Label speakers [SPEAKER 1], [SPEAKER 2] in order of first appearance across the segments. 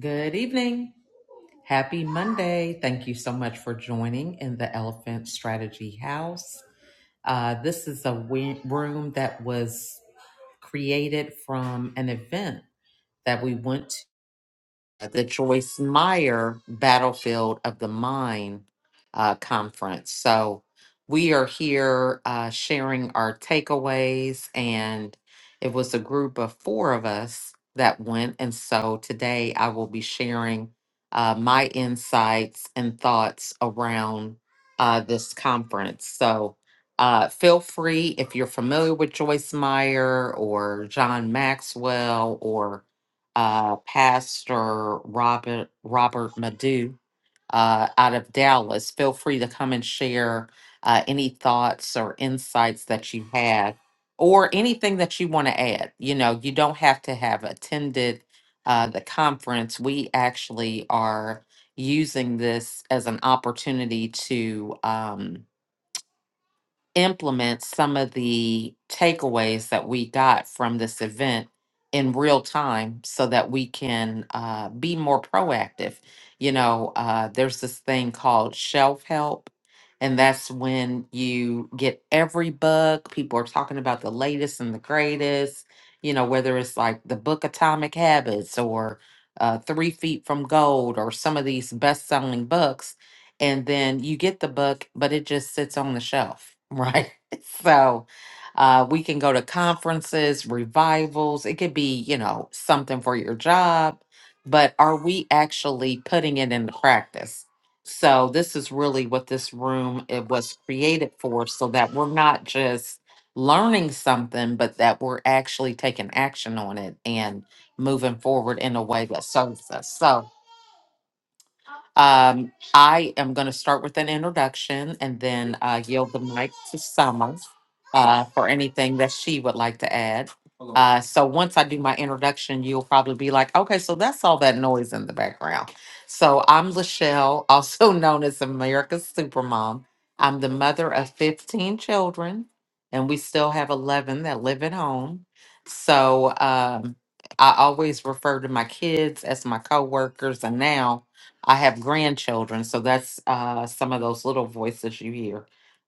[SPEAKER 1] Good evening. Happy Monday. Thank you so much for joining in the Elephant Strategy House. Uh, this is a wi- room that was created from an event that we went at the Joyce Meyer Battlefield of the Mind uh, conference. So we are here uh, sharing our takeaways, and it was a group of four of us that went. And so today I will be sharing uh, my insights and thoughts around uh, this conference. So uh, feel free if you're familiar with Joyce Meyer or John Maxwell or uh, Pastor Robert Robert Madu uh, out of Dallas. Feel free to come and share uh, any thoughts or insights that you had, or anything that you want to add. You know, you don't have to have attended uh, the conference. We actually are using this as an opportunity to. Um, implement some of the takeaways that we got from this event in real time so that we can uh, be more proactive. You know, uh, there's this thing called shelf help, and that's when you get every book. People are talking about the latest and the greatest, you know, whether it's like the book Atomic Habits or uh, Three Feet from Gold or some of these best selling books and then you get the book, but it just sits on the shelf, right? So uh, we can go to conferences, revivals. It could be, you know, something for your job, but are we actually putting it into practice? So this is really what this room it was created for, so that we're not just learning something, but that we're actually taking action on it and moving forward in a way that serves us. So um, I am going to start with an introduction and then uh, yield the mic to Summer uh, for anything that she would like to add. Uh, so once I do my introduction, you'll probably be like, okay, so that's all that noise in the background. So I'm Lachelle, also known as America's Supermom. I'm the mother of 15 children, and we still have 11 that live at home. So um, I always refer to my kids as my coworkers, and now I have grandchildren, so that's uh, some of those little voices you hear.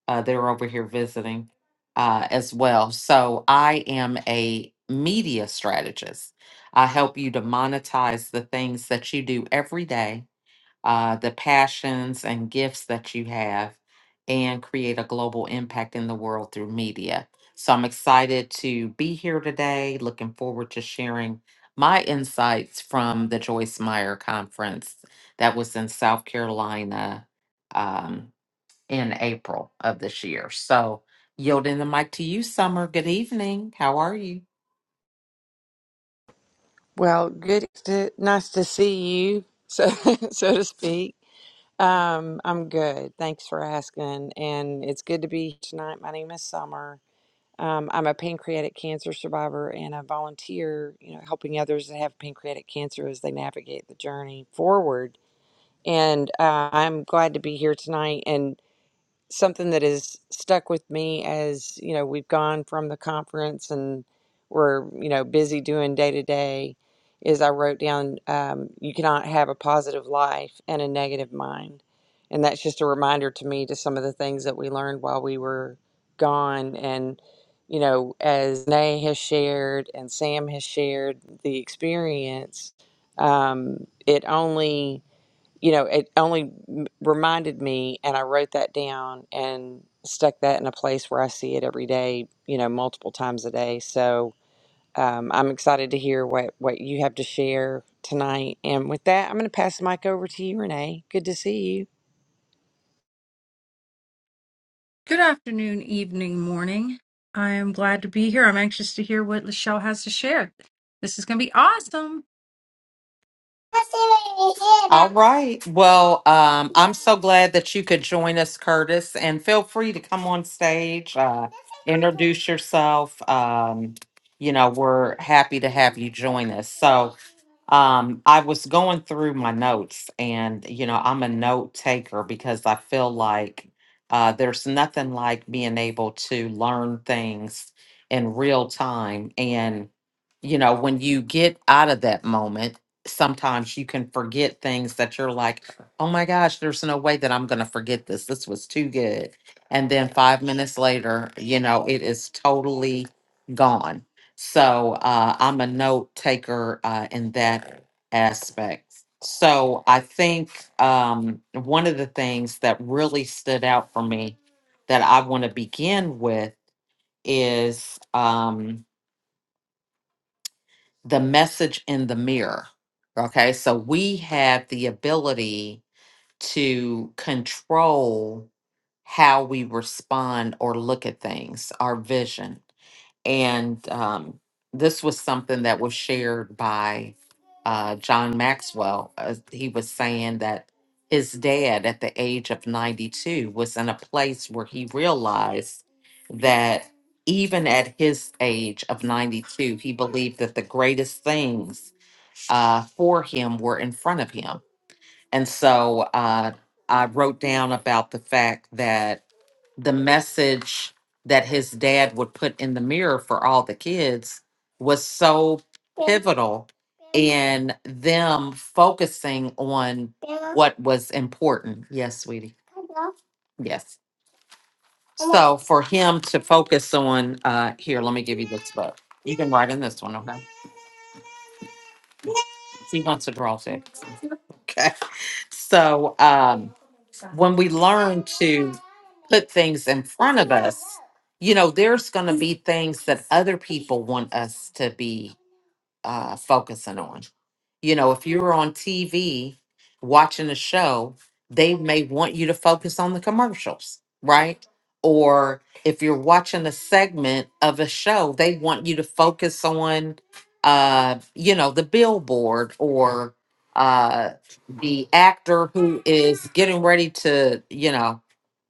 [SPEAKER 1] Uh, they're over here visiting uh, as well. So I am a media strategist. I help you to monetize the things that you do every day uh, the passions and gifts that you have and create a global impact in the world through media. So I'm excited to be here today. Looking forward to sharing my insights from the Joyce Meyer conference that was in South Carolina um, in April of this year. So, yielding the mic to you, Summer. Good evening. How are you?
[SPEAKER 2] Well, good. To, nice to see you, so so to speak. Um, I'm good. Thanks for asking, and it's good to be here tonight. My name is Summer. Um, I'm a pancreatic cancer survivor and a volunteer, you know, helping others that have pancreatic cancer as they navigate the journey forward. And uh, I'm glad to be here tonight. And something that has stuck with me as you know we've gone from the conference and we're you know busy doing day to day is I wrote down um, you cannot have a positive life and a negative mind, and that's just a reminder to me to some of the things that we learned while we were gone and you know as Nay has shared and Sam has shared the experience um, it only you know, it only m- reminded me, and I wrote that down and stuck that in a place where I see it every day, you know, multiple times a day. So um, I'm excited to hear what, what you have to share tonight. And with that, I'm going to pass the mic over to you, Renee. Good to see you.
[SPEAKER 3] Good afternoon, evening, morning. I am glad to be here. I'm anxious to hear what Lachelle has to share. This is going to be awesome.
[SPEAKER 1] All right. Well, um, I'm so glad that you could join us, Curtis, and feel free to come on stage, uh, introduce yourself. Um, you know, we're happy to have you join us. So, um, I was going through my notes, and you know, I'm a note taker because I feel like uh, there's nothing like being able to learn things in real time. And, you know, when you get out of that moment, sometimes you can forget things that you're like, oh my gosh, there's no way that I'm going to forget this. This was too good. And then five minutes later, you know, it is totally gone. So uh, I'm a note taker uh, in that aspect. So I think um, one of the things that really stood out for me that I want to begin with is. Um, the message in the mirror. Okay, so we have the ability to control how we respond or look at things, our vision. And um, this was something that was shared by uh, John Maxwell. Uh, he was saying that his dad, at the age of 92, was in a place where he realized that even at his age of 92, he believed that the greatest things uh, for him were in front of him. And so uh, I wrote down about the fact that the message that his dad would put in the mirror for all the kids was so pivotal in them focusing on what was important. Yes, sweetie. Yes. So for him to focus on, uh, here, let me give you this book. You can write in this one, okay? He wants to draw six. Okay. So, um, when we learn to put things in front of us, you know, there's going to be things that other people want us to be uh, focusing on you know, if you're on TV watching a show, they may want you to focus on the commercials, right? Or if you're watching a segment of a show, they want you to focus on, uh, you know, the billboard or uh, the actor who is getting ready to, you know,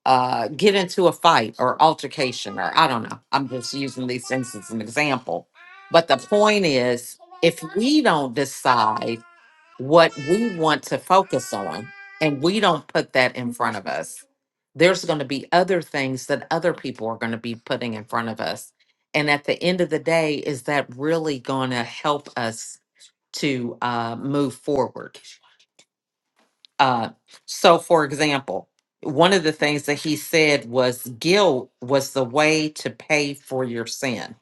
[SPEAKER 1] uh, get into a fight or altercation, or I don't know. I'm just using these things as an example. But the point is, if we don't decide, what we want to focus on and we don't put that in front of us there's going to be other things that other people are going to be putting in front of us and at the end of the day is that really going to help us to uh, move forward uh, so for example one of the things that he said was guilt was the way to pay for your sin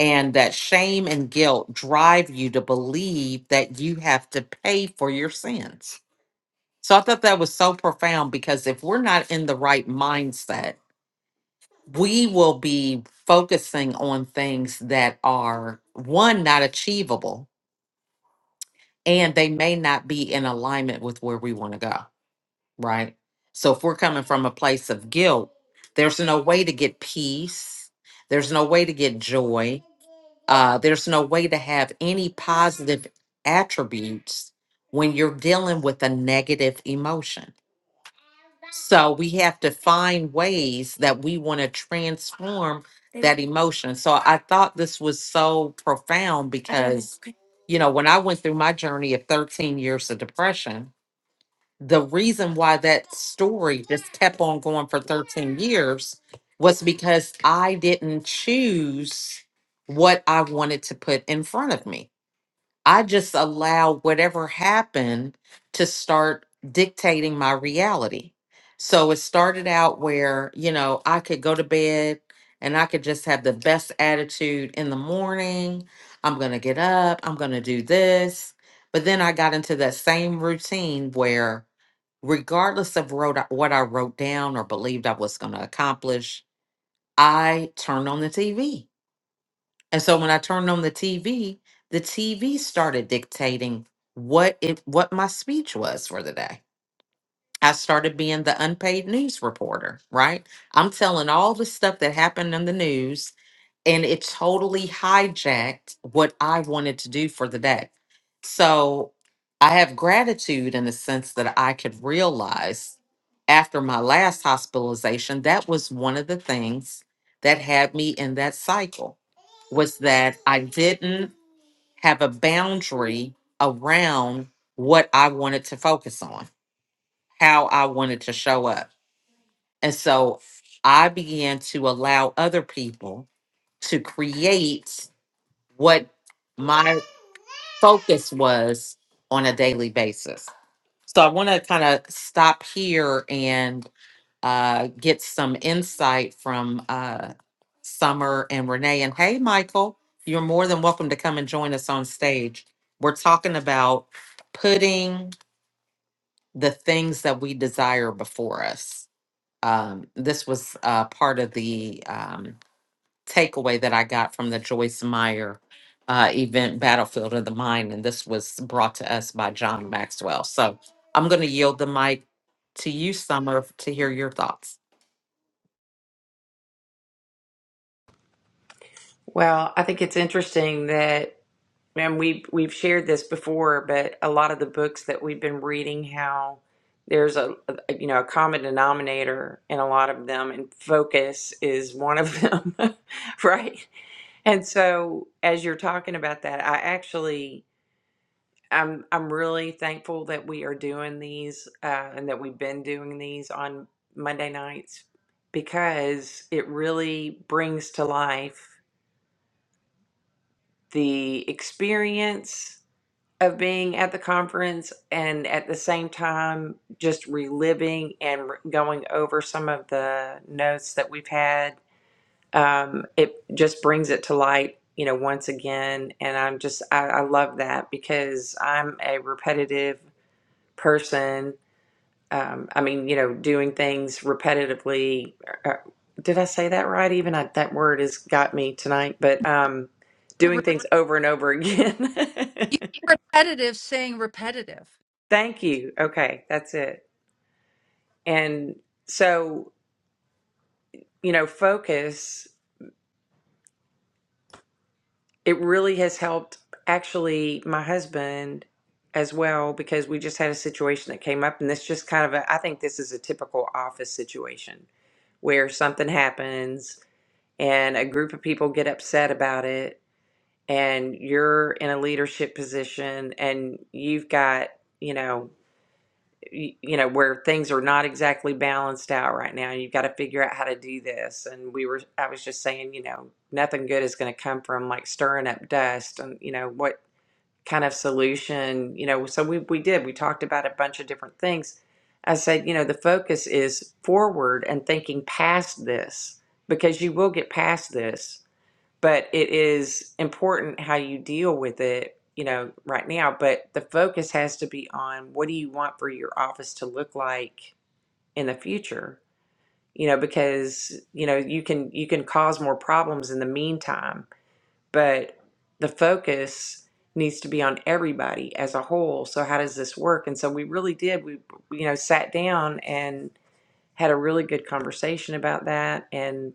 [SPEAKER 1] and that shame and guilt drive you to believe that you have to pay for your sins so I thought that was so profound because if we're not in the right mindset, we will be focusing on things that are one, not achievable, and they may not be in alignment with where we want to go. Right. So if we're coming from a place of guilt, there's no way to get peace, there's no way to get joy, uh, there's no way to have any positive attributes when you're dealing with a negative emotion So we have to find ways that we want to transform that emotion. So I thought this was so profound because, you know, when I went through my journey of 13 years of depression, the reason why that story just kept on going for 13 years was because I didn't choose what I wanted to put in front of me. I just allow whatever happened to start dictating my reality. So it started out where, you know, I could go to bed and I could just have the best attitude in the morning. I'm going to get up, I'm going to do this. But then I got into that same routine where, regardless of wrote, what I wrote down or believed I was going to accomplish, I turned on the TV and so when I turned on the TV, the TV started dictating what it what my speech was for the day. I started being the unpaid news reporter, right? I'm telling all the stuff that happened in the news and it totally hijacked what I wanted to do for the day. So I have gratitude in the sense that I could realize after my last hospitalization, that was one of the things that had me in that cycle was that I didn't have a boundary around what I wanted to focus on, how I wanted to show up. And so I began to allow other people to create what my focus was on a daily basis. So I want to kind of stop here and uh, get some insight from uh, Summer and Renee. And hey, Michael, you're more than welcome to come and join us on stage. We're talking about putting the things that we desire before us. Um, this was uh, part of the um, takeaway that I got from the Joyce Meyer uh, event, Battlefield of the Mind, and this was brought to us by John Maxwell. So I'm going to yield the mic to you, Summer, to hear your thoughts.
[SPEAKER 2] Well, I think it's interesting that. And we've we've shared this before, but a lot of the books that we've been reading, how there's a, a you know a common denominator in a lot of them, and focus is one of them, right? And so, as you're talking about that, I actually I'm I'm really thankful that we are doing these uh, and that we've been doing these on Monday nights because it really brings to life the experience of being at the conference and at the same time just reliving and re- going over some of the notes that we've had um, it just brings it to light you know once again and i'm just i, I love that because i'm a repetitive person um, i mean you know doing things repetitively uh, uh, did i say that right even I, that word has got me tonight but um,
[SPEAKER 3] We're
[SPEAKER 2] doing
[SPEAKER 3] re-
[SPEAKER 2] things over and over again
[SPEAKER 3] you were repetitive, saying repetitive.
[SPEAKER 2] Thank you. Okay, that's it. And so, you know, focus, it really has helped actually my husband as well because we just had a situation that came up and this just kind of a, I think this is a typical office situation where something happens and a group of people get upset about it and you're in a leadership position and you've got, you know, y- you know where things are not exactly balanced out right now you've got to figure out how to do this and we were i was just saying you know nothing good is going to come from like stirring up dust and you know what kind of solution you know so we, we did we talked about a bunch of different things i said you know the focus is forward and thinking past this because you will get past this but it is important how you deal with it you know right now but the focus has to be on what do you want for your office to look like in the future you know because you know you can you can cause more problems in the meantime but the focus needs to be on everybody as a whole so how does this work and so we really did we you know sat down and had a really good conversation about that and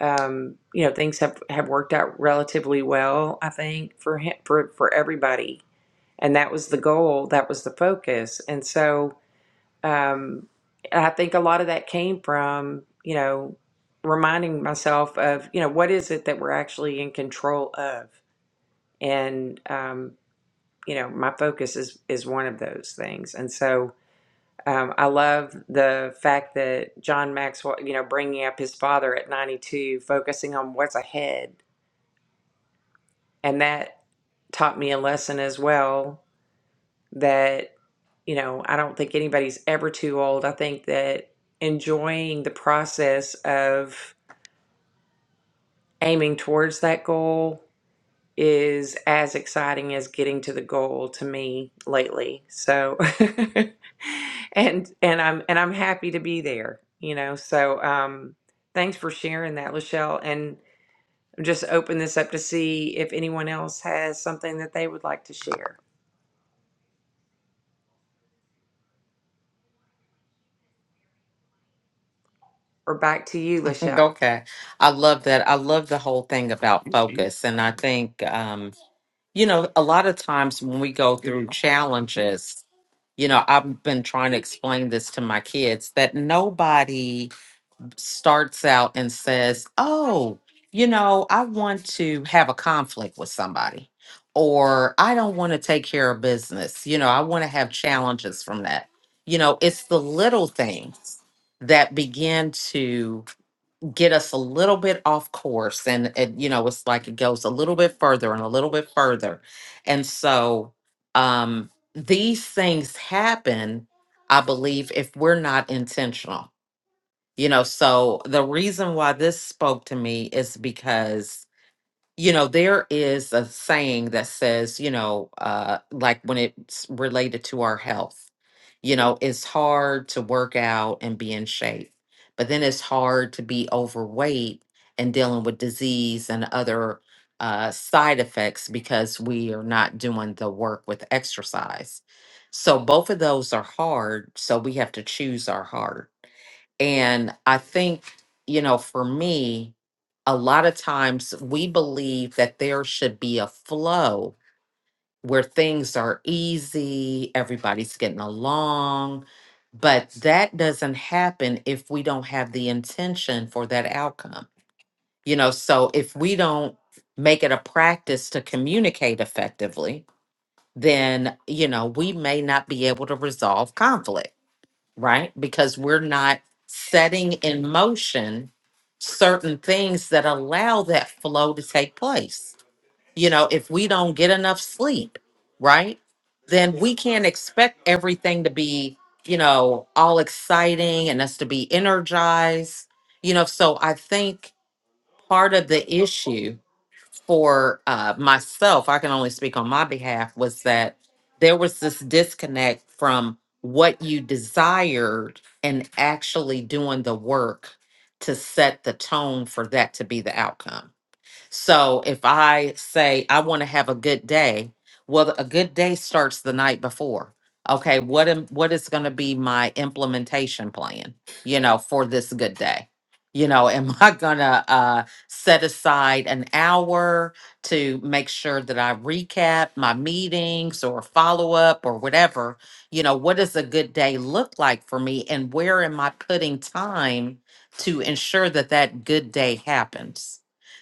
[SPEAKER 2] um, you know, things have, have worked out relatively well, I think, for him, for, for everybody. And that was the goal, that was the focus. And so um, I think a lot of that came from, you know, reminding myself of, you know, what is it that we're actually in control of? And, um, you know, my focus is, is one of those things. And so um, I love the fact that John Maxwell, you know, bringing up his father at 92, focusing on what's ahead And that taught me a lesson as well that, you know, I don't think anybody's ever too old. I think that enjoying the process of aiming towards that goal is as exciting as getting to the goal to me lately. So and and I'm and I'm happy to be there, you know. So um thanks for sharing that, Lachelle. And just open this up to see if anyone else has something that they would like to share. or back to you, Lachelle.
[SPEAKER 1] Okay. I love that. I love the whole thing about focus. And I think um, You know, a lot of times when we go through challenges, you know, I've been trying to explain this to my kids that nobody starts out and says, Oh, you know, I want to have a conflict with somebody, or I don't want to take care of business. You know, I want to have challenges from that. You know, it's the little things that begin to get us a little bit off course and it you know it's like it goes a little bit further and a little bit further and so um these things happen i believe if we're not intentional you know so the reason why this spoke to me is because you know there is a saying that says you know uh like when it's related to our health you know, it's hard to work out and be in shape, but then it's hard to be overweight and dealing with disease and other uh, side effects because we are not doing the work with exercise. So both of those are hard. So we have to choose our heart. And I think, you know, for me, a lot of times we believe that there should be a flow where things are easy, everybody's getting along. But that doesn't happen if we don't have the intention for that outcome. You know, so if we don't make it a practice to communicate effectively, then, you know, we may not be able to resolve conflict, right? Because we're not setting in motion certain things that allow that flow to take place you know if we don't get enough sleep right then we can't expect everything to be you know all exciting and us to be energized you know so i think part of the issue for uh, myself i can only speak on my behalf was that there was this disconnect from what you desired and actually doing the work to set the tone for that to be the outcome so if I say I want to have a good day, well, a good day starts the night before. Okay, what am what is going to be my implementation plan? You know, for this good day. You know, am I gonna uh, set aside an hour to make sure that I recap my meetings or follow up or whatever? You know, what does a good day look like for me, and where am I putting time to ensure that that good day happens?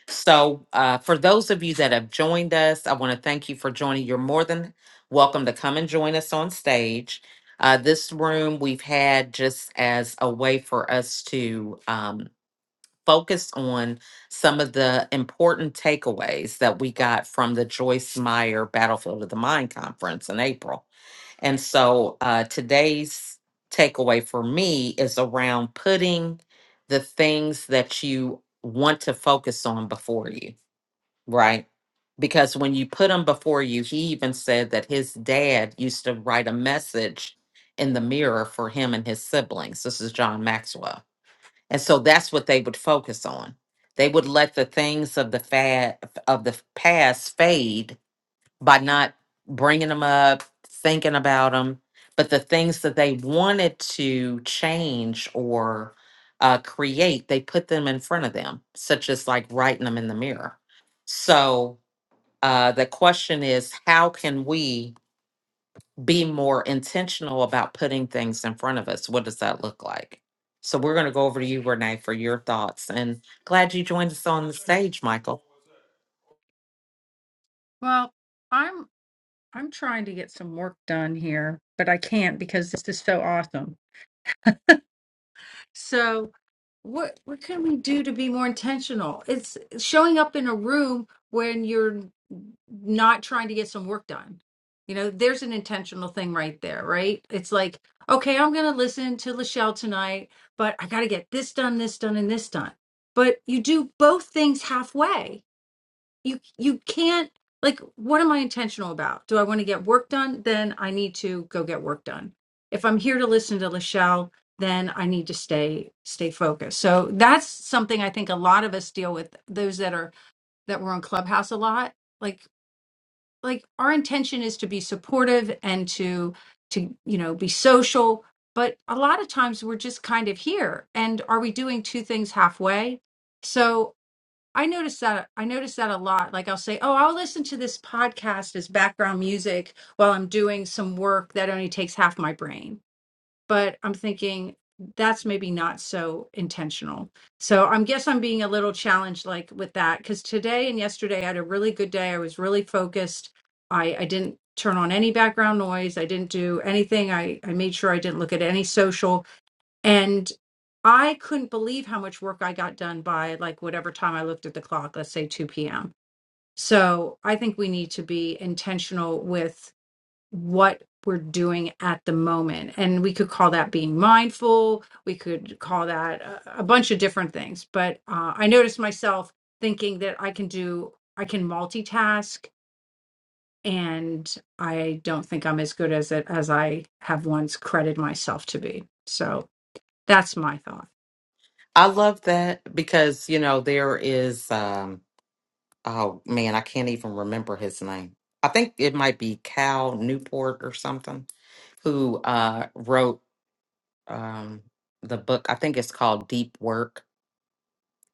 [SPEAKER 1] So, uh, for those of you that have joined us, I want to thank you for joining. You're more than welcome to come and join us on stage. Uh, this room we've had just as a way for us to um, focus on some of the important takeaways that we got from the Joyce Meyer Battlefield of the Mind conference in April. And so, uh, today's takeaway for me is around putting the things that you want to focus on before you. Right. Because when you put him before you, he even said that his dad used to write a message in the mirror for him and his siblings. This is John Maxwell. And so that's what they would focus on. They would let the things of the fad of the past fade by not bringing them up, thinking about them, but the things that they wanted to change or uh, create, they put them in front of them, such as like writing them in the mirror. So uh, the question is, how can we be more intentional about putting things in front of us? What does that look like? So we're going to go over to you, Renee, for your thoughts. And glad you joined us on the stage, Michael.
[SPEAKER 3] Well, I'm I'm trying to get some work done here, but I can't because this is so awesome. So what what can we do to be more intentional? It's showing up in a room when you're not trying to get some work done. You know, there's an intentional thing right there, right? It's like, okay, I'm going to listen to Lachelle tonight, but I got to get this done, this done, and this done. But you do both things halfway you you can't like what am i intentional about do i want to get work done then i need to go get work done if i'm here to listen to lachelle then i need to stay stay focused so that's something i think a lot of us deal with those that are that were on clubhouse a lot like like our intention is to be supportive and to to you know be social but a lot of times we're just kind of here and are we doing two things halfway So. I notice that I notice that a lot. Like I'll say, "Oh, I'll listen to this podcast as background music while I'm doing some work that only takes half my brain." But I'm thinking that's maybe not so intentional. So I guess I'm being a little challenged like with that because today and yesterday I had a really good day. I was really focused. I I didn't turn on any background noise. I didn't do anything. I I made sure I didn't look at any social and I couldn't believe how much work I got done by like whatever time I looked at the clock, let's say 2 p.m. So I think we need to be intentional with what we're doing at the moment. And we could call that being mindful. We could call that a, a bunch of different things. But uh, I noticed myself thinking that I can do, I can multitask. And I don't think I'm as good as it as I have once credited myself to be. So that's my thought.
[SPEAKER 1] I love that because, you know, there is, um, oh man, I can't even remember his name. I think it might be Cal Newport or something who uh, wrote um, the book. I think it's called Deep Work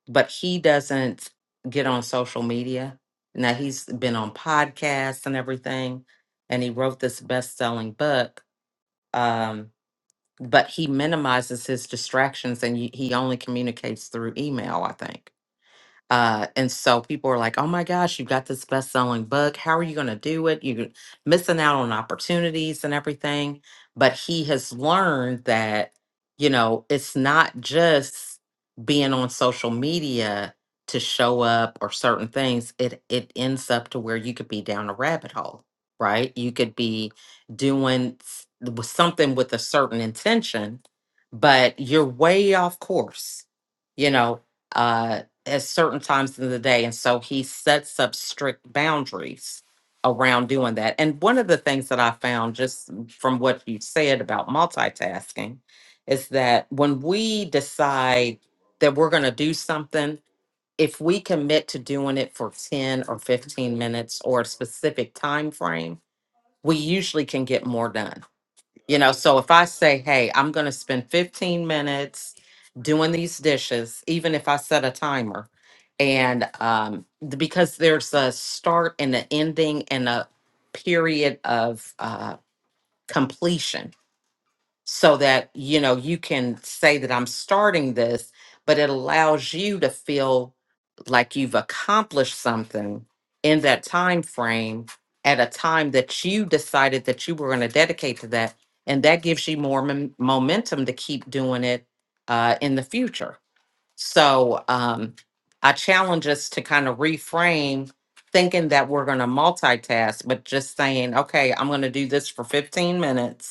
[SPEAKER 1] but he doesn't get on social media. Now he's been on podcasts and everything, and he wrote this best-selling book. Um, but he minimizes his distractions, and y- he only communicates through email, I think uh, and so people are like, oh my gosh, you got this best selling book. How are you going to do it? You're missing out on opportunities and everything. But he has learned that, you know, it's not just being on social media to show up or certain things. It it ends up to where you could be down a rabbit hole, right? You could be doing s- with something with a certain intention, but you're way off course, you know. Uh, at certain times in the day. And so he sets up strict boundaries around doing that. And one of the things that I found just from what you said about multitasking is that when we decide that we're going to do something, if we commit to doing it for 10 or 15 minutes or a specific time frame, we usually can get more done you know, so if I say, hey, I'm going to spend 15 minutes doing these dishes, even if I set a timer, and um, th- because there's a start and an ending and a period of uh, completion so that you know you can say that I'm starting this, but it allows you to feel like you've accomplished something in that time frame at a time that you decided that you were going to dedicate to that, and that gives you more mom- momentum to keep doing it uh, in the future. So um, I challenge us to kind of reframe thinking that we're going to multitask, but just saying, okay, I'm going to do this for 15 minutes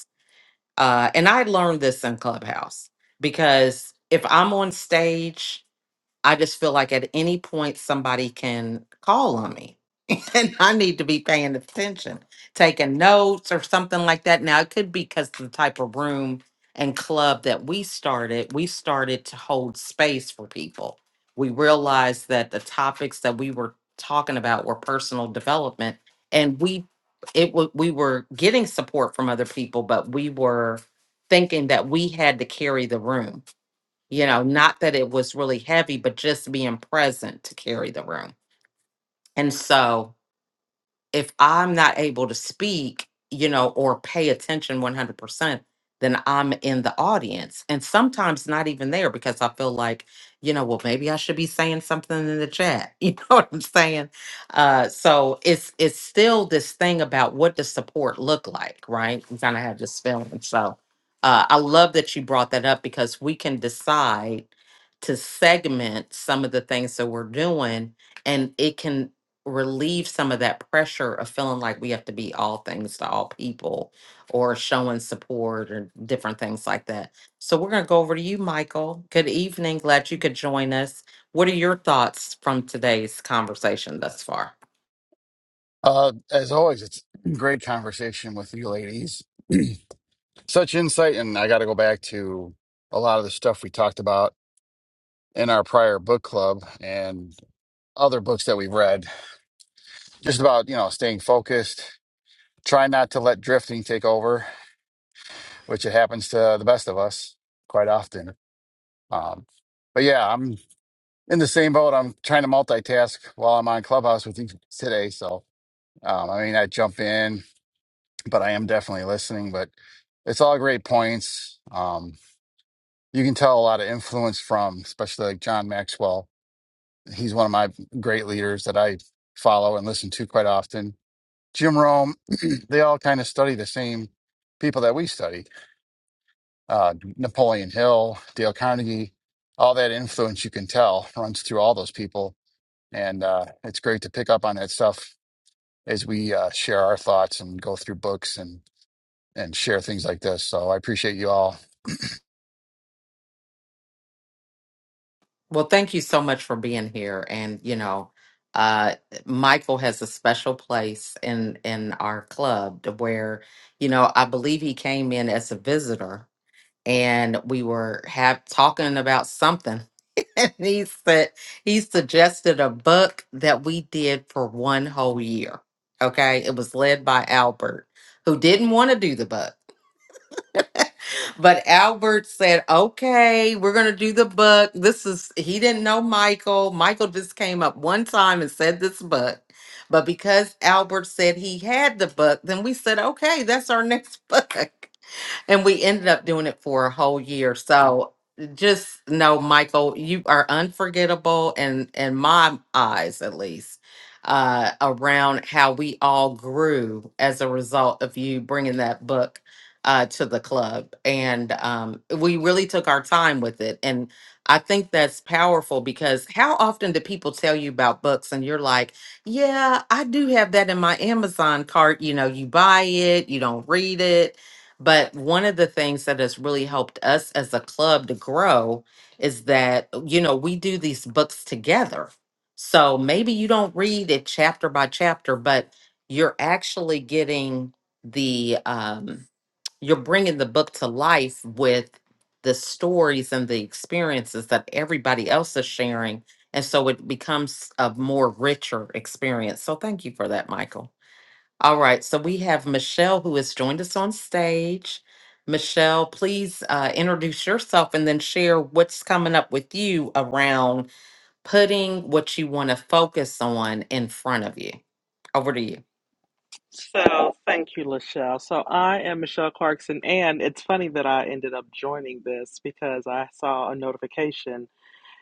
[SPEAKER 1] uh, and I learned this in Clubhouse because if I'm on stage, I just feel like at any point somebody can call on me and I need to be paying attention, taking notes or something like that. Now, it could be because the type of room and club that we started, we started to hold space for people. We realized that the topics that we were talking about were personal development, and we it wa- we were getting support from other people, but we were thinking that we had to carry the room. You know, not that it was really heavy, but just being present to carry the room. And so if I'm not able to speak, you know, or pay attention 100%, then I'm in the audience. And sometimes not even there because I feel like, you know, well, maybe I should be saying something in the chat. You know what I'm saying? Uh, so it's it's still this thing about what does support look like, right? We kind of have this feeling. So uh, I love that you brought that up because we can decide to segment some of the things that we're doing and it can relieve some of that pressure of feeling like we have to be all things to all people or showing support or different things like that. So we're going to go over to you, Michael. Good evening. Glad you could join us. What are your thoughts from today's conversation thus far?
[SPEAKER 4] Uh, as always, it's great conversation with you ladies. Such insight, and I got to go back to a lot of the stuff we talked about in our prior book club and other books that we've read, just about, you know, staying focused, try not to let drifting take over, which it happens to the best of us quite often. Um, but yeah, I'm in the same boat. I'm trying to multitask while I'm on Clubhouse with you today. So, um, I mean, I jump in, but I am definitely listening. But it's all great points. Um, you can tell a lot of influence from, especially like John Maxwell. He's one of my great leaders that I follow and listen to quite often. Jim Rome, they all kind of study the same people that we study. Uh, Napoleon Hill, Dale Carnegie, all that influence you can tell runs through all those people. And uh, it's great to pick up on that stuff as we uh, share our thoughts and go through books and, and share things like this. So I appreciate you all
[SPEAKER 1] Well, thank you so much for being here. And, you know, uh, Michael has a special place in in our club to where, you know, I believe he came in as a visitor and we were have talking about something. and he said he suggested a book that we did for one whole year. Okay. It was led by Albert, who didn't want to do the book. But Albert said, okay, we're going to do the book. This is, he didn't know Michael. Michael just came up one time and said this book. But because Albert said he had the book, then we said, okay, that's our next book and we ended up doing it for a whole year. So just know, Michael, you are unforgettable, and in in my eyes, at least, uh, around how we all grew as a result of you bringing that book uh, to the club, and um, we really took our time with it. And I think that's powerful because how often do people tell you about books, and you're like, "Yeah, I do have that in my Amazon cart." You know, you buy it, you don't read it but one of the things that has really helped us as a club to grow is that, you know, we do these books together. So maybe you don't read it chapter by chapter, but you're actually getting the, um, you're bringing the book to life with the stories and the experiences that everybody else is sharing. And so it becomes a more richer experience. So thank you for that, Michael. All right, so we have Michelle who has joined us on stage. Michelle, please uh, introduce yourself and then share what's coming up with you around putting what you want to focus on in front of you. Over to you.
[SPEAKER 5] So thank you, Lachelle. So I am Michelle Clarkson, and it's funny that I ended up joining this because I saw a notification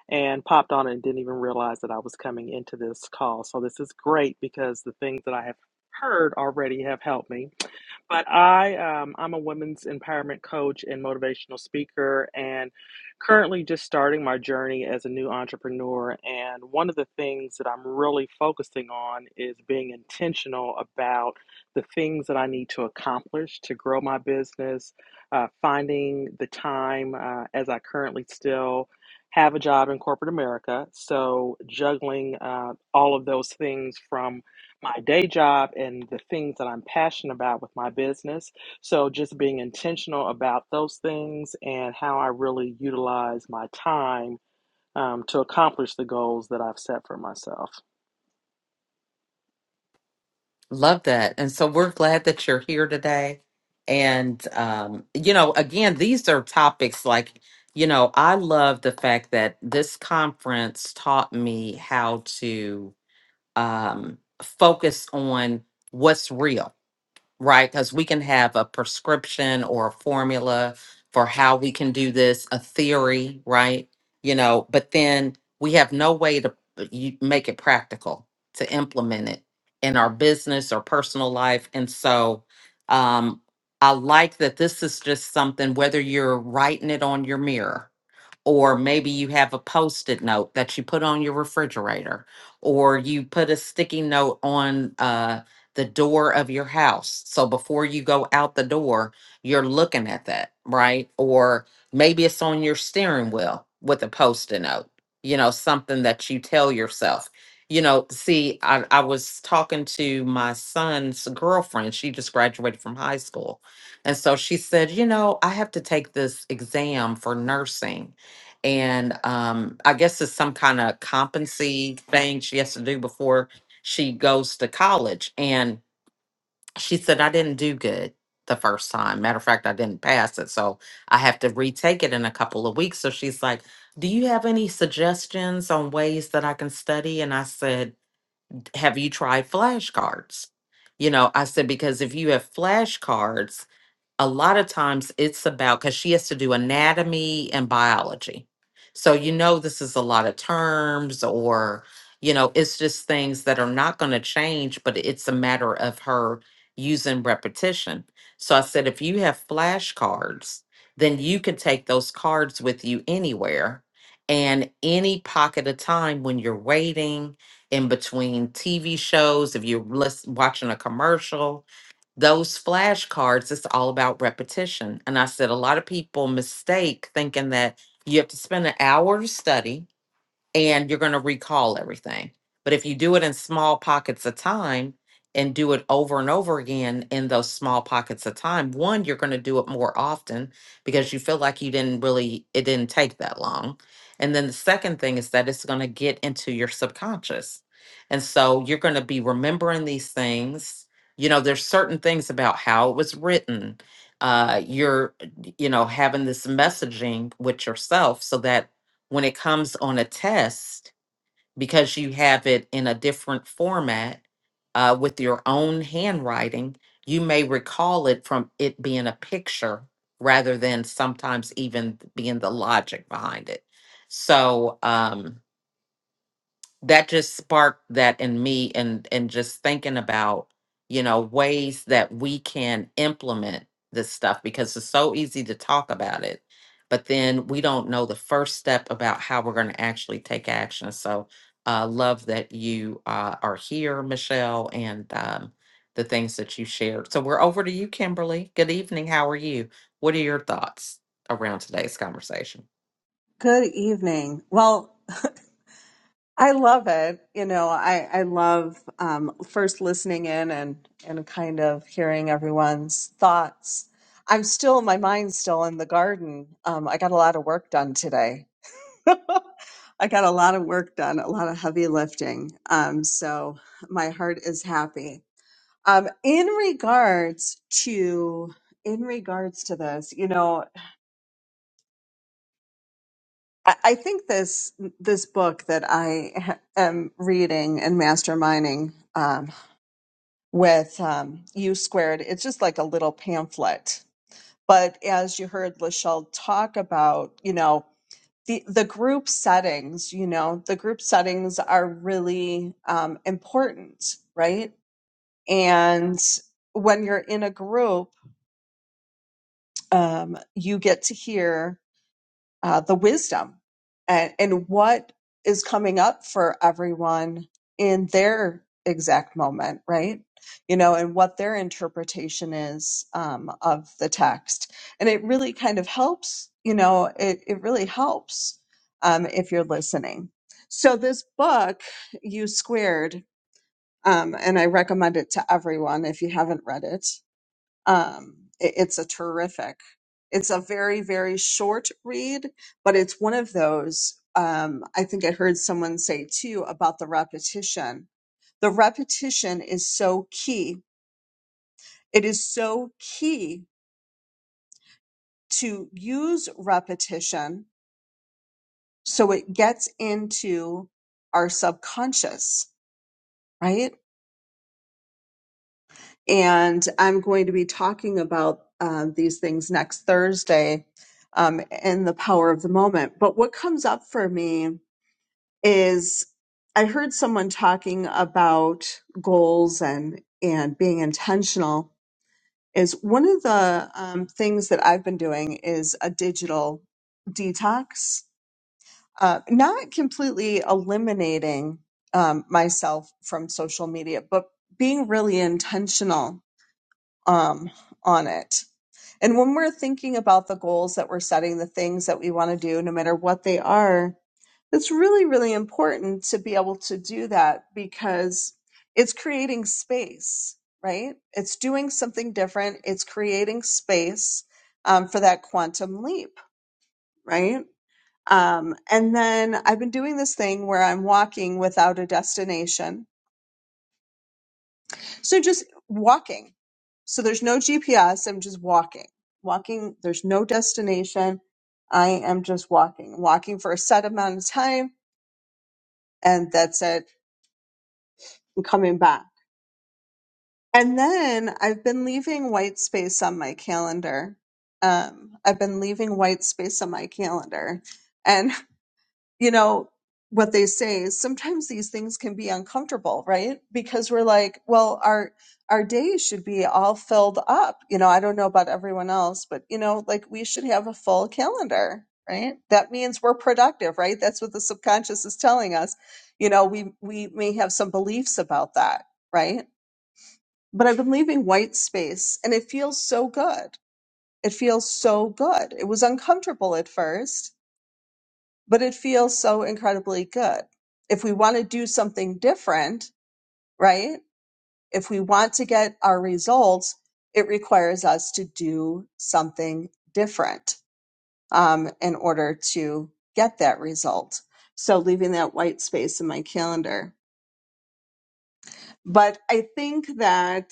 [SPEAKER 5] and popped on and didn't even realize that I was coming into this call. So this is great because the things that I have heard already have helped me. But I, um, I'm a women's empowerment coach and motivational speaker, and currently just starting my journey as a new entrepreneur. And one of the things that I'm really focusing on is being intentional about the things that I need to accomplish to grow my business, uh, finding the time uh, as I currently still have a job in corporate America. So juggling uh, all of those things from my day job and the things that I'm passionate about with my business. So, just being intentional about those things and how I really utilize my time um, to accomplish the goals that I've set for myself.
[SPEAKER 1] Love that. And so we're glad that you're here today. And, um, you know, again, these are topics like, you know, I love the fact that this conference taught me how to um, focus on what's real right? Because we can have a prescription or a formula for how we can do this, a theory, right? You know, but then we have no way to uh, you- make it practical to implement it in our business or personal life. And so um, I like that this is just something, whether you're writing it on your mirror, or maybe you have a post-it note that you put on your refrigerator or you put a sticky note on uh, the door of your house so before you go out the door you're looking at that right or maybe it's on your steering wheel with a post-it note you know something that you tell yourself you know see i, I was talking to my son's girlfriend she just graduated from high school and so she said you know i have to take this exam for nursing and um i guess it's some kind of competency thing she has to do before she goes to college and she said i didn't do good the first time matter of fact i didn't pass it so i have to retake it in a couple of weeks so she's like do you have any suggestions on ways that i can study and i said have you tried flashcards you know i said because if you have flashcards a lot of times it's about because she has to do anatomy and biology. So, you know, this is a lot of terms, or, you know, it's just things that are not going to change, but it's a matter of her using repetition. So I said, if you have flashcards, then you can take those cards with you anywhere and any pocket of time when you're waiting in between TV shows, if you're lis- watching a commercial, those flashcards, it's all about repetition. And I said a lot of people mistake thinking that you have to spend an hour to study, and you're going to recall everything. But if you do it in small pockets of time and do it over and over again in those small pockets of time, one, you're going to do it more often because you feel like you didn't really, it didn't take that long. And then the second thing is that it's going to get into your subconscious. And so you're going to be remembering these things. You know, there's certain things about how it was written. Uh, you're, you know, having this messaging with yourself so that when it comes on a test because you have it in a different format uh, with your own handwriting you may recall it from it being a picture rather than sometimes even being the logic behind it so um, that just sparked that in me and and just thinking about you know ways that we can implement this stuff because it's so easy to talk about it but then we don't know the first step about how we're going to actually take action so uh love that you uh, are here michelle and um, the things that you shared so we're over to you kimberly good evening how are you what are your thoughts around today's conversation
[SPEAKER 6] Good evening. Well, I love it. You know, I, I love um, first listening in and, and kind of hearing everyone's thoughts. I'm still, my mind's still in the garden. Um, I got a lot of work done today. I got a lot of work done, a lot of heavy lifting. Um, so my heart is happy. Um, in regards to, in regards to this, you know, I I think this this book that I ha- am reading and masterminding um, with um, U squared, it's just like a little pamphlet. But as you heard Lachelle talk about, you know, the the group settings, you know, the group settings are really um, important, right? And when you're in a group, um, you get to hear. uh, the wisdom and, and what is coming up for everyone in their exact moment, right? You know, and what their interpretation is um, of the text. And it really kind of helps, you know, it, it really helps um, if you're listening. So, this book, U Squared, um, and I recommend it to everyone if you haven't read it um, it- it's a terrific it's a very very short read but it's one of those um, i think i heard someone say too about the repetition the repetition is so key it is so key to use repetition so it gets into our subconscious right and I'm going to be talking about um, these things next Thursday um, in the power of the moment. But what comes up for me is I heard someone talking about goals and and being intentional. Is one of the um, things that I've been doing is a digital detox, uh, not completely eliminating um, myself from social media, but being really intentional um, on it. And when we're thinking about the goals that we're setting, the things that we want to do, no matter what they are, it's really, really important to be able to do that because it's creating space, right? It's doing something different, it's creating space um, for that quantum leap, right? Um, and then I've been doing this thing where I'm walking without a destination So just walking. So there's no GPS. I'm just walking. Walking. There's no destination. I am just walking, walking for a set amount of time, and that's it. I'm coming back. And then I've been leaving white space on my calendar. Um, I've been leaving white space on my calendar. and. you know what they say is sometimes these things can be uncomfortable right because we're like well our our days should be all filled up you know i don't know about everyone else but you know like we should have a full calendar right that means we're productive right that's what the subconscious is telling us you know we we may have some beliefs about that right but i've been leaving white space and it feels so good it feels so good it was uncomfortable at first but it feels so incredibly good. If we want to do something different, right? If we want to get our results, it requires us to do something different um, in order to get that result. So leaving that white space in my calendar. But I think that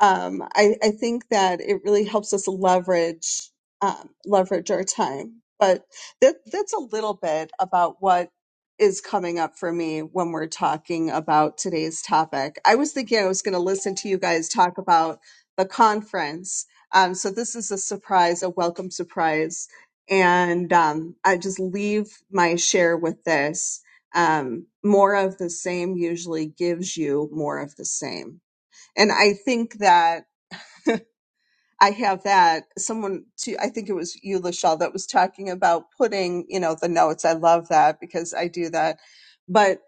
[SPEAKER 6] um, I, I think that it really helps us leverage um, leverage our time. But that, that's a little bit about what is coming up for me when we're talking about today's topic. I was thinking I was going to listen to you guys talk about the conference. Um, so this is a surprise, a welcome surprise, and um, I just leave my share with this. Um, more of the same usually gives you more of the same. And I think that I have that someone to I think it was you, Lachelle, that was talking about putting, you know, the notes. I love that because I do that. But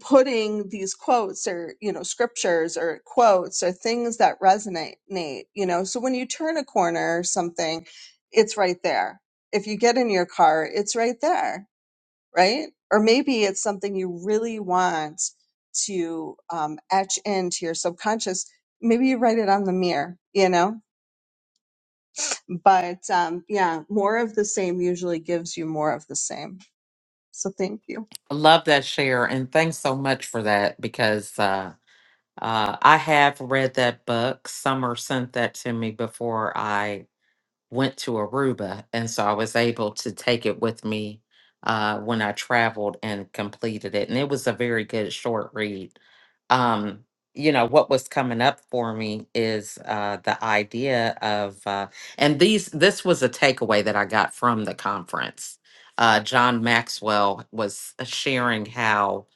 [SPEAKER 6] putting these quotes or, you know, scriptures or quotes or things that resonate, Nate, you know. So when you turn a corner or something, it's right there. If you get in your car, it's right there right? Or maybe it's something you really want to um, etch into your subconscious. Maybe you write it on the mirror, you know? But um, yeah, more of the same usually gives you more of the same. So thank you.
[SPEAKER 1] love that share and thanks so much for that because uh Uh, I have read that book. Summer sent that to me before I went to Aruba, and so I was able to take it with me uh, when I traveled and completed it. And it was a very good short read. Um, you know what was coming up for me is uh, the idea of, uh, and these this was a takeaway that I got from the conference. Uh, John Maxwell was uh, sharing how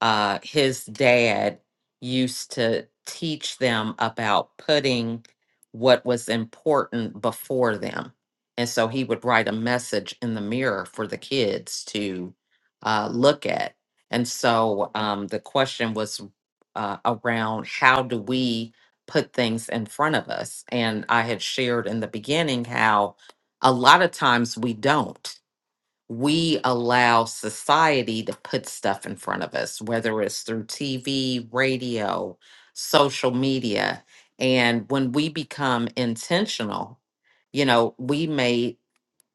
[SPEAKER 1] uh, his dad used to teach them about putting what was important before them. And so he would write a message in the mirror for the kids to uh, look at. And so um, the question was uh, around how do we put things in front of us? And I had shared in the beginning how a lot of times we don't we allow society to put stuff in front of us, whether it's through TV, radio, social media. And when we become intentional, you know, we may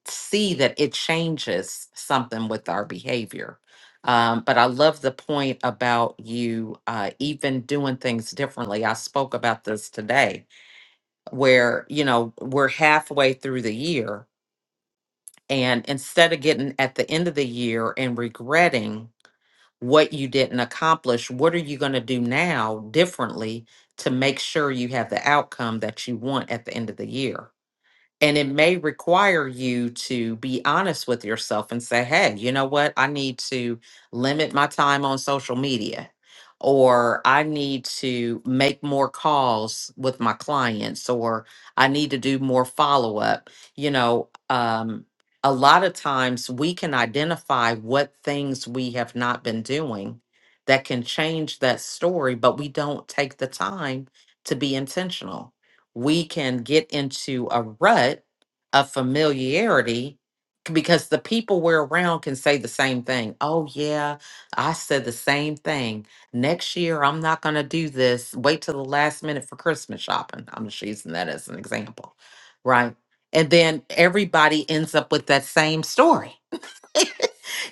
[SPEAKER 1] see that it changes something with our behavior. Um, but I love the point about you uh, even doing things differently. I spoke about this today, where, you know, we're halfway through the year and instead of getting at the end of the year and regretting what you didn't accomplish, what are you going to do now differently to make sure you have the outcome that you want at the end of the year? And it may require you to be honest with yourself and say, hey, you know what? I need to limit my time on social media, or I need to make more calls with my clients, or I need to do more follow up. You know, um, a lot of times we can identify what things we have not been doing that can change that story, but we don't take the time to be intentional we can get into a rut of familiarity c- because the people we're around can say the same thing. Oh, yeah, I said the same thing. Next year, I'm not going to do this. Wait till the last minute for Christmas shopping. I'm just using that as an example, right? And then everybody ends up with that same story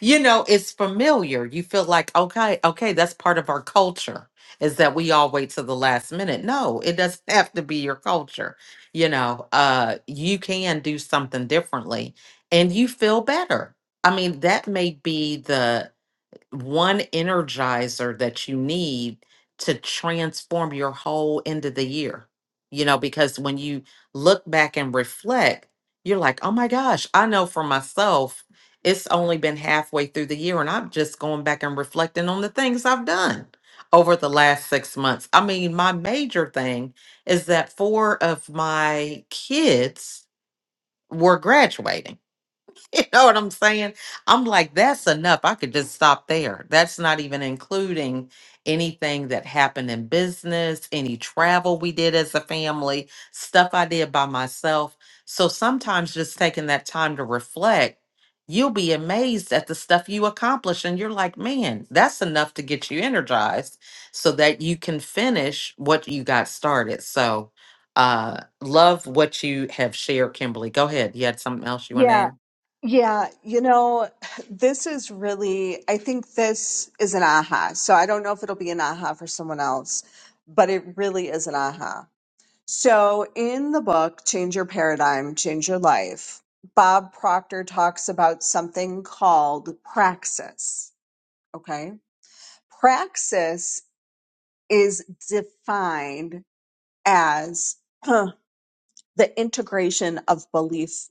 [SPEAKER 1] you know, it's familiar. You feel like, okay, okay, that's part of our culture is that we all wait till the last minute. No, it doesn't have to be your culture. You know, uh, you can do something differently and you feel better. I mean, that may be the one energizer that you need to transform your whole end of the year. You know, because when you look back and reflect, you're like, oh my gosh, I know for myself, it's only been halfway through the year, and I'm just going back and reflecting on the things I've done over the last six months. I mean, my major thing is that four of my kids were graduating you know what I'm saying? I'm like, that's enough. I could just stop there. That's not even including anything that happened in business, any travel we did as a family, stuff I did by myself. So sometimes just taking that time to reflect, you'll be amazed at the stuff you accomplish. And you're like, man, that's enough to get you energized so that you can finish what you got started. So, uh love what you have shared kimberly go ahead you had something else you want to
[SPEAKER 6] Yeah.
[SPEAKER 1] add
[SPEAKER 6] Yeah. You know, this is really, I think this is an aha. So I don't know if it'll be an aha for someone else, but it really is an aha So, in the book, Change Your Paradigm, Change Your Life, Bob Proctor talks about something called praxis. Okay. Praxis is defined as huh, the integration of belief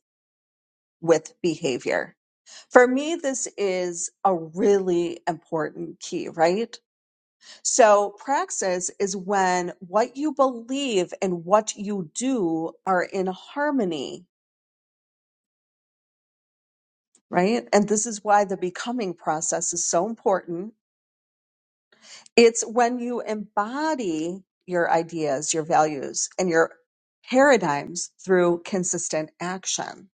[SPEAKER 6] with behavior. For me, this is a really important key, right? So, praxis is when what you believe and what you do are in harmony right? And this is why the becoming process is so important. It's when you embody your ideas, your values, and your paradigms through consistent action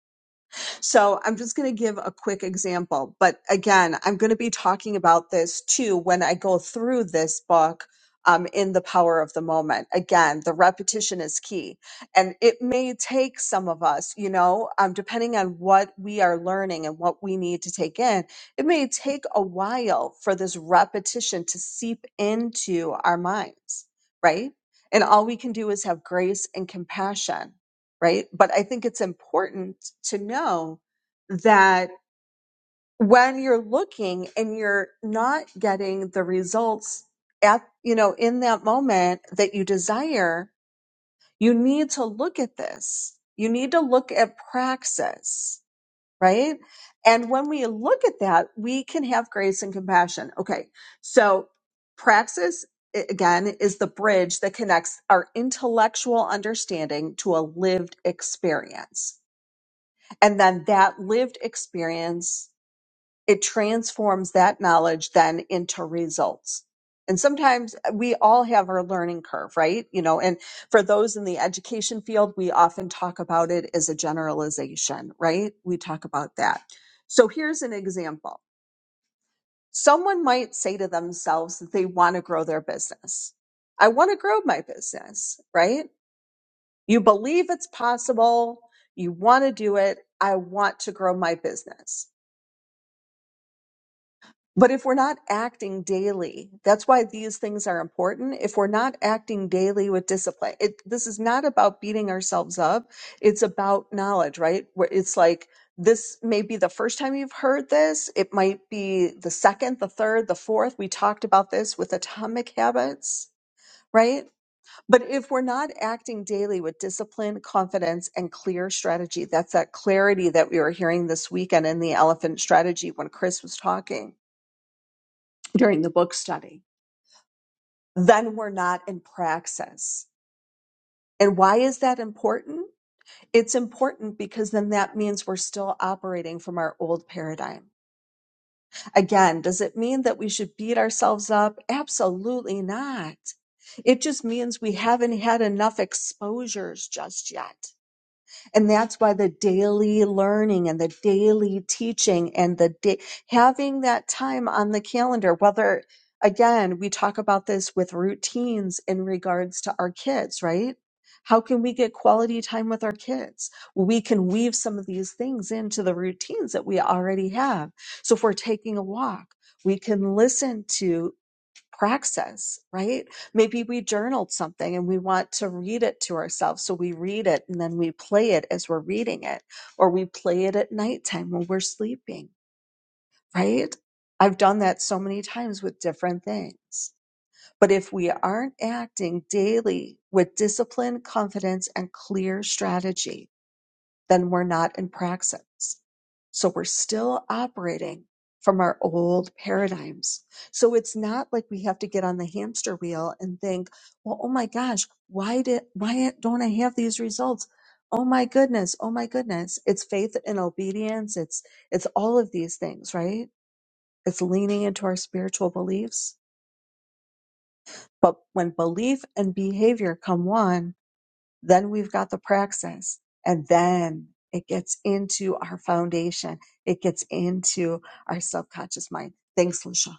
[SPEAKER 6] so I'm just going to give a quick example. But again, I'm going to be talking about this too when I go through this book um, in The Power of the Moment. Again, the repetition is key. And it may take some of us, you know, um, depending on what we are learning and what we need to take in, it may take a while for this repetition to seep into our minds, right? And all we can do is have grace and compassion right? But I think it's important to know that when you're looking and you're not getting the results at, you know, in that moment that you desire, you need to look at this. You need to look at praxis, right? And when we look at that, we can have grace and compassion. Okay. So praxis i- again is the bridge that connects our intellectual understanding to a lived experience and then that lived experience, it transforms that knowledge then into results. And sometimes uh, we all have our learning curve, right? You know, and for those in the education field, we often talk about it as a generalization, right? We talk about that. So here's an example. Someone might say to themselves that they want to grow their business. I want to grow my business, right? You believe it's possible. You want to do it. I want to grow my business But if we're not acting daily, that's why these things are important. If we're not acting daily with discipline, it, this is not about beating ourselves up. It's about knowledge, right? Where it's like, this may be the first time you've heard this. It might be the second, the third, the fourth. We talked about this with atomic habits, right? But if we're not acting daily with discipline, confidence, and clear strategy, that's that clarity that we were hearing this weekend in the elephant strategy when Chris was talking during the book study. Then we're not in praxis. And why is that important? It's important because then that means we're still operating from our old paradigm. Again, does it mean that we should beat ourselves up? Absolutely not. It just means we haven't had enough exposures just yet. And that's why the daily learning and the daily teaching and the da- having that time on the calendar, whether again, we talk about this with routines in regards to our kids, right? How can we get quality time with our kids? We can weave some of these things into the routines that we already have. So if we're taking a walk, we can listen to praxis, right? Maybe we journaled something and we want to read it to ourselves. So we read it and then we play it as we're reading it, or we play it at nighttime when we're sleeping, right? I've done that so many times with different things. But if we aren't acting daily with discipline, confidence, and clear strategy, then we're not in praxis. So we're still operating from our old paradigms. So it's not like we have to get on the hamster wheel and think, well, oh my gosh, why did, why don't I have these results? Oh my goodness. Oh my goodness. It's faith and obedience. It's, it's all of these things, right? It's leaning into our spiritual beliefs. But when belief and behavior come one, then we've got the praxis, and then it gets into our foundation. It gets into our subconscious mind. Thanks, Lucia.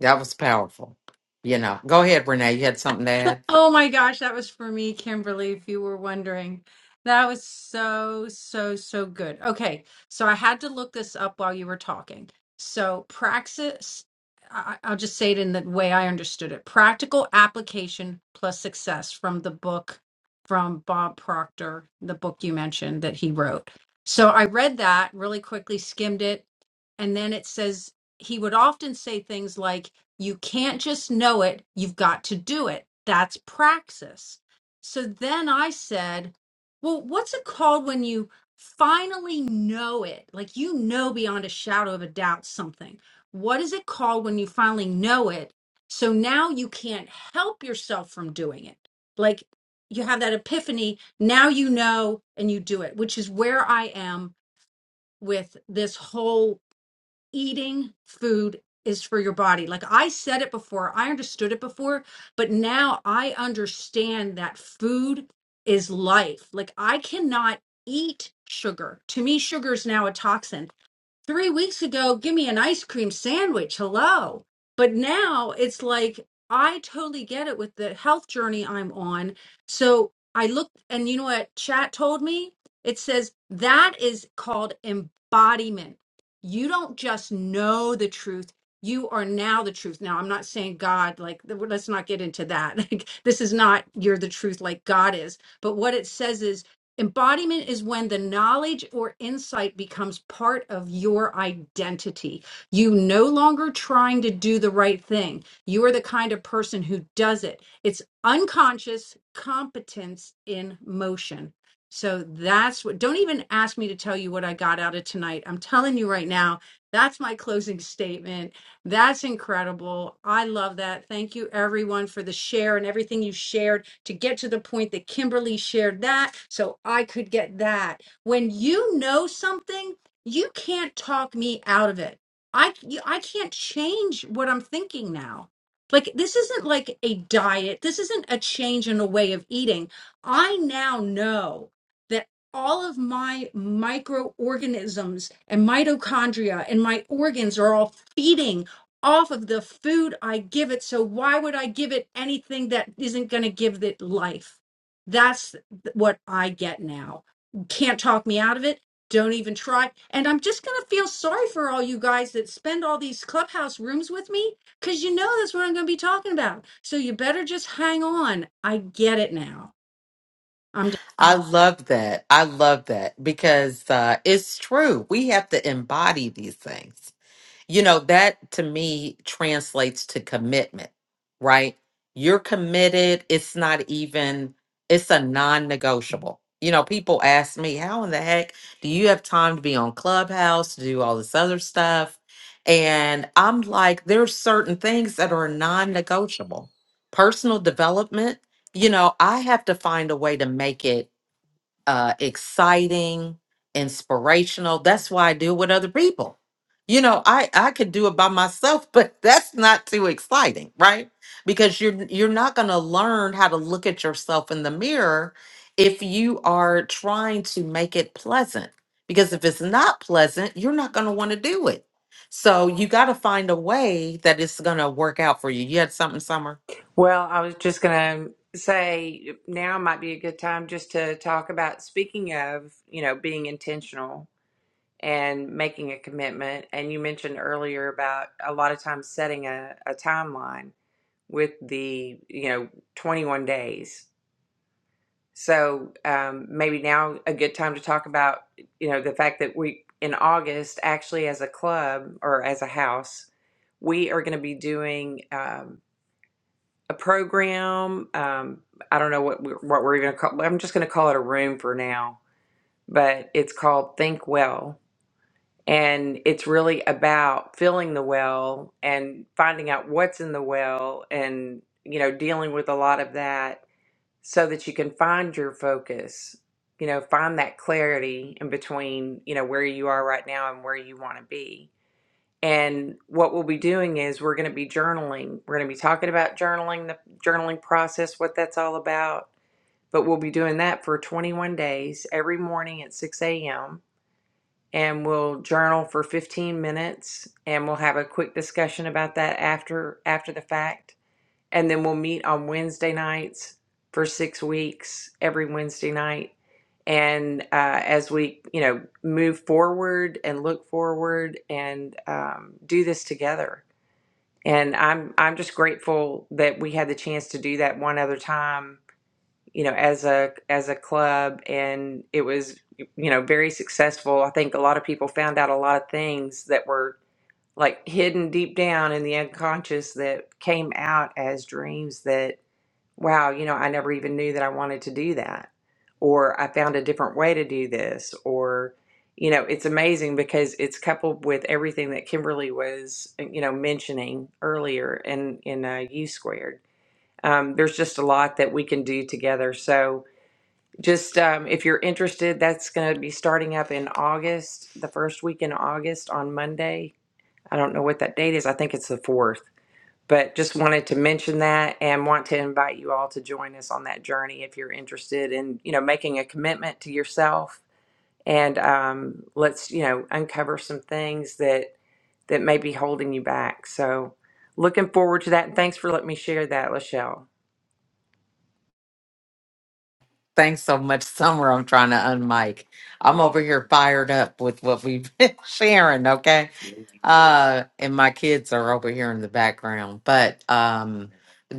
[SPEAKER 1] That was powerful. You know, go ahead, Renee. You had something to add?
[SPEAKER 3] Oh my gosh, that was for me, Kimberly, if you were wondering. That was so, so, so good. Okay, so I had to look this up while you were talking. So, praxis, I- I'll just say it in the way I understood it practical application plus success from the book from Bob Proctor, the book you mentioned that he wrote. So, I read that really quickly, skimmed it, and then it says he would often say things like, You can't just know it, you've got to do it. That's praxis. So then I said, Well, what's it called when you finally know it? Like you know beyond a shadow of a doubt something. What is it called when you finally know it? So now you can't help yourself from doing it. Like you have that epiphany, now you know and you do it, which is where I am with this whole eating food is for your body. Like I said it before, I understood it before, but now I understand that food is life. Like I cannot eat sugar. To me, sugar is now a toxin three weeks ago, give me an ice cream sandwich. Hello. But now it's like, I totally get it with the health journey I'm on. So I looked, and you know what chat told me? It says that is called embodiment. You don't just know the truth. You are now the truth. Now, I'm not saying God, like, let's not get into that. Like, this is not you're the truth like God is. But what it says is Embodiment is when the knowledge or insight becomes part of your identity. You no longer trying to do the right thing. You are the kind of person who does it. It's unconscious competence in motion. So that's what, don't even ask me to tell you what I got out of tonight. I'm telling you right now, that's my closing statement. That's incredible. I love that. Thank you, everyone, for the share and everything you shared to get to the point that Kimberly shared that so I could get that. When you know something, you can't talk me out of it. I, you- I can't change what I'm thinking now. Like, this isn't like a diet, this isn't a change in a way of eating. I now know that all of my microorganisms and mitochondria and my organs are all feeding off of the food I give it. So why would I give it anything that isn't going to give it life? That's th- what I get now. Can't talk me out of it. Don't even try. And I'm just going to feel sorry for all you guys that spend all these clubhouse rooms with me because you know that's what I'm going to be talking about. So you better just hang on. I get it now. I'm done.
[SPEAKER 1] I love that. I love that because uh, it's true. We have to embody these things. You know, that to me translates to commitment, right? You're committed. It's not even, it's a non negotiable. You know, people ask me, how in the heck do you have time to be on Clubhouse, to do all this other stuff? And I'm like, there's certain things that are non negotiable. Personal development, you know, I have to find a way to make it uh, exciting, inspirational. That's why I do it with other people. You know, I I could do it by myself, but that's not too exciting, right? Because you're you're not going to learn how to look at yourself in the mirror if you are trying to make it pleasant. Because if it's not pleasant, you're not going to want to do it. So you got to find a way that it's going to work out for you. You had something, Summer.
[SPEAKER 2] Well, I was just going to say now might be a good time just to talk about speaking of, you know, being intentional and making a commitment. And you mentioned earlier about a lot of times setting a, a timeline with the, you know, 21 days. So um, maybe now a good time to talk about, you know, the fact that we in August actually as a club or as a house, we are going to be doing. um, a program. Um, I don't know what we're, what we're even gonna call. I'm just gonna call it a room for now. But it's called Think Well, and it's really about filling the well and finding out what's in the well, and you know, dealing with a lot of that so that you can find your focus. You know, find that clarity in between. You know, where you are right now and where you want to be and what we'll be doing is we're going to be journaling. We're going to be talking about journaling, the journaling process, what that's all about. But we'll be doing that for 21 days every morning at 6 a.m. And we'll journal for 15 minutes and we'll have a quick discussion about that after after the fact and then we'll meet on Wednesday nights for six weeks, every Wednesday night. And uh, as we, you know, move forward and look forward and um, do this together. And I'm I'm just grateful that we had the chance to do that one other time, you know, as a as a club, and it was, you know, very successful. I think a lot of people found out a lot of things that were like hidden deep down in the unconscious that came out as dreams that wow, you know, I never even knew that I wanted to do that. Or I found a different way to do this. Or, you know, it's amazing because it's coupled with everything that Kimberly was, uh, you know, mentioning earlier in, in uh, U squared. Um, there's just a lot that we can do together. So, just um, if you're interested, that's going to be starting up in August, the first week in August on Monday. I don't know what that date is. I think it's the 4th but just wanted to mention that and want to invite you all to join us on that journey if you're interested in you know making a commitment to yourself and um, let's you know uncover some things that that may be holding you back so looking forward to that and thanks for letting me share that lachelle
[SPEAKER 1] Thanks so much, Summer. I'm trying to unmic. I'm over here fired up with what we've been sharing. okay? uh, and my kids are over here in the background. But um,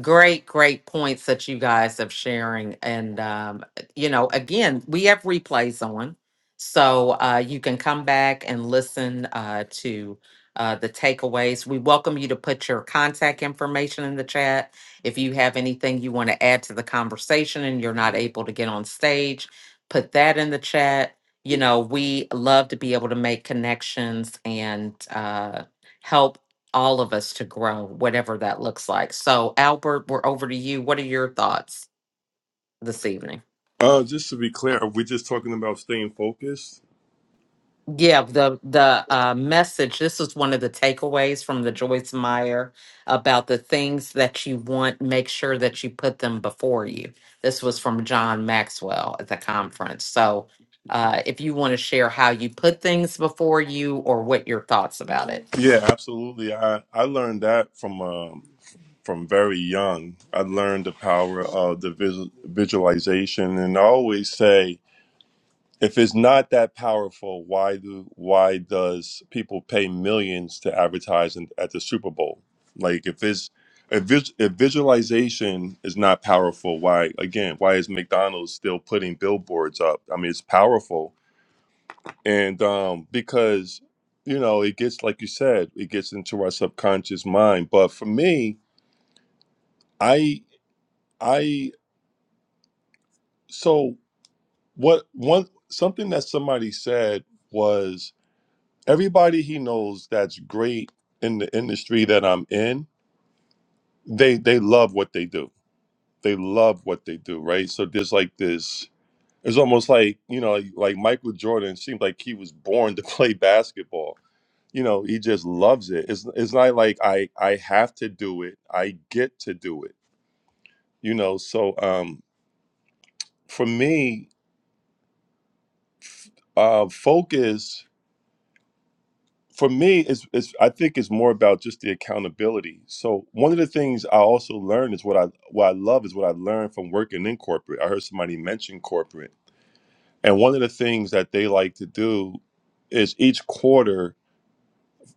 [SPEAKER 1] great, great points that you guys have sharing. And um, you know, again, we have replays on, so uh, you can come back and listen uh, to. Uh, the takeaways. We welcome you to put your contact information in the chat. If you have anything you want to add to the conversation and you're not able to get on stage, put that in the chat you know, we love to be able to make connections and uh, help all of us to grow, whatever that looks like. So, Albert, we're over to you. What are your thoughts this evening?
[SPEAKER 7] Uh, just to be clear, are we just talking about staying focused?
[SPEAKER 1] Yeah, the the uh, message. This is one of the takeaways from the Joyce Meyer about the things that you want. Make sure that you put them before you. This was from John Maxwell at the conference. So, uh, if you want to share how you put things before you or what your thoughts about it.
[SPEAKER 7] Yeah, absolutely. I I learned that from um from very young. I learned the power of the visual, visualization, and I always say, if it's not that powerful, why do why does people pay millions to advertise in, at the Super Bowl? Like, if it's if, vis, if visualization is not powerful, why again? Why is McDonald's still putting billboards up? I mean, it's powerful and um because you know it gets like you said it gets into our subconscious mind but for me i i so what one something that somebody said was everybody he knows that's great in the industry that i'm in they they love what they do they love what they do right so there's like this it's almost like you know like like michael jordan seemed like he was born to play basketball you know he just loves it it's, it's not like i i have to do it i get to do it you know so um for me uh focus for me is is i think it's more about just the accountability so one of the things i also learned is what i what i love is what i learned from working in corporate i heard somebody mention corporate and one of the things that they like to do is each quarter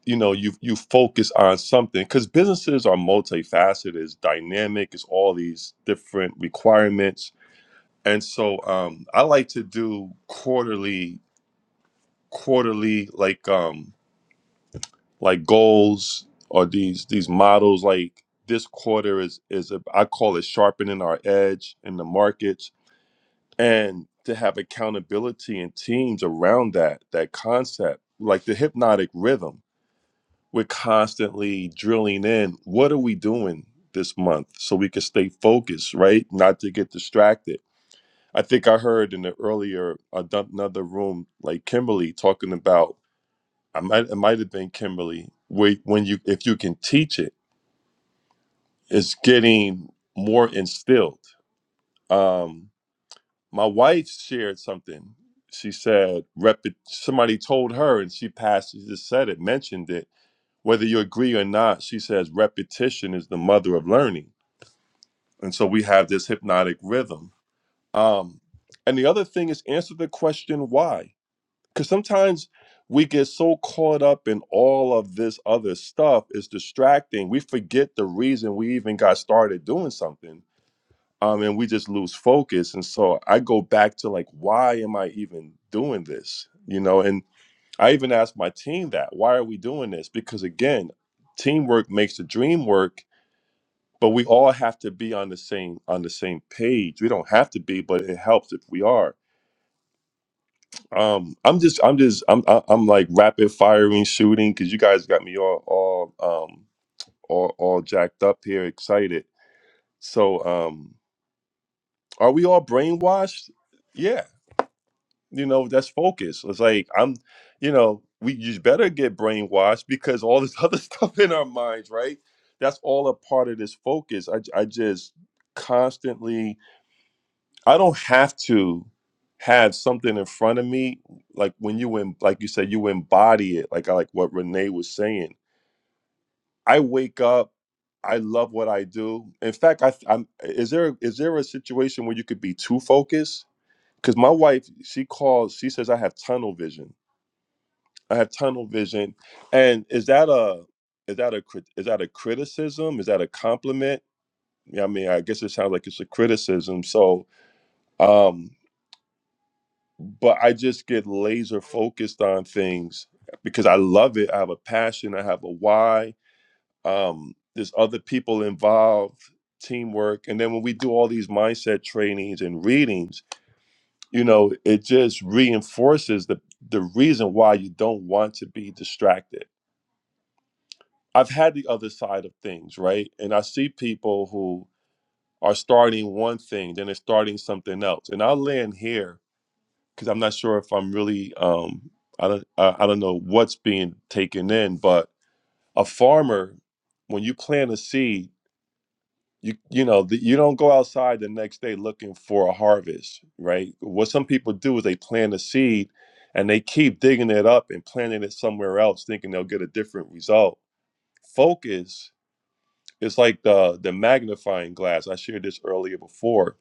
[SPEAKER 7] you know you you focus on something because businesses are multifaceted it's dynamic it's all these different requirements and so um i like to do quarterly quarterly like um like goals or these these models like this quarter is is a, i call it sharpening our edge in the markets and to have accountability and teams around that that concept like the hypnotic rhythm we're constantly drilling in what are we doing this month so we can stay focused right not to get distracted i think i heard in the earlier another room like kimberly talking about i might it might have been kimberly where when you if you can teach it it's getting more instilled um my wife shared something she said rep somebody told her and she passed she just said it mentioned it whether you agree or not, she says repetition is the mother of learning. And so we have this hypnotic rhythm. Um, and the other thing is answer the question why. Because sometimes we get so caught up in all of this other stuff, it's distracting. We forget the reason we even got started doing something. Um, and we just lose focus. And so I go back to like, why am I even doing this? You know, and I even asked my team that. Why are we doing this? Because again, teamwork makes the dream work, but we all have to be on the same on the same page. We don't have to be, but it helps if we are. Um, I'm just I'm just I'm I- I'm like rapid firing shooting because you guys got me all all um all all jacked up here, excited. So um, are we all brainwashed? Yeah. you know that's focus it's like i'm you know we you better get brainwashed because all this other stuff in our minds right that's all a part of this focus I I just constantly i don't have to have something in front of me like when you in like you said you embody it like I like what renee was saying i wake up i love what i do in fact i i'm is there is there a situation where you could be too focused because my wife she calls she says i have tunnel vision I have tunnel vision. And is that a is that a crit- is that a criticism? Is that a compliment? Yeah, I mean, I guess it sounds like it's a criticism. So, um, but I just get laser focused on things because I love it. I have a passion. I have a why. Um, there's other people involved, teamwork, and then when we do all these mindset trainings and readings, you know, it just reinforces the the reason why you don't want to be distracted I've had the other side of things, right? And I see people who are starting one thing, then they're starting something else. And I'll land here because I'm not sure if I'm really, um, I don't, I, I don't know what's being taken in. But a farmer, when you plant a seed, you you know the, you don't go outside the next day looking for a harvest, right? What some people do is they plant a seed, and they keep digging it up and planting it somewhere else, thinking they'll get a different result. Focus It's like the the magnifying glass. I shared this earlier before.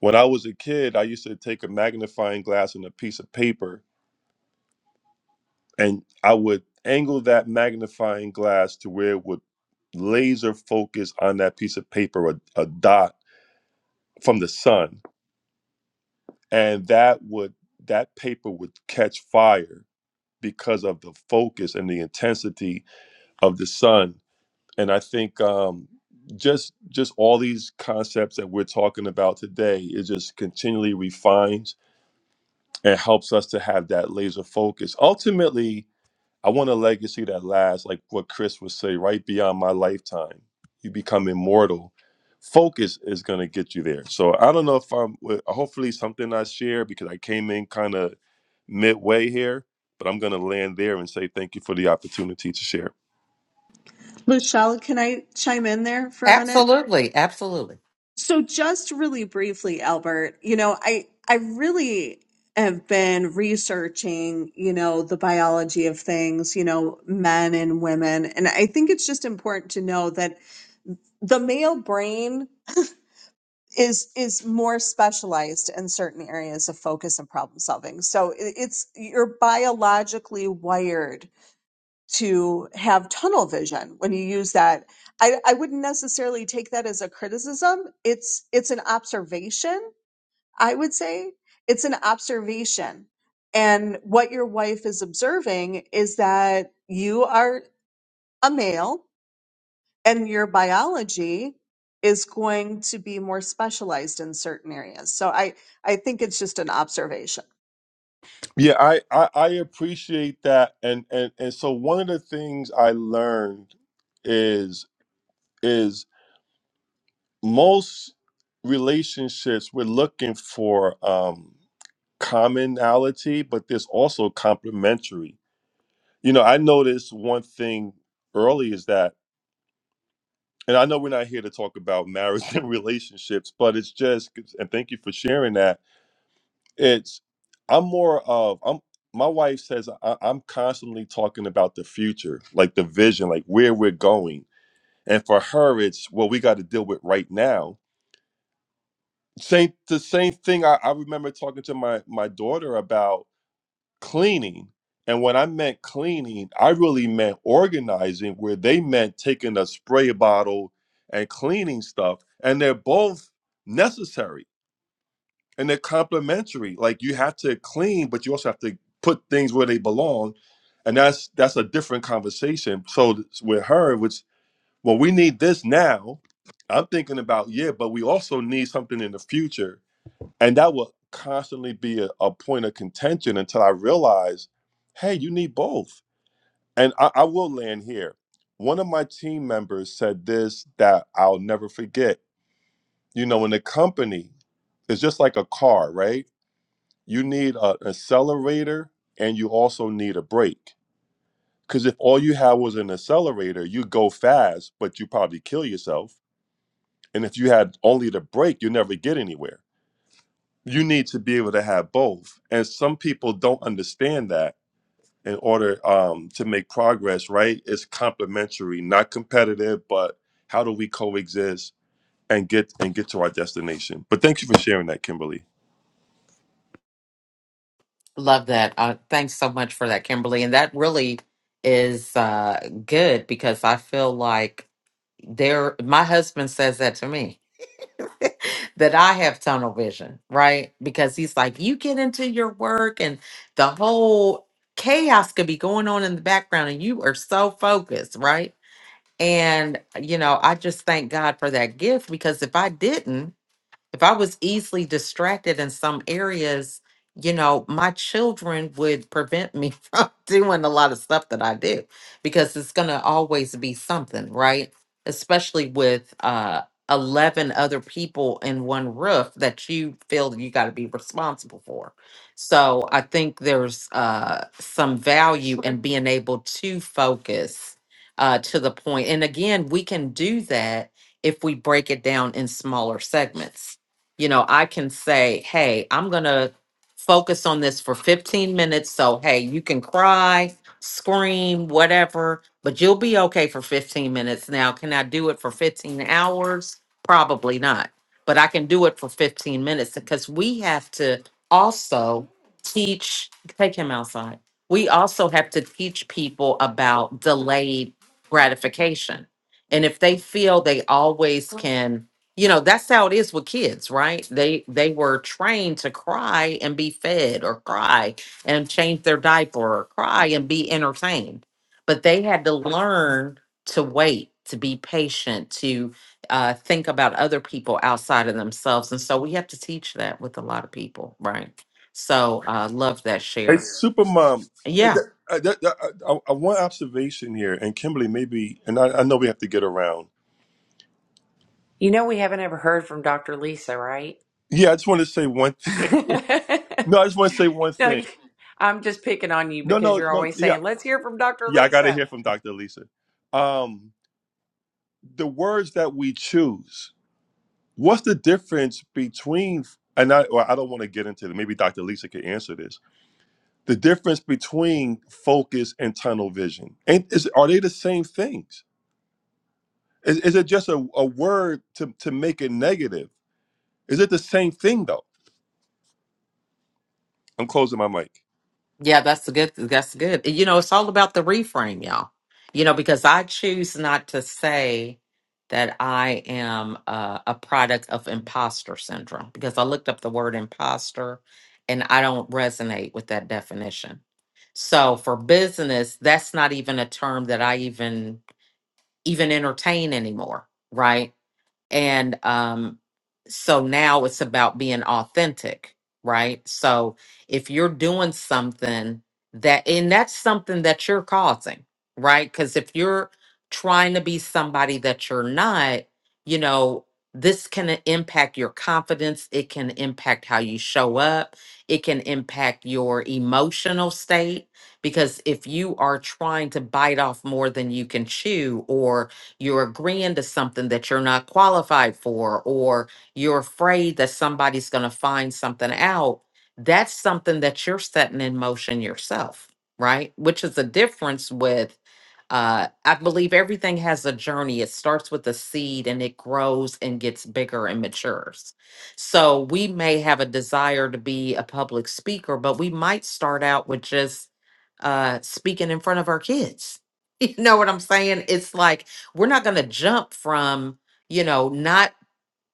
[SPEAKER 7] When I was a kid, I used to take a magnifying glass and a piece of paper, and I would angle that magnifying glass to where it would laser focus on that piece of paper, a, a dot from the sun, and that would that paper would catch fire because of the focus and the intensity of the sun and I think um, just just all these concepts that we're talking about today is just continually refines and helps us to have that laser focus. Ultimately, I want a legacy that lasts, like what Chris would say, right beyond my lifetime. You become immortal. Focus is going to get you there. So I don't know if I'm, well, hopefully, something I share because I came in kind of midway here, but I'm going to land there and say thank you for the opportunity to share.
[SPEAKER 6] Michelle, can I chime in there for a minute?
[SPEAKER 1] Absolutely, absolutely.
[SPEAKER 6] So just really briefly, Albert, you know, I I really have been researching, you know, the biology of things, you know, men and women, and I think it's just important to know that the male brain is is more specialized in certain areas of focus and problem solving. So it, it's you're biologically wired to have tunnel vision when you use that. I, I wouldn't necessarily take that as a criticism. It's it's an observation, I would say. It's an observation. And what your wife is observing is that you are a male and your biology is going to be more specialized in certain areas. So I I think it's just an observation.
[SPEAKER 7] Yeah, I, I I appreciate that, and and and so one of the things I learned is is most relationships we're looking for um, commonality, but there's also complementary. You know, I noticed one thing early is that, and I know we're not here to talk about marriage and relationships, but it's just, and thank you for sharing that It's I'm more of I'm my wife says I, I'm constantly talking about the future, like the vision, like where we're going. And for her, it's what we got to deal with right now. Same the same thing I, I remember talking to my my daughter about cleaning. And when I meant cleaning, I really meant organizing, where they meant taking a spray bottle and cleaning stuff. And they're both necessary and they're complementary. Like you have to clean, but you also have to put things where they belong, and that's that's a different conversation. So th- with her, which well, we need this now. I'm thinking about yeah, but we also need something in the future, and that will constantly be a, a point of contention until I realize, hey, you need both. And I, I will land here. One of my team members said this that I'll never forget. You know, in the company, it's just like a car, right? you need an accelerator and you also need a brake. Because if all you had was an accelerator, you go fast, but you probably kill yourself. And if you had only the brake, you never get anywhere. You need to be able to have both. And some people don't understand that in order um, to make progress, right? It's complementary, not competitive, but how do we coexist and get and get to our destination? But thank you for sharing that, Kimberly.
[SPEAKER 1] Love that. Uh, thanks so much for that, Kimberly. And that really is uh, good because I feel like there my husband says that to me that I have tunnel vision, right? Because he's like, you get into your work and the whole chaos could be going on in the background and you are so focused, right? And you know, I just thank God for that gift because if I didn't, If I was easily distracted in some areas, you know, my children would prevent me from doing a lot of stuff that I do because it's going to always be something, right? Especially with uh 11 other people in one roof that you feel you got to be responsible for. So I think there's uh, some value in being able to focus uh, to the point. And again, we can do that if we break it down in smaller segments you know, I can say, hey, I'm going to focus on this for 15 minutes. So, hey, you can cry, scream, whatever, but you'll be okay for 15 minutes. Now, can I do it for 15 hours? Probably not, but I can do it for 15 minutes because we have to also teach, take him outside. We also have to teach people about delayed gratification. And if they feel they always can you know that's how it is with kids right they they were trained to cry and be fed or cry and change their diaper or cry and be entertained but they had to learn to wait to be patient to uh, think about other people outside of themselves and so we have to teach that with a lot of people right so uh, love that
[SPEAKER 7] Hey,
[SPEAKER 1] share
[SPEAKER 7] Supermom, uh,
[SPEAKER 1] yeah
[SPEAKER 7] th- uh, th- uh, uh, uh, one observation here, and Kimberly, maybe, and I, I know we have to get around.
[SPEAKER 2] you know we haven't ever heard from dr lisa right
[SPEAKER 7] Yeah, I just want to say one thing. No, I just want to say one
[SPEAKER 2] no you-
[SPEAKER 7] thing.
[SPEAKER 2] i'm just picking on you
[SPEAKER 7] No,
[SPEAKER 2] because
[SPEAKER 7] no,
[SPEAKER 2] you're
[SPEAKER 7] no.
[SPEAKER 2] always
[SPEAKER 7] Yeah,
[SPEAKER 2] saying let's hear from dr
[SPEAKER 7] yeah, I got to
[SPEAKER 2] lisa
[SPEAKER 7] hear from Dr. Lisa. Um, the words that we choose. What's the difference between? And I, well, I don't want to get into it. Maybe Dr. Lisa could answer this. The difference between focus and tunnel vision. Ain't, is, are they the same things? Is, is it just a, a word to, to make it negative? Is it the same thing though? I'm closing my mic.
[SPEAKER 1] Yeah, that's good. That's good. You know, it's all about the reframe, y'all. You know, because I choose not to say that I am uh, a product of imposter syndrome because I looked up the word imposter and I don't resonate with that definition. So for business, that's not even a term that I even even entertain anymore, right? and um so now it's about being authentic right so if you're doing something that and that's something that you're causing right because if you're trying to be somebody that you're not you know this can impact your confidence it can impact how you show up it can impact your emotional state because if you are trying to bite off more than you can chew or you're agreeing to something that you're not qualified for, or you're afraid that somebody's going to find something out, that's something that you're setting in motion yourself, right? Which is the difference with uh, I believe everything has a journey. It starts with a seed and it grows and gets bigger and matures. So we may have a desire to be a public speaker, but we might start out with just uh, speaking in front of our kids. You know what I'm saying? It's like we're not going to jump from, you know, not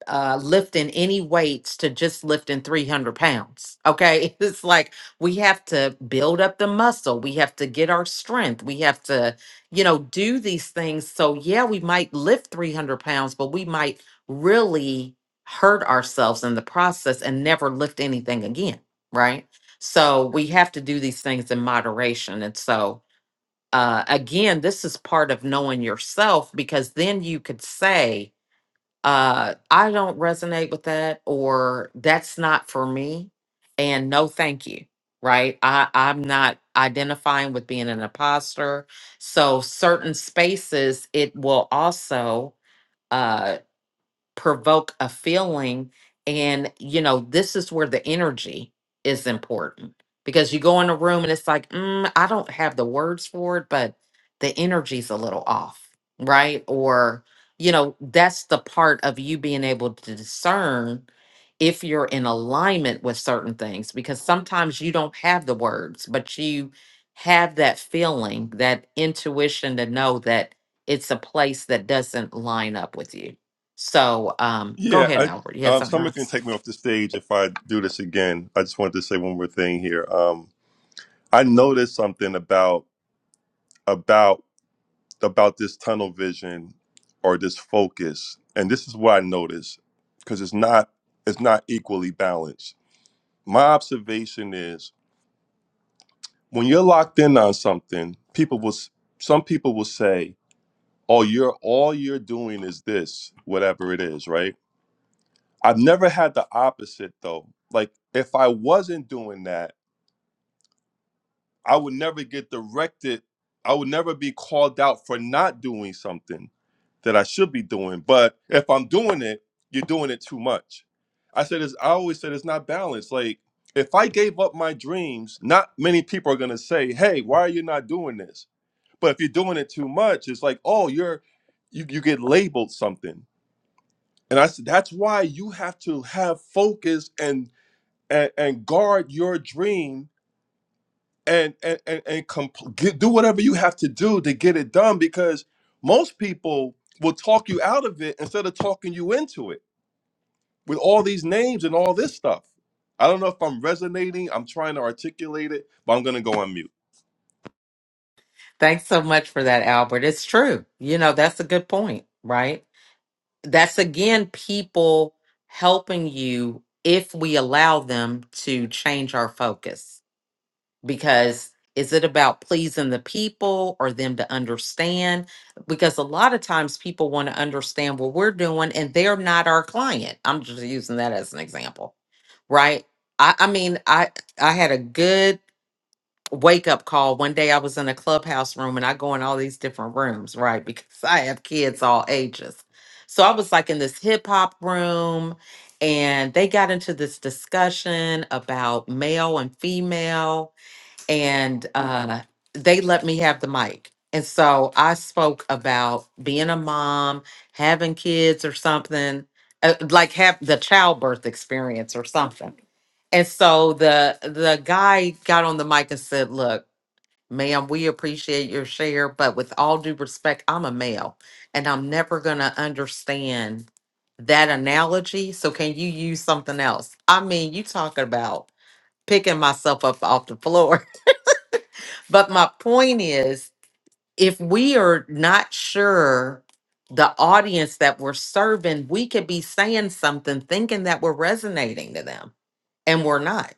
[SPEAKER 1] uh, lifting any weights to just lifting 300 pounds. Okay. It's like we have to build up the muscle. We have to get our strength. We have to, you know, do these things. So, yeah, we might lift 300 pounds, but we might really hurt ourselves in the process and never lift anything again. Right. So, we have to do these things in moderation. And so, uh, again, this is part of knowing yourself because then you could say, uh i don't resonate with that or that's not for me and no thank you right i i'm not identifying with being an imposter so certain spaces it will also uh, provoke a feeling and you know this is where the energy is important because you go in a room and it's like mm, i don't have the words for it but the energy's a little off right or you know that's the part of you being able to discern if you're in alignment with certain things because sometimes you don't have the words but you have that feeling that intuition to know that it's a place that doesn't line up with you so um, go
[SPEAKER 7] Yeah,
[SPEAKER 1] ahead,
[SPEAKER 7] I,
[SPEAKER 1] Albert. You had
[SPEAKER 7] uh,
[SPEAKER 1] something
[SPEAKER 7] someone can
[SPEAKER 1] else?
[SPEAKER 7] take me off the stage if I do this again. I just wanted to say one more thing here. Um, I noticed something about about about this tunnel vision or this focus, and this is what I noticed because it's not it's not equally balanced. My observation is when you're locked in on something, people will s- some people will say, "Oh, you're all you're doing is this, whatever it is, right?" I've never had the opposite though. Like if I wasn't doing that, I would never get directed. I would never be called out for not doing something that I should be doing. But if I'm doing it, you're doing it too much. I said it's I always said it's not balanced. Like if I gave up my dreams, not many people are gonna say, Hey, why are you not doing this? But if you're doing it too much, it's like, oh, you're you, you get labeled something. And I said, that's why you have to have focus and and and guard your dream and and and, and compl- get, do whatever you have to do to get it done because most people will talk you out of it instead of talking you into it with all these names and all this stuff i don't know if i'm resonating i'm trying to articulate it but i'm going to go on mute
[SPEAKER 1] Thanks so much for that, Albert. It's true. You know, that's a good point, right? that's again people helping you if we allow them to change our focus because is it about pleasing the people or them to understand because a lot of times people want to understand what we're doing and they're not our client i'm just using that as an example right i, I mean i i had a good wake up call. One day I was in a clubhouse room and I go in all these different rooms, right? Because I have kids all ages. So I was like in this hip hop room and they got into this discussion about male and female and uh, they let me have the mic. And so I spoke about being a mom, having kids or something, uh, like have the childbirth experience or something. And so the the guy got on the mic and said, "Look, ma'am, we appreciate your share, but with all due respect, I'm a male, and I'm never gonna understand that analogy. So can you use something else? I mean, you talking about picking myself up off the floor." But my point is, if we are not sure the audience that we're serving, we could be saying something thinking that we're resonating to them, and we're not.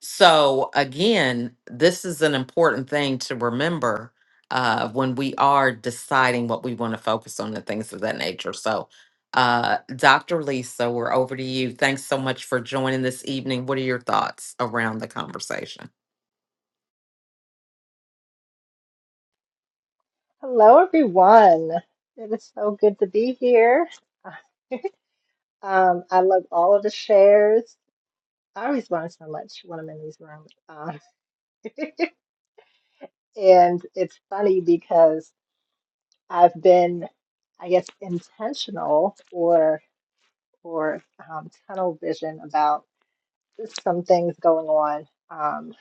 [SPEAKER 1] So, again, this is an important thing to remember uh, when we are deciding what we want to focus on and things of that nature. So, uh, Dr. Lisa, we're over to you. Thanks so much for joining this evening. What are your thoughts around the conversation?
[SPEAKER 8] Hello, everyone. It is so good to be here. Um, I love all of the shares. I always learn so much when I'm in these rooms. Um, and it's funny because I've been, I guess, intentional or or um, tunnel vision about. some things going on um,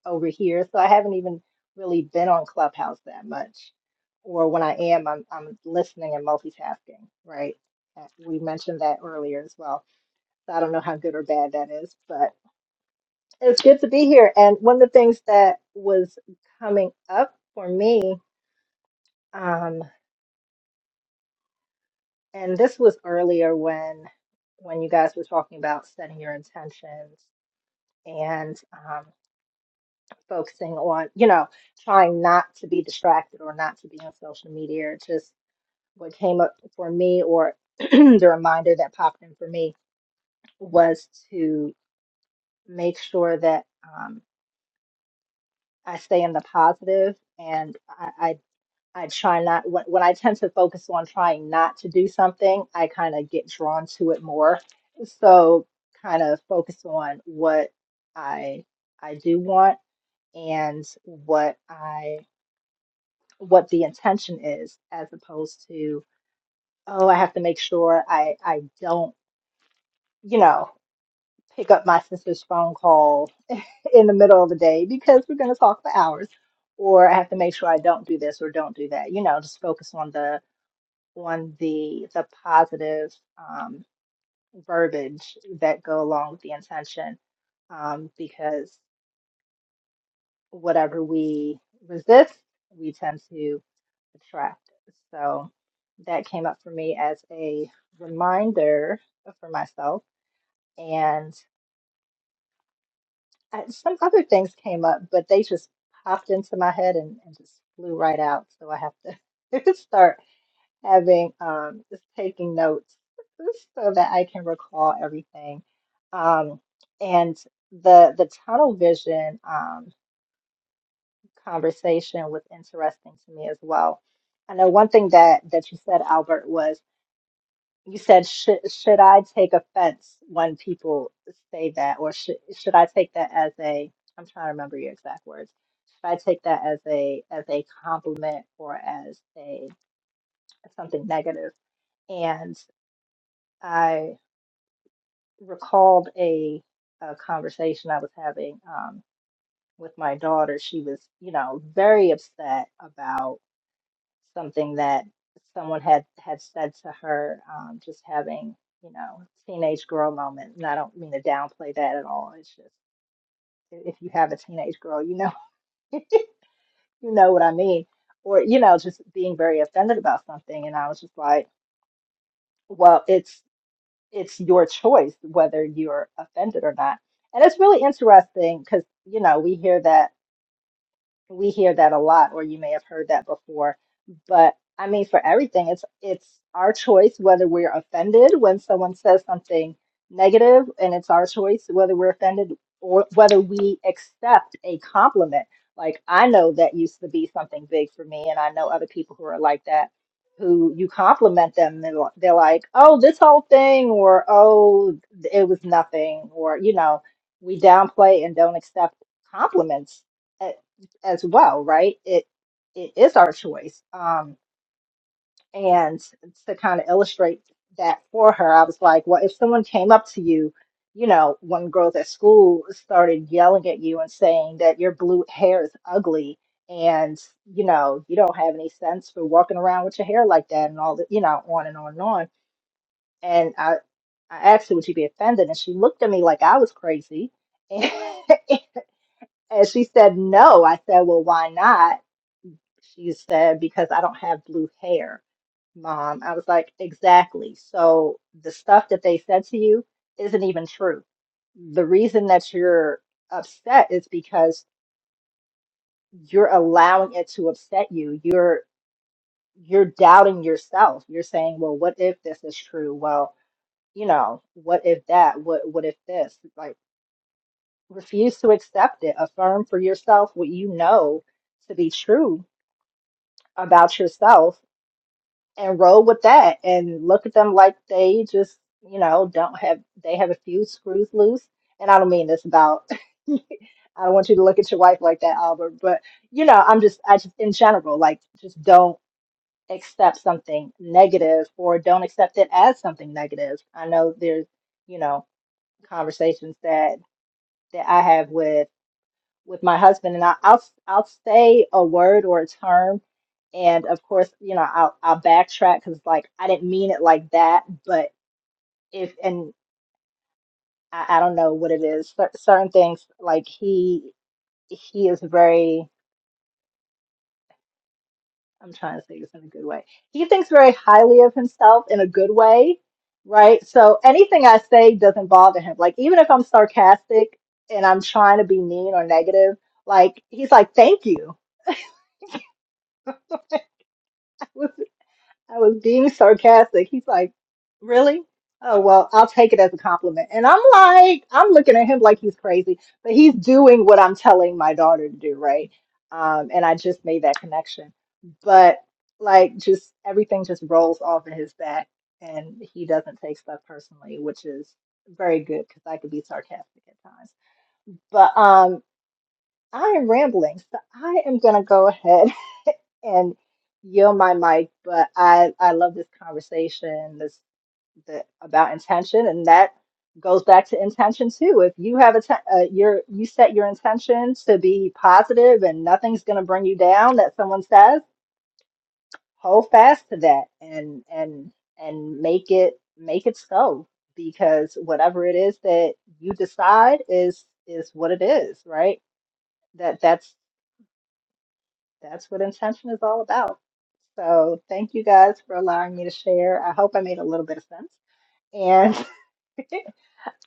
[SPEAKER 8] over here. So I haven't even really been on Clubhouse that much. Or when I am, I'm, I'm listening and multitasking, right? Uh, We mentioned that earlier as well. So I don't know how good or bad that is, but it's good to be here. And one of the things that was coming up for me, um, and this was earlier when when you guys were talking about setting your intentions and um, focusing on, you know, trying not to be distracted or not to be on social media. It Just what came up for me, or the reminder that popped in for me, was to make sure that um, I stay in the positive and I. I I try not when, when I tend to focus on trying not to do something, I kind of get drawn to it more. So kind of focus on what I I do want and what I what the intention is as opposed to oh i have to make sure i i don't you know pick up my sister's phone call in the middle of the day because we're going to talk for hours or i have to make sure i don't do this or don't do that you know just focus on the on the the positive um, verbiage that go along with the intention um, because whatever we resist we tend to attractive. So that came up for me as a reminder for myself. And I, some other things came up, but they just popped into my head and, and just flew right out. So I have to start having um, just taking notes so that I can recall everything. Um, and the the tunnel vision um, conversation was interesting to me as well. I know one thing that that you said, Albert, was You said, should, should I take offense when people say that? Or should, should I take that as a, I'm trying to remember your exact words. Should I take that as a, as a compliment or as a, something negative? And I recalled a, a conversation I was having um, with my daughter. She was, you know, very upset about something that someone had had said to her um, just having you know teenage girl moment and i don't mean to downplay that at all it's just if you have a teenage girl you know you know what i mean or you know just being very offended about something and i was just like well it's it's your choice whether you're offended or not and it's really interesting because you know we hear that we hear that a lot or you may have heard that before but i mean for everything it's it's our choice whether we're offended when someone says something negative and it's our choice whether we're offended or whether we accept a compliment like i know that used to be something big for me and i know other people who are like that who you compliment them and they're they're like oh this whole thing or oh it was nothing or you know we downplay and don't accept compliments eh, as well, right? It it is our choice. Um, and to kind of illustrate that for her, I was like, well, if someone came up to you, you know, when girls at school started yelling at you and saying that your blue hair is ugly and you know you don't have any sense for walking around with your hair like that and all that, you know, on and on and on. And I I asked her, would she be offended? And she looked at me like I was crazy. And she said, no. I said, well, why not? She said, because I don't have blue hair, mom. I was like, exactly. So the stuff that they said to you isn't even true. The reason that you're upset is because you're allowing it to upset you. You're you're doubting yourself. You're saying, well, what if this is true? Well, you know, what if that? What what if this? Like refuse to accept it. Affirm for yourself what you know to be true about yourself and roll with that and look at them like they just, you know, don't have, they have a few screws loose. And I don't mean this about, I don't want you to look at your wife like that, Albert, but, you know, I'm just, I just, in general, like, just don't accept something negative or don't accept it as something negative. I know there's, you know, conversations that, that I have with with my husband, and I, I'll I'll say a word or a term, and of course, you know, I'll I'll backtrack because like I didn't mean it like that, but if and I, I don't know what it is. Cer certain things like he he is very. I'm trying to say this in a good way. He thinks very highly of himself in a good way, right? So anything I say doesn't bother him. Like even if I'm sarcastic and I'm trying to be mean or negative, like he's like, "Thank you." I was being sarcastic. He's like, Really? Oh, well, I'll take it as a compliment. And I'm like, I'm looking at him like he's crazy, but he's doing what I'm telling my daughter to do, right? Um, and I just made that connection. But like, just everything just rolls off in his back, and he doesn't take stuff personally, which is very good because I could be sarcastic at times. But um, I am rambling, so I am gonna go ahead and yield my mic, but I I love this conversation this the, about intention, and that goes back to intention too. If you have a te- uh, your you set your intention to be positive, and nothing's going to bring you down that someone says, hold fast to that, and and and make it make it so because whatever it is that you decide is is what it is, right? That that's That's what intention is all about. So thank you guys for allowing me to share. I hope I made a little bit of sense. And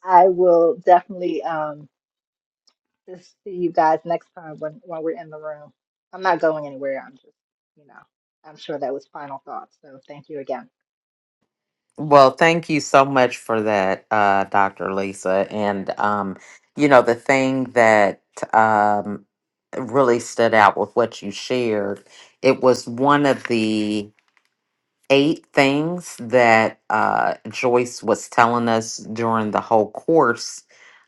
[SPEAKER 8] I will definitely um just see you guys next time when when we're in the room. I'm not going anywhere. I'm just, you know, I'm sure that was final thoughts. So thank you again.
[SPEAKER 1] Well, thank you so much for that, uh, Dr. Lisa. And, um, you know, the thing that um, really stood out with what you shared, it was one of the eight things that uh, Joyce was telling us during the whole course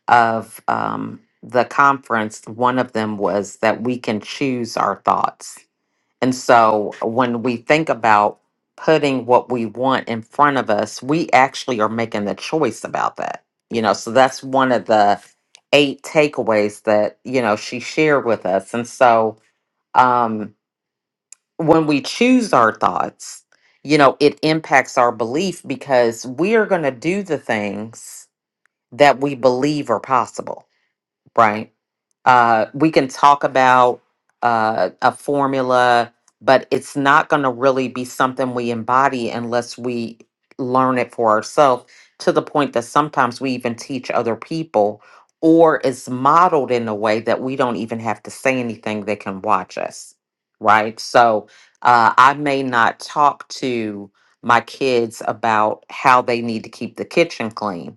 [SPEAKER 1] of um, the conference. One of them was that we can choose our thoughts and so when we think about putting what we want in front of us, we actually are making the choice about that. You know, so that's one of the eight takeaways that, you know, she shared with us. And so um when we choose our thoughts, you know, it impacts our belief because we are going to do the things that we believe are possible, right? uh, we can talk about uh, a formula, but it's not going to really be something we embody unless we learn it for ourselves to the point that sometimes we even teach other people or it's modeled in a way that we don't even have to say anything they can watch us right so uh, i may not talk to my kids about how they need to keep the kitchen clean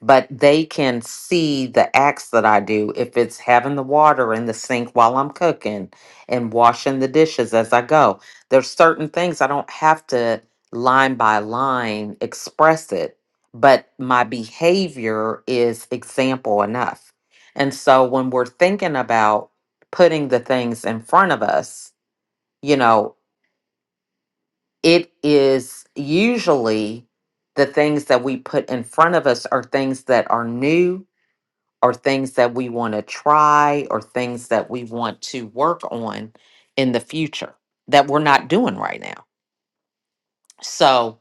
[SPEAKER 1] but they can see the acts that I do. If it's having the water in the sink while I'm cooking and washing the dishes as I go, there's certain things I don't have to line by line express it, but my behavior is example enough. And so when we're thinking about putting the things in front of us, you know, it is usually the things that we put in front of us are things that are new or things that we want to try or things that we want to work on in the future that we're not doing right now. So,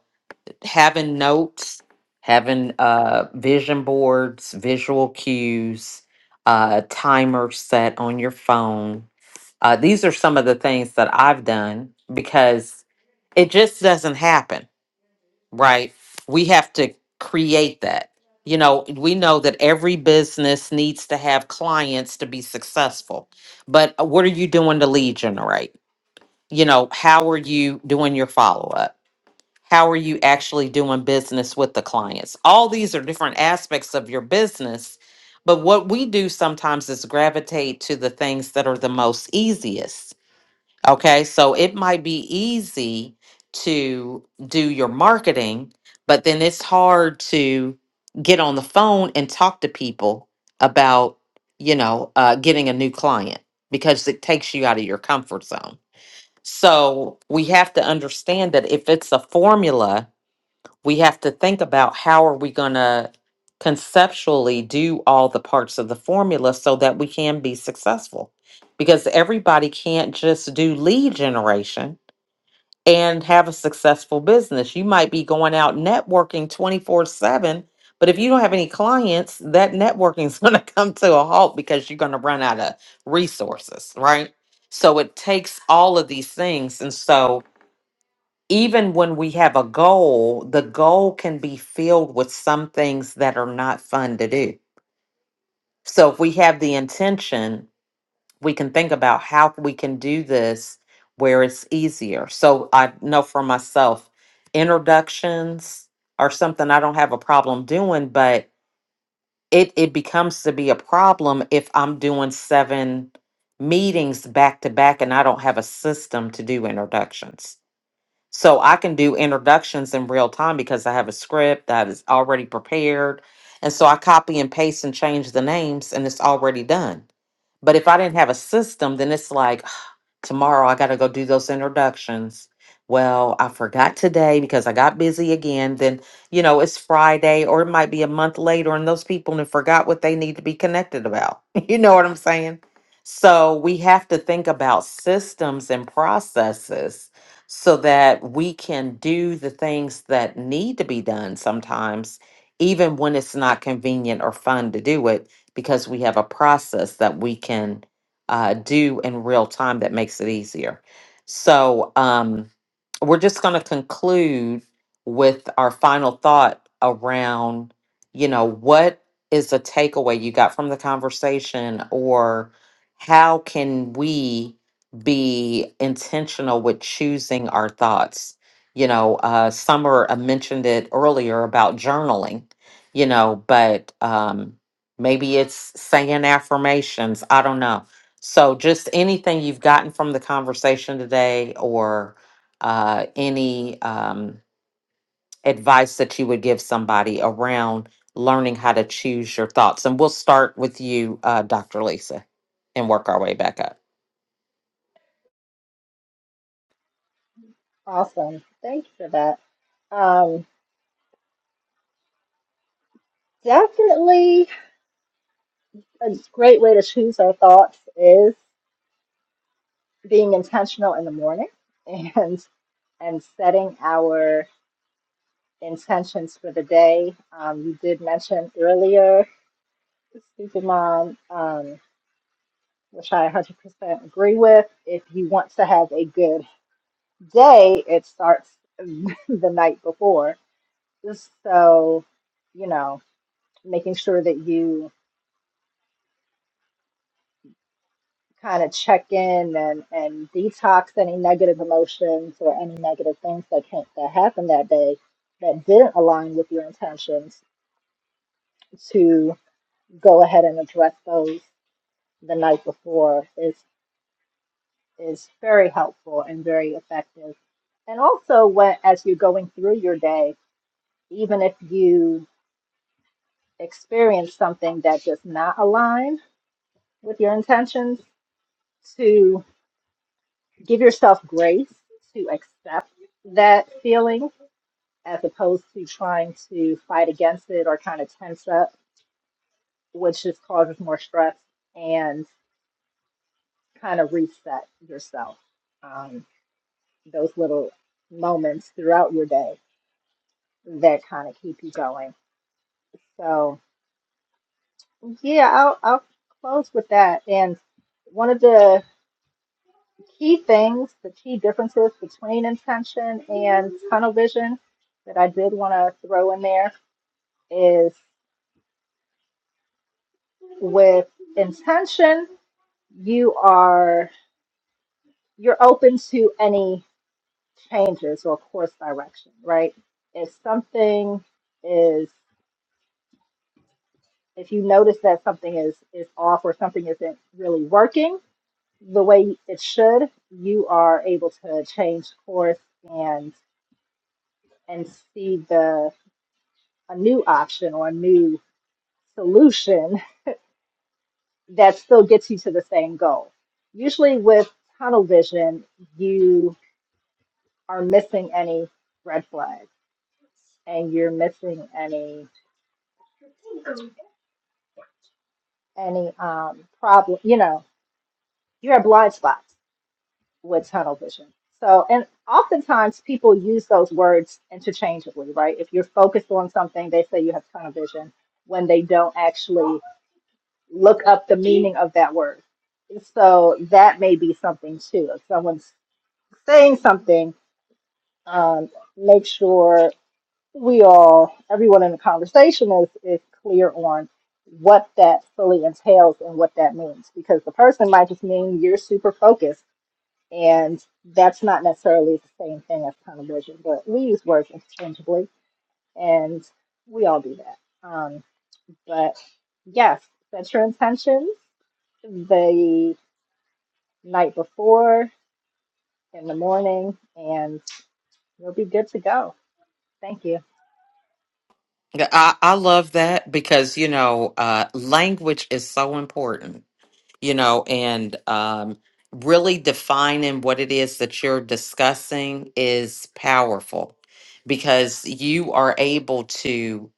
[SPEAKER 1] having notes, having uh, vision boards, visual cues, uh, timer set on your phone, uh, these are some of the things that I've done because it just doesn't happen right? We have to create that. You know, we know that every business needs to have clients to be successful. But uh, what are you doing to lead generate? You know, how are you doing your follow up? How are you actually doing business with the clients? All these are different aspects of your business. But what we do sometimes is gravitate to the things that are the most easiest Okay, so it might be easy to do your marketing, but then it's hard to get on the phone and talk to people about, you know, uh, getting a new client because it takes you out of your comfort zone. So we have to understand that if it's a formula, we have to think about how are we going to conceptually do all the parts of the formula so that we can be successful because everybody can't just do lead generation and have a successful business you might be going out networking 24/7 but if you don't have any clients that networking is going to come to a halt because you're going to run out of resources right so it takes all of these things and so even when we have a goal, the goal can be filled with some things that are not fun to do. So if we have the intention, we can think about how we can do this where it's easier. So I know for myself, introductions are something I don't have a problem doing, but it it becomes to be a problem if I'm doing seven meetings back to back and I don't have a system to do introductions. So I can do introductions in real time because I have a script that is already prepared. And so I copy and paste and change the names and it's already done. But if I didn't have a system, then it's like, Tomorrow I got to go do those introductions. Well, I forgot today because I got busy again. Then, you know, it's Friday or it might be a month later and those people have forgot what they need to be connected about. you know what I'm saying? So we have to think about systems and processes so that we can do the things that need to be done sometimes, even when it's not convenient or fun to do it, because we have a process that we can uh, do in real time that makes it easier. So um, we're just going to conclude with our final thought around, you know, what is the takeaway you got from the conversation, or how can we be intentional with choosing our thoughts? You know, uh, Summer uh, mentioned it earlier about journaling, you know, but um, maybe it's saying affirmations. I don't know so, just anything you've gotten from the conversation today, or uh, any um, advice that you would give somebody around learning how to choose your thoughts. And we'll start with you, uh, Dr. Lisa, and work our way back up.
[SPEAKER 8] Awesome. Thank you for that. Um, definitely a great way to choose our thoughts is being intentional in the morning and and setting our intentions for the day. Um, you did mention earlier, Stupid Mom, um, which I 100% agree with. If you want to have a good day, it starts the night before. Just so, you know, making sure that you kind of check in and, and detox any negative emotions or any negative things that, can, that happened that day that didn't align with your intentions to go ahead and address those the night before is is very helpful and very effective. And also when as you're going through your day, even if you experience something that does not align with your intentions, to give yourself grace to accept that feeling as opposed to trying to fight against it or kind of tense up, which just causes more stress and kind of reset yourself. Um, those little moments throughout your day that kind of keep you going. So yeah, I'll I'll close with that. And one of the key things, the key differences between intention and tunnel vision that I did want to throw in there is with intention, you are you're open to any changes or course direction, right? If something is if you notice that something is is off or something isn't really working, the way it should, you are able to change course and and see the a new option or a new solution that still gets you to the same goal. Usually with tunnel vision, you are missing any red flags and you're missing any any um problem, you know, you have blind spots with tunnel vision. So, and oftentimes people use those words interchangeably, right? If you're focused on something, they say you have tunnel vision when they don't actually look up the meaning of that word. So that may be something too. If someone's saying something, um, make sure we all, everyone in the conversation is, is clear on what that fully entails and what that means because the person might just mean you're super focused and that's not necessarily the same thing as tunnel vision, but we use words interchangeably and we all do that. Um, but yes, set your intentions the night before, in the morning, and you'll be good to go. Thank you.
[SPEAKER 1] Yeah, I, I love that because, you know, uh, language is so important, you know, and um, really defining what it is that you're discussing is powerful because you are able to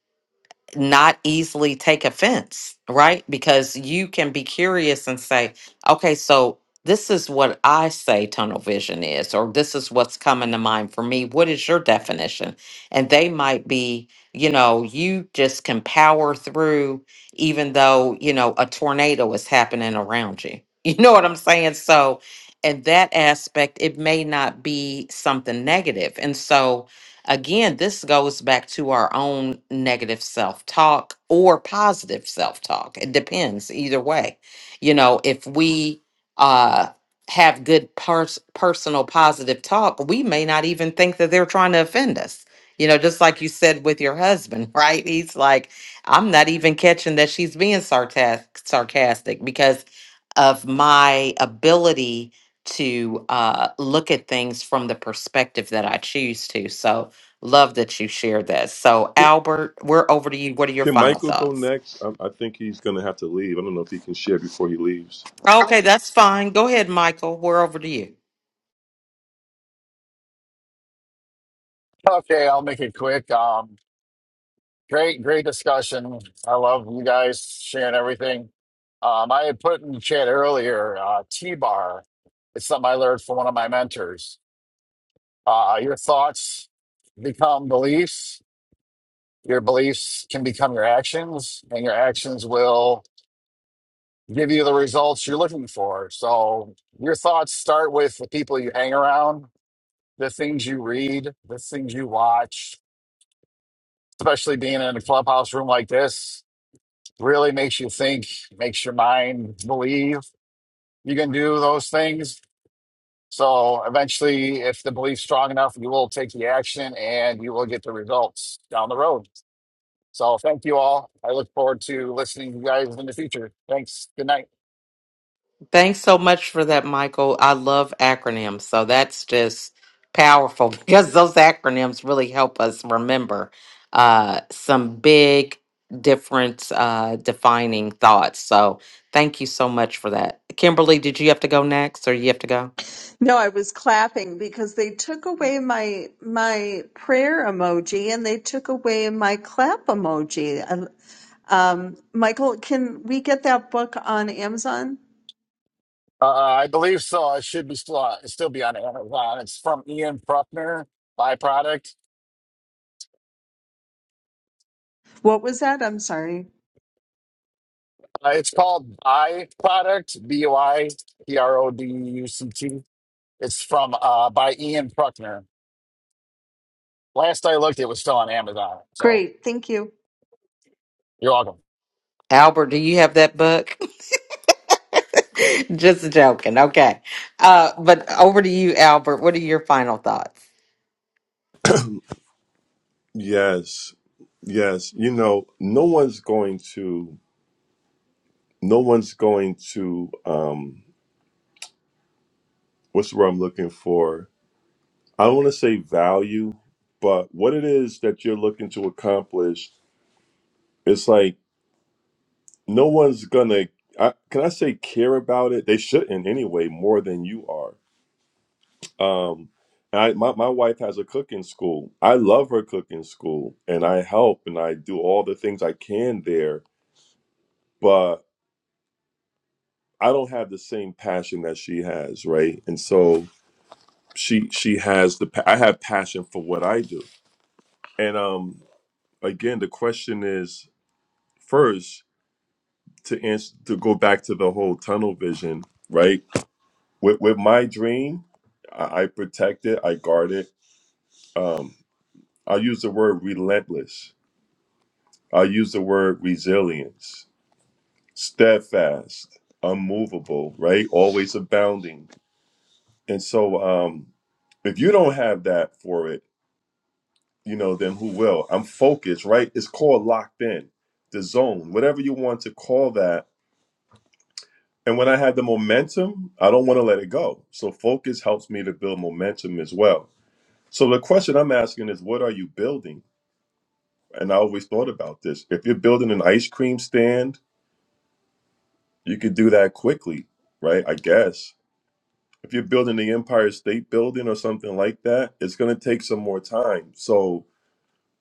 [SPEAKER 1] not easily take offense, right? Because you can be curious and say, okay, so this is what I say tunnel vision is, or this is what's coming to mind for me. What is your definition? And they might be, you know, you just can power through, even though, you know, a tornado is happening around you. You know what I'm saying? So, in that aspect, it may not be something negative. And so, Again, this goes back to our own negative self talk or positive self talk. It depends either way. You know, if we uh, have good pers- personal positive talk, we may not even think that they're trying to offend us. You know, just like you said with your husband, right? He's like, I'm not even catching that she's being sarcastic, sarcastic because of my ability to uh, look at things from the perspective that I choose to. So, love that you shared that. So, Albert, we're over to you. What are your
[SPEAKER 7] can
[SPEAKER 1] final
[SPEAKER 7] michael go
[SPEAKER 1] thoughts?
[SPEAKER 7] next i, I think he's going to have to leave i don't know if he can share before he leaves
[SPEAKER 1] Okay, that's fine. Go ahead, Michael. We're over to you.
[SPEAKER 4] Okay, I'll make it quick. Um, great, great discussion. I love you guys sharing everything. Um, I had put in the chat earlier, uh, T-bar. It's something I learned from one of my mentors. Uh, your thoughts become beliefs. Your beliefs can become your actions, and your actions will give you the results you're looking for. So your thoughts start with the people you hang around, the things you read, the things you watch, especially being in a clubhouse room like this really makes you think, makes your mind believe you can do those things. So eventually, if the belief's strong enough, you will take the action and you will get the results down the road. So thank you all. I look forward to listening to you guys in the future. Thanks. Good night.
[SPEAKER 1] Thanks so much for that, Michael. I love acronyms. So that's just powerful because those acronyms really help us remember uh, some big, different, uh, defining thoughts. So thank you so much for that. Kimberly, did you have to go next or you have to go?
[SPEAKER 6] No, I was clapping because they took away my my prayer emoji and they took away my clap emoji. And, Um, Michael, can we get that book on Amazon?
[SPEAKER 4] Uh, I believe so. I should be still on, still be on Amazon. It's from Ian Pruckner, Byproduct.
[SPEAKER 6] What was that? I'm sorry.
[SPEAKER 4] Uh, it's called Byproduct, B-Y-P-R-O-D-U-C-T. It's from uh, by Ian Pruckner. Last I looked, it was still on Amazon. So
[SPEAKER 6] Great, thank you.
[SPEAKER 4] you're welcome.
[SPEAKER 1] Albert, do you have that book? just joking. Okay. Uh, but over to you, Albert. What are your final thoughts?
[SPEAKER 7] yes yes you know no one's going to no one's going to Um, what's the word I'm looking for? I don't want to say value, but what it is that you're looking to accomplish, it's like no one's gonna. I, can I say care about it? They shouldn't anyway, more than you are. Um, and I, my my wife has a cooking school. I love her cooking school, and I help and I do all the things I can there, but I don't have the same passion that she has, right? And so she she has the. pa- I have passion for what I do, and um again, the question is first to answer to go back to the whole tunnel vision, right? With with my dream, I, I protect it, I guard it. Um, I'll use the word relentless. I'll use the word resilience, steadfast, unmovable, right? Always abounding. And so, um, if you don't have that for it, you know, then who will? I'm focused, right? It's called locked in, the zone, whatever you want to call that And when I have the momentum, I don't want to let it go. So focus helps me to build momentum as well. So the question I'm asking is, what are you building? And I always thought about this. If you're building an ice cream stand, you could do that quickly, right? I guess. If you're building the Empire State Building or something like that, it's going to take some more time. So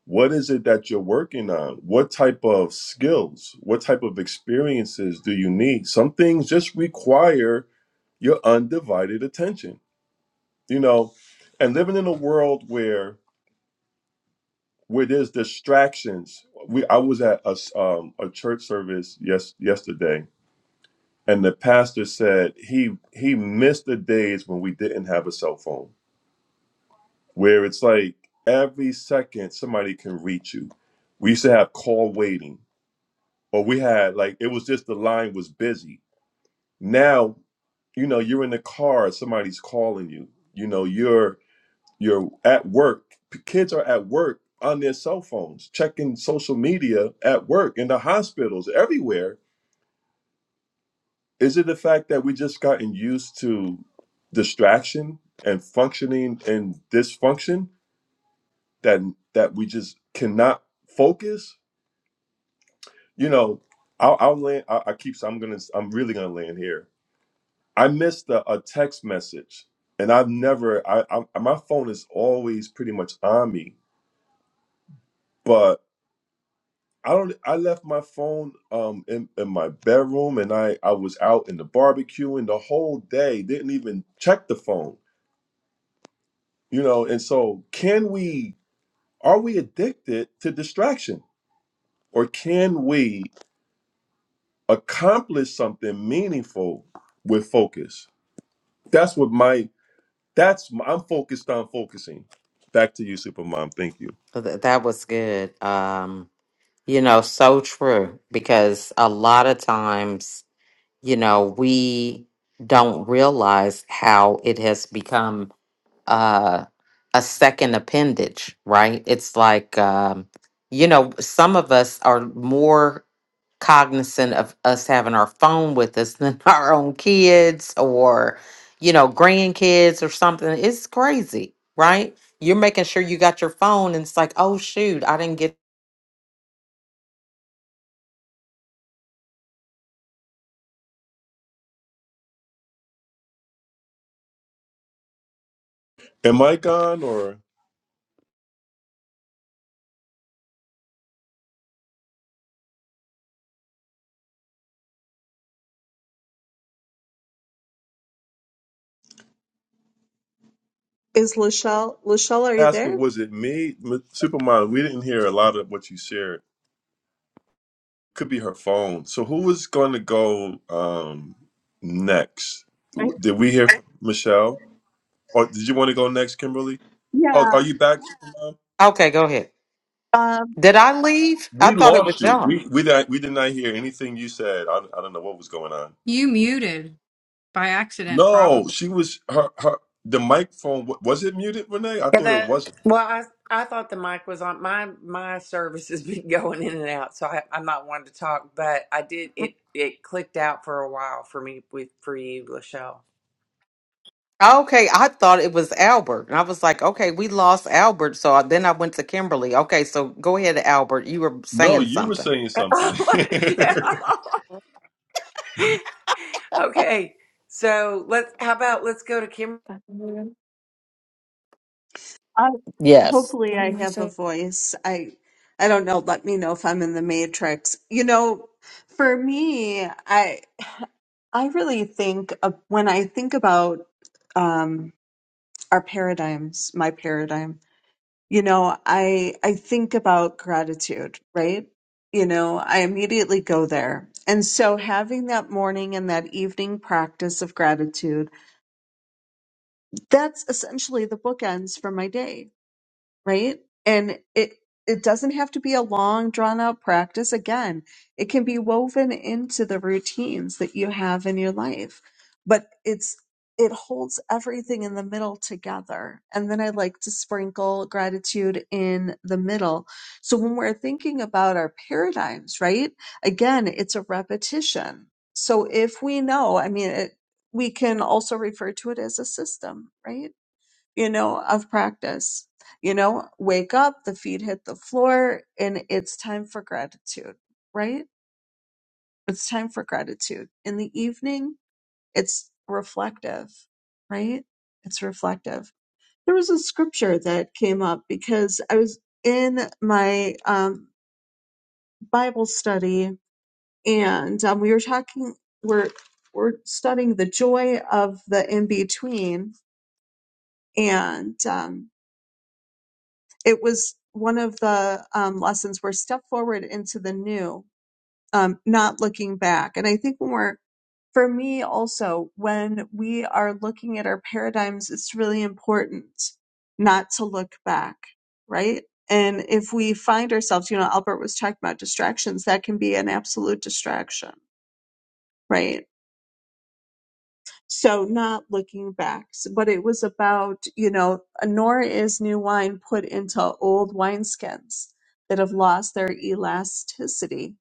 [SPEAKER 7] what is it that you're working on? What type of skills, what type of experiences do you need? Some things just require your undivided attention you know and living in a world where where there's distractions we i was at a, s- um, a church service yes yesterday and the pastor said he he missed the days when we didn't have a cell phone where it's like every second somebody can reach you we used to have call waiting or we had like it was just the line was busy now you know you're in the car somebody's calling you you know you're you're at work P- kids are at work on their cell phones checking social media at work in the hospitals everywhere is it the fact that we just gotten used to distraction and functioning and dysfunction that that we just cannot focus you know i'll, I'll land I, I keep i'm gonna i'm really gonna land here i missed a, a text message and i've never I, I my phone is always pretty much on me but I don't. I left my phone um in, in my bedroom, and I I was out in the barbecue and the whole day. Didn't even check the phone, you know. And so, can we? Are we addicted to distraction, or can we accomplish something meaningful with focus? That's what my. That's I'm focused on focusing. Back to you, Supermom. Thank you.
[SPEAKER 1] Th- That was good. Um, You know, so true. Because a lot of times, you know, we don't realize how it has become uh, a second appendage, right? It's like, um, you know, some of us are more cognizant of us having our phone with us than our own kids or, you know, grandkids or something. It's crazy, right? You're making sure you got your phone, and it's like, oh, shoot, I didn't get.
[SPEAKER 7] Am I gone or
[SPEAKER 6] Is Lachelle? Lachelle, are you
[SPEAKER 7] asking?
[SPEAKER 6] there?
[SPEAKER 7] Was it me, Supermom? We didn't hear a lot of what you shared. could be her phone. So who was going to go um next?
[SPEAKER 6] I,
[SPEAKER 7] Did we hear from Michelle, or did you want to go next, Kimberly? Oh,
[SPEAKER 6] yeah.
[SPEAKER 7] are you back? Mom?
[SPEAKER 1] Okay, go ahead.
[SPEAKER 6] Um,
[SPEAKER 1] Did I leave? I thought it was John.
[SPEAKER 7] We we did we did not hear anything you said. I, I don't know what was going on.
[SPEAKER 3] You muted by accident,
[SPEAKER 7] No,
[SPEAKER 3] probably.
[SPEAKER 7] she was her her the microphone wa- was it muted, Renee? I
[SPEAKER 2] Yeah,
[SPEAKER 7] thought it
[SPEAKER 2] the,
[SPEAKER 7] wasn't.
[SPEAKER 2] well, I I thought the mic was on. My my service has been going in and out, so I, I'm not one to talk. But I did it. It clicked out for a while for me with for you, Lachelle.
[SPEAKER 1] Okay, I thought it was Albert. And I was like, okay, we lost Albert. So I, then I went to Kimberly. Okay, so go ahead, Albert. You were
[SPEAKER 7] No,
[SPEAKER 1] saying
[SPEAKER 7] you were
[SPEAKER 1] something.
[SPEAKER 7] saying something.
[SPEAKER 2] Oh, Lachelle. okay, so let's. How about let's go to Kim?
[SPEAKER 6] I,
[SPEAKER 1] Yes.
[SPEAKER 6] hopefully, I have a
[SPEAKER 1] Oh,
[SPEAKER 6] voice. I I don't know. Let me know if I'm in the matrix. You know, for me, I I really think of, when I think about um, our paradigms, my paradigm. You know, I I think about gratitude, right? You know, I immediately go there. And so having that morning and that evening practice of gratitude that's essentially the bookends for my day, right? And it it doesn't have to be a long drawn out practice again. It can be woven into the routines that you have in your life. But it's it holds everything in the middle together. And then I like to sprinkle gratitude in the middle. So when we're thinking about our paradigms, right? Again, it's a repetition. So if we know, I mean, it, we can also refer to it as a system, right? you know, of practice. You know, wake up, the feet hit the floor, and it's time for gratitude, right? It's time for gratitude. In the evening, it's reflective, right? It's reflective. There was a scripture that came up because I was in my um, Bible study and um, we were talking, we're, we're studying the joy of the in between. And, um, it was one of the um, lessons where step forward into the new, um, not looking back. And I think when we're, for me also, when we are looking at our paradigms, it's really important not to look back, right? And if we find ourselves, you know, Albert was talking about distractions, that can be an absolute distraction, right? So not looking back, S- but it was about, you know, nor is new wine put into old wineskins that have lost their elasticity.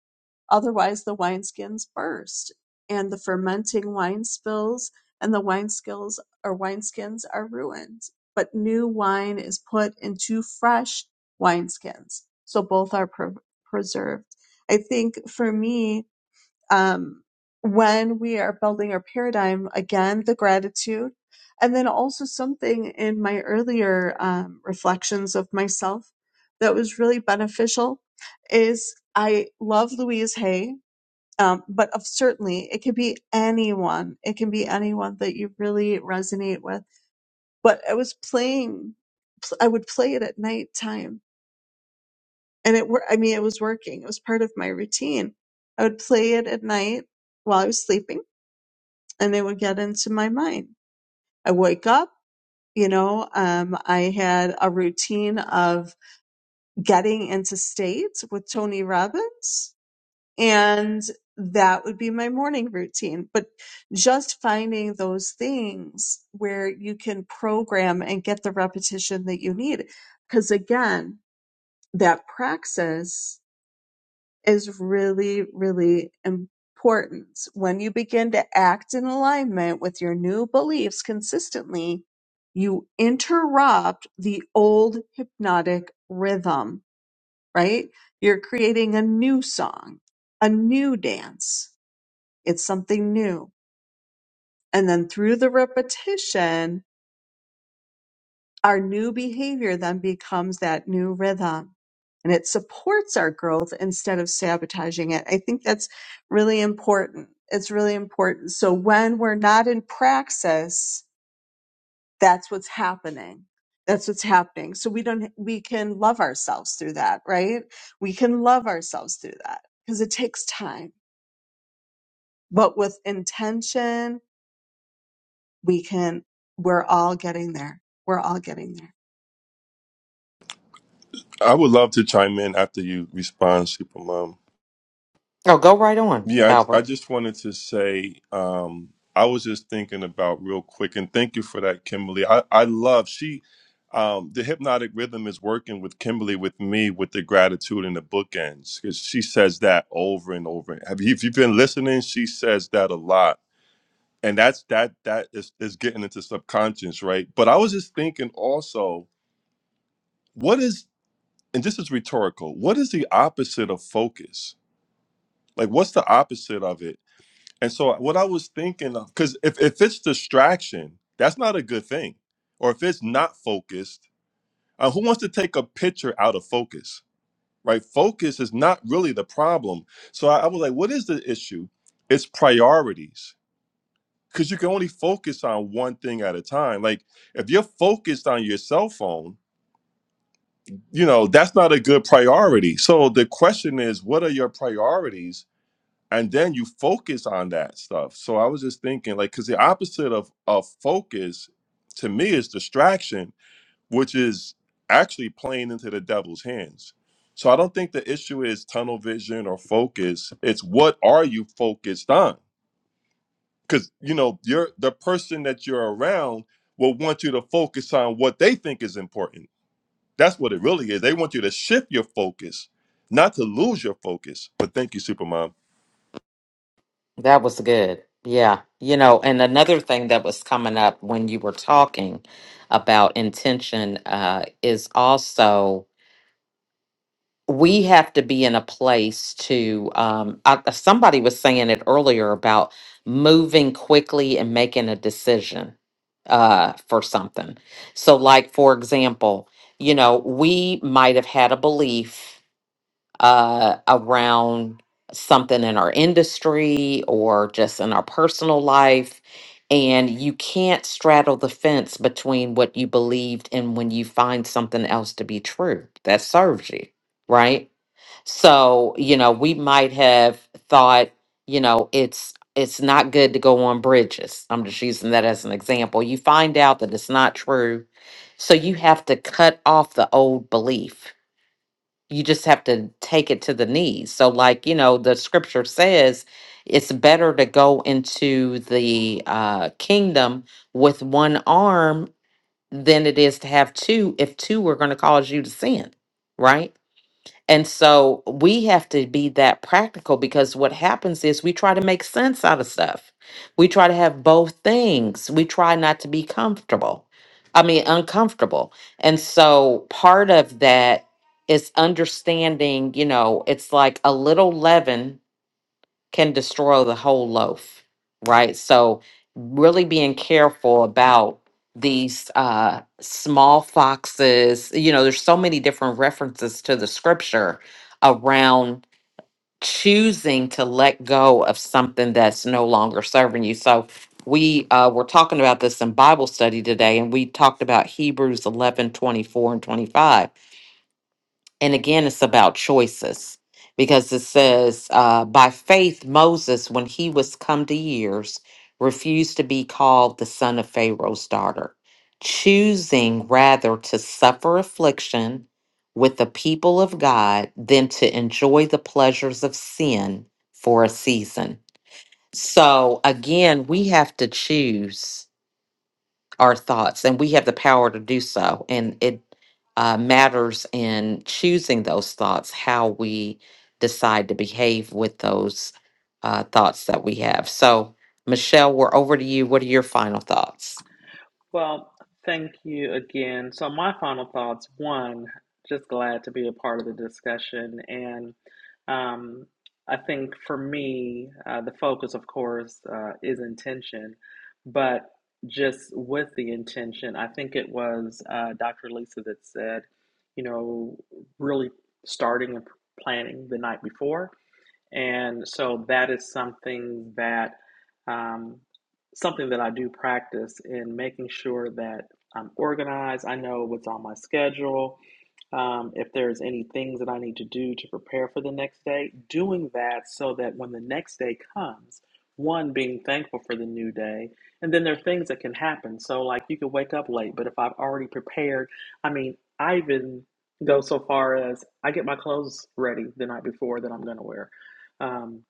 [SPEAKER 6] Otherwise the wineskins burst and the fermenting wine spills and the wine skills or wineskins are ruined. But new wine is put into fresh wineskins. So both are pre- preserved. I think for me, um, when we are building our paradigm again the gratitude and then also something in my earlier um, reflections of myself that was really beneficial is i love louise hay um, but of certainly it could be anyone it can be anyone that you really resonate with but i was playing pl- i would play it at night time and it were i mean it was working it was part of my routine i would play it at night while i was sleeping and they would get into my mind. I wake up, you know, um, I had a routine of getting into state with Tony Robbins, and that would be my morning routine. But just finding those things where you can program and get the repetition that you need. Because again, that praxis is really, really important. When you begin to act in alignment with your new beliefs consistently, you interrupt the old hypnotic rhythm, right? You're creating a new song, a new dance. It's something new. And then through the repetition, Our new behavior then becomes that new rhythm and it supports our growth instead of sabotaging it. I think that's really important. It's really important. So when we're not in praxis, that's what's happening. That's what's happening. So we don't, we can love ourselves through that, right? We can love ourselves through that because it takes time, but with intention, we can, we're all getting there. We're all getting there.
[SPEAKER 7] I would love to chime in after you respond, Supermom.
[SPEAKER 1] go right on,
[SPEAKER 7] Yeah, I, I
[SPEAKER 1] Albert.
[SPEAKER 7] just wanted to say um, I was just thinking about real quick, and thank you for that, Kimberly. I, I love she um, the hypnotic rhythm is working with Kimberly with me with the gratitude and the bookends because she says that over and over. Have you, if you've been listening, she says that a lot, and that's that that is is getting into subconscious, right? But I was just thinking also, what is and this is rhetorical. What is the opposite of focus? Like, what's the opposite of it? And so what I was thinking of, because if, if it's distraction, that's not a good thing. Or if it's not focused, uh, who wants to take a picture out of focus? Right? Focus is not really the problem. So I, I was like, what is the issue? It's priorities. Because you can only focus on one thing at a time. Like if you're focused on your cell phone, you know, that's not a good priority. So the question is, what are your priorities? and then you focus on that stuff so i was just thinking like because the opposite of of focus to me is distraction which is actually playing into the devil's hands so i don't think the issue is tunnel vision or focus it's what are you focused on because you know you're the person that you're around will want you to focus on what they think is important that's what it really is they want you to shift your focus not to lose your focus but thank you Supermom.
[SPEAKER 1] That was good. Yeah. You know, and another thing that was coming up when you were talking about intention uh, is also. we have to be in a place to um I, somebody was saying it earlier about moving quickly and making a decision uh for something so like for example you know we might have had a belief uh around something in our industry or just in our personal life and you can't straddle the fence between what you believed and when you find something else to be true that serves you right so, you know, we might have thought, you know, it's it's not good to go on bridges. I'm just using that as an example. You find out that it's not true. So you have to cut off the old belief. You just have to take it to the knees. So like, you know, the scripture says it's better to go into the uh kingdom with one arm than it is to have two if two are going to cause you to sin, right? And so we have to be that practical because what happens is we try to make sense out of stuff. We try to have both things. We try not to be comfortable. I mean, uncomfortable. And so part of that is understanding, you know, it's like a little leaven can destroy the whole loaf, right? So, really being careful about these uh, small foxes. You know, there's so many different references to the scripture around choosing to let go of something that's no longer serving you. So, we uh, were talking about this in Bible study today, and we talked about Hebrews 11:24 and 25 and again it's about choices because it says uh, by faith moses when he was come to years refused to be called the son of pharaoh's daughter choosing rather to suffer affliction with the people of god than to enjoy the pleasures of sin for a season so again we have to choose our thoughts, and we have the power to do so. And it uh, matters in choosing those thoughts, how we decide to behave with those uh, thoughts that we have. So, Michelle, we're over to you. What are your final thoughts?
[SPEAKER 5] Well, thank you again. So, my final thoughts one, just glad to be a part of the discussion. And um, I think for me, uh, the focus, of course, uh, is intention. But just with the intention, I think it was uh, Dr. Lisa that said, you know, really starting and planning the night before and so that is something that um, something that I do practice in making sure that I'm organized. I know what's on my schedule. Um, if there's any things that I need to do to prepare for the next day, doing that so that when the next day comes, one being thankful for the new day, and then there are things that can happen. So like you could wake up late, but if I've already prepared, I mean, I even go so far as I get my clothes ready the night before that I'm going to wear um,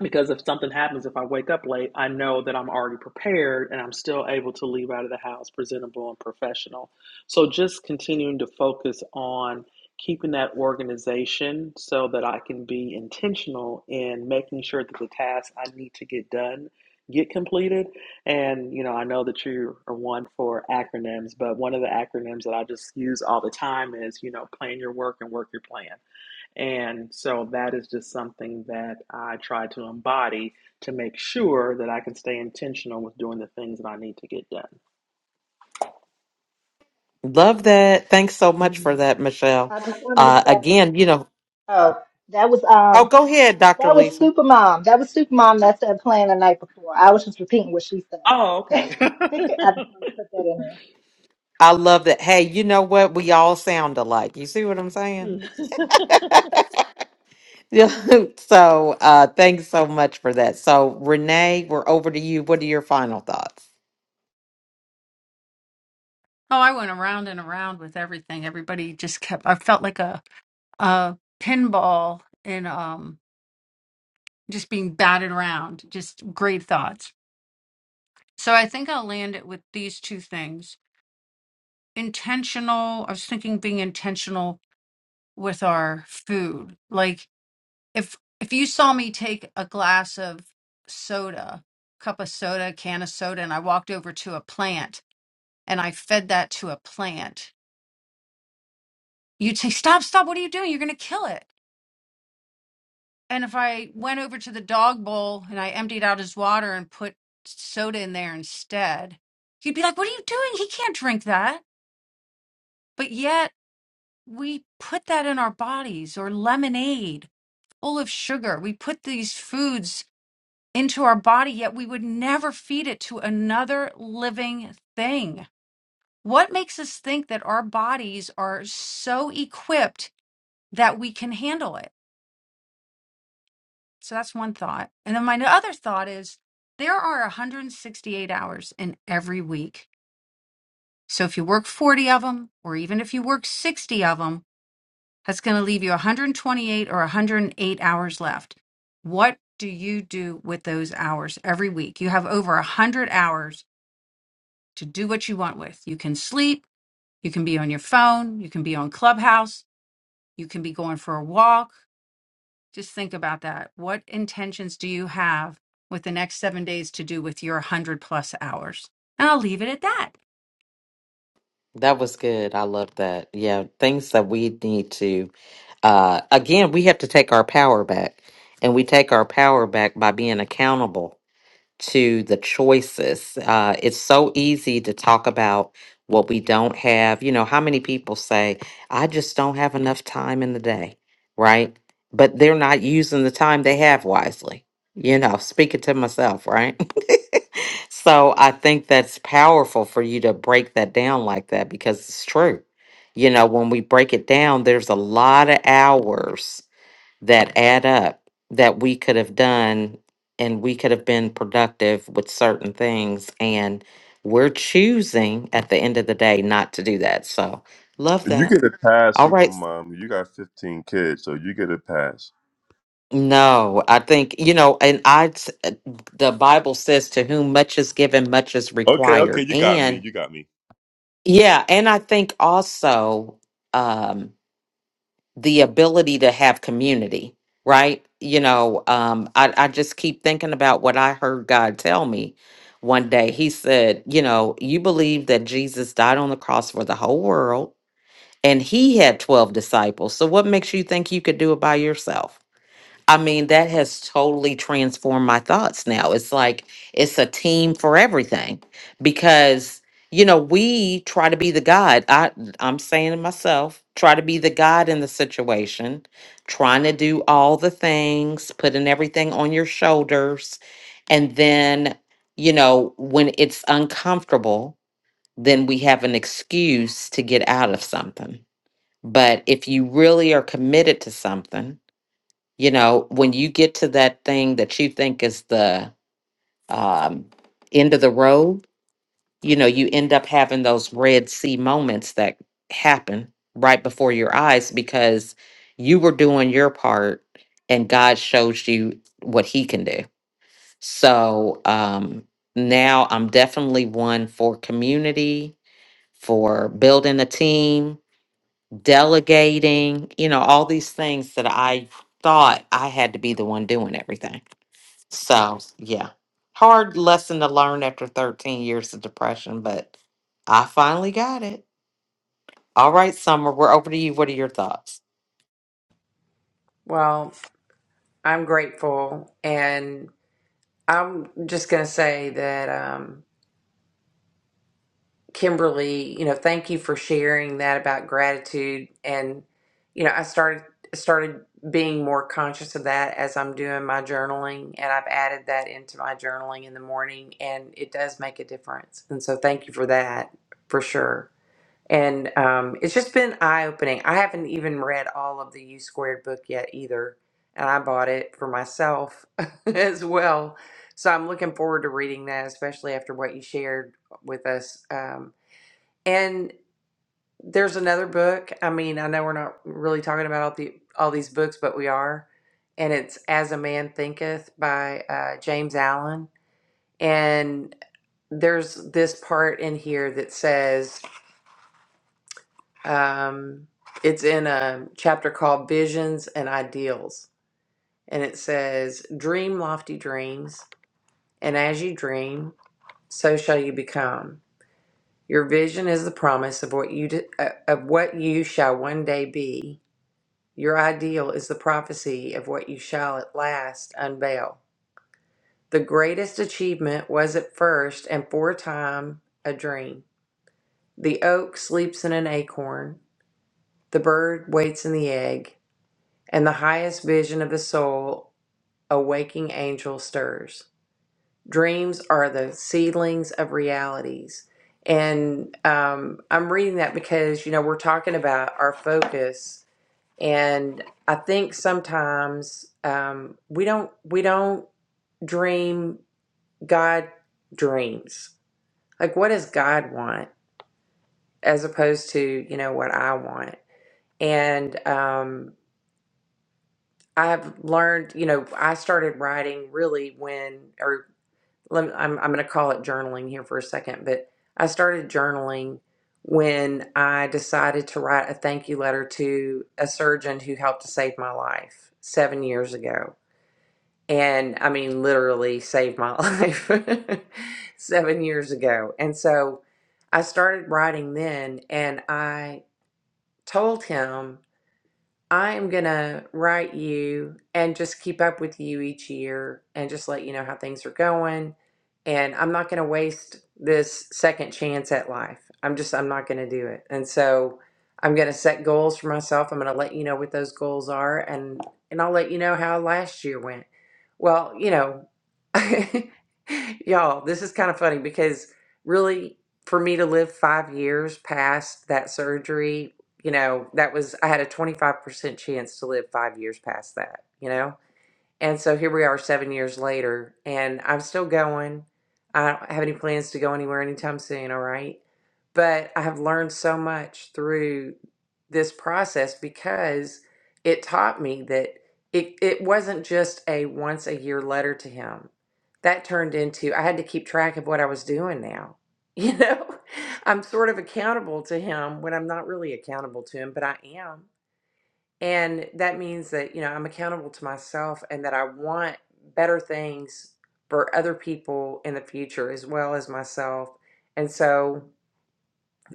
[SPEAKER 5] because if something happens, if I wake up late, I know that I'm already prepared and I'm still able to leave out of the house presentable and professional. So just continuing to focus on keeping that organization so that I can be intentional in making sure that the tasks I need to get done get completed. And you know, I know that you are one for acronyms, but one of the acronyms that I just use all the time is, you know, plan your work and work your plan and so that is just something that I try to embody to make sure that I can stay intentional with doing the things that I need to get done.
[SPEAKER 1] Love that. Thanks so much for
[SPEAKER 5] Mhm.
[SPEAKER 1] that, Michelle.
[SPEAKER 8] I just wanted to
[SPEAKER 1] Uh,
[SPEAKER 8] say,
[SPEAKER 1] again, you know,
[SPEAKER 8] oh, that was
[SPEAKER 1] oh,
[SPEAKER 8] um
[SPEAKER 1] go ahead, Dr.
[SPEAKER 8] that was
[SPEAKER 1] Lisa.
[SPEAKER 8] super mom. That was super mom that said playing the night before. I was just repeating what she said.
[SPEAKER 5] Oh,
[SPEAKER 8] I
[SPEAKER 5] okay.
[SPEAKER 8] just wanted to put that in there.
[SPEAKER 1] I love that. Hey, you know what? We all sound alike. You see what I'm saying? Yeah. so, uh, thanks so much for that. So, Renee, we're over to you. What are your final thoughts?
[SPEAKER 3] Oh, I went around and around with everything. Everybody just kept, I felt like a uh, pinball and um, just being batted around. Just great thoughts. So I think I'll land it with these two things. Intentional. I was thinking being intentional with our food. Like if if you saw me take a glass of soda, cup of soda, can of soda, and I walked over to a plant and I fed that to a plant, you'd say, "Stop! Stop! What are you doing? You're going to kill it." And if I went over to the dog bowl and I emptied out his water and put soda in there instead, he'd be like, What are you doing? He can't drink that. But yet we put that in our bodies or lemonade full of sugar. We put these foods into our body, yet we would never feed it to another living thing. What makes us think that our bodies are so equipped that we can handle it? So that's one thought. And then my other thought is there are 168 hours in every week. So if you work 40 of them, or even if you work 60 of them, that's going to leave you 128 or 108 hours left. What do you do with those hours every week? You have over 100 hours to do what you want with. You can sleep, you can be on your phone, you can be on Clubhouse, you can be going for a walk, Just think about that. What intentions do you have with the next seven days to do with your 100 plus hours? And I'll leave it at that.
[SPEAKER 1] That was good. I love that. Yeah, things that we need to, uh, again, we have to take our power back. And we take our power back by being accountable to the choices. Uh, it's so easy to talk about what we don't have. You know, how many people say, I just don't have enough time in the day, right? But they're not using the time they have wisely, you know, speaking to myself, right? so I think that's powerful for you to break that down like that because it's true. You know, when we break it down, there's a lot of hours that add up that we could have done and we could have been productive with certain things and we're choosing at the end of the day not to do that so love
[SPEAKER 7] You
[SPEAKER 1] that
[SPEAKER 7] get a pass,
[SPEAKER 1] all right
[SPEAKER 7] Supermom. You got 15 kids, so you get a pass.
[SPEAKER 1] no i think you know and I the bible says to whom much is given much is
[SPEAKER 7] Okay, okay,
[SPEAKER 1] required
[SPEAKER 7] you got me.
[SPEAKER 1] and
[SPEAKER 7] You got me.
[SPEAKER 1] yeah and i think also um, the ability to have community, right? You know, um, I, I just keep thinking about what I heard God tell me one day. He said, You know, you believe that Jesus died on the cross for the whole world, and he had 12 disciples. So what makes you think you could do it by yourself? I mean, that has totally transformed my thoughts now. It's like it's a team for everything because you know, we try to be the God. I I'm saying to myself, try to be the God in the situation, trying to do all the things, putting everything on your shoulders. And then, you know, when it's uncomfortable, then we have an excuse to get out of something. But if you really are committed to something, you know, when you get to that thing that you think is the um, end of the road, you know, you end up having those Red Sea moments that happen right before your eyes because you were doing your part and God shows you what He can do. So um, now I'm definitely one for community, for building a team, delegating, you know, all these things that I thought I had to be the one doing everything so, yeah. Hard lesson to learn after 13 years of depression, but I finally got it. All right, Summer, we're over to you. What are your thoughts?
[SPEAKER 2] Well, I'm grateful, and I'm just gonna say that. um Kimberly, you know, thank you for sharing that about gratitude. And, you know, I started started being more conscious of that as I'm doing my journaling and I've added that into my journaling in the morning and it does make a difference. And so thank you for that for sure. And um, it's just been eye opening. I haven't even read all of the U squared book yet either. And I bought it for myself as well. So I'm looking forward to reading that, especially after what you shared with us. Um, and there's another book. I mean, I know we're not really talking about all the all these books, but we are. And it's As a Man Thinketh by uh, James Allen. And there's this part in here that says um, it's in a chapter called Visions and Ideals. And it says, Dream lofty dreams, and as you dream, so shall you become. Your vision is the promise of what you d- uh, of what you shall one day be Your ideal is the prophecy of what you shall at last unveil. The greatest achievement was at first and for a time a dream. The oak sleeps in an acorn, the bird waits in the egg, and the highest vision of the soul a waking angel stirs. Dreams are the seedlings of realities. And um, I'm reading that because, you know, we're talking about our focus And I think sometimes um, we don't we don't dream God dreams. Like, what does God want, as opposed to you know what I want? And um, I've learned, you know, I started writing really when, or let me, I'm I'm going to call it journaling here for a second, but I started journaling when I decided to write a thank you letter to a surgeon who helped to save my life seven years ago and I mean, literally saved my life seven years ago. And so I started writing then, and I told him I'm gonna write you and just keep up with you each year and just let you know how things are going. And I'm not gonna waste this second chance at life. I'm just, I'm not gonna do it. And so I'm gonna set goals for myself. I'm gonna let you know what those goals are and and I'll let you know how last year went. Well, you know, y'all, this is kind of funny because really for me to live five years past that surgery you know, that was I had a 25% chance to live 5 years past that, you know? And so here we are seven years later, and I'm still going. I don't have any plans to go anywhere anytime soon, all right? But I have learned so much through this process because it taught me that it, it wasn't just a once a year letter to him. That turned into I had to keep track of what I was doing now. You know, I'm sort of accountable to him when I'm not really accountable to him, but I am and that means that, you know, I'm accountable to myself and that I want better things for other people in the future as well as myself. And so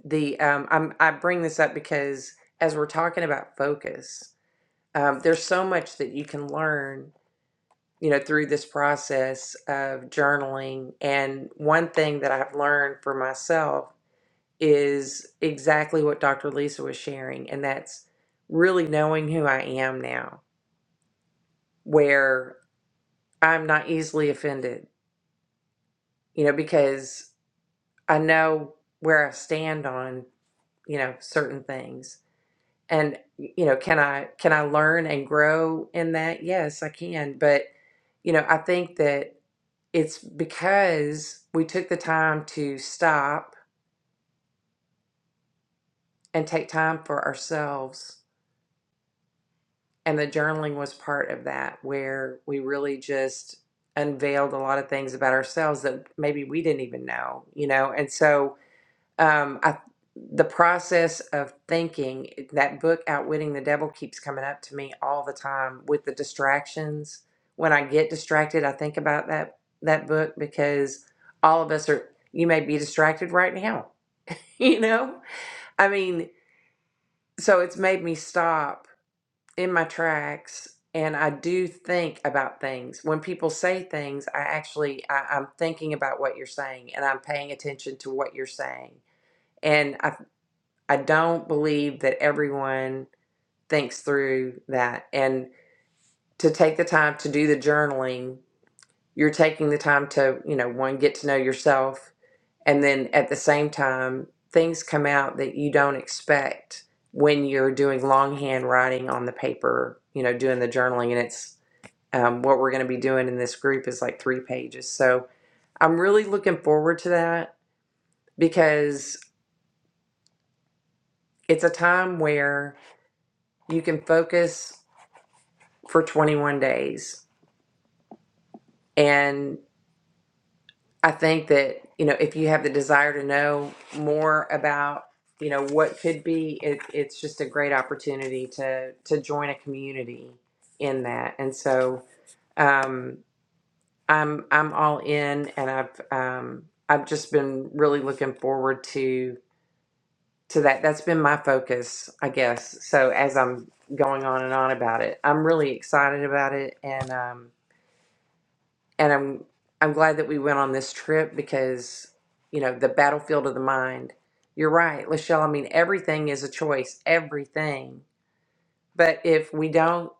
[SPEAKER 2] the um I'm I bring this up because as we're talking about focus, um, there's so much that you can learn, you know, through this process of journaling. And one thing that I've learned for myself is exactly what Dr. Lisa was sharing, and that's really knowing who I am now where I'm not easily offended, you know, because I know where I stand on, you know, certain things. And you know, can I can I learn and grow in that? Yes, I can, but you know, I think that it's because we took the time to stop and take time for ourselves. And the journaling was part of that, where we really just unveiled a lot of things about ourselves that maybe we didn't even know, you know? And so, um, I, the process of thinking that book outwitting the devil keeps coming up to me all the time with the distractions when i get distracted i think about that that book because all of us are you may be distracted right now you know i mean so it's made me stop in my tracks and i do think about things when people say things i actually I, i'm thinking about what you're saying and i'm paying attention to what you're saying and I. I don't believe that everyone thinks through that. And to take the time to do the journaling, you're taking the time to, you know, one, get to know yourself. And then at the same time, things come out that you don't expect when you're doing longhand writing on the paper, you know, doing the journaling. And it's um, what we're going to be doing in this group is like three pages. So I'm really looking forward to that because it's a time where you can focus for 21 days. And I think that, you know, if you have the desire to know more about, you know, what could be, it, it's just a great opportunity to, to join a community in that. And so, um, I'm, I'm all in and I've, um, I've just been really looking forward to, to that. That's been my focus, I guess. So as I'm going on and on about it, I'm really excited about it. And, um, and I'm I'm glad that we went on this trip because you know the battlefield of the mind. You're right, Lachelle. I mean, everything is a choice, everything. But if we don't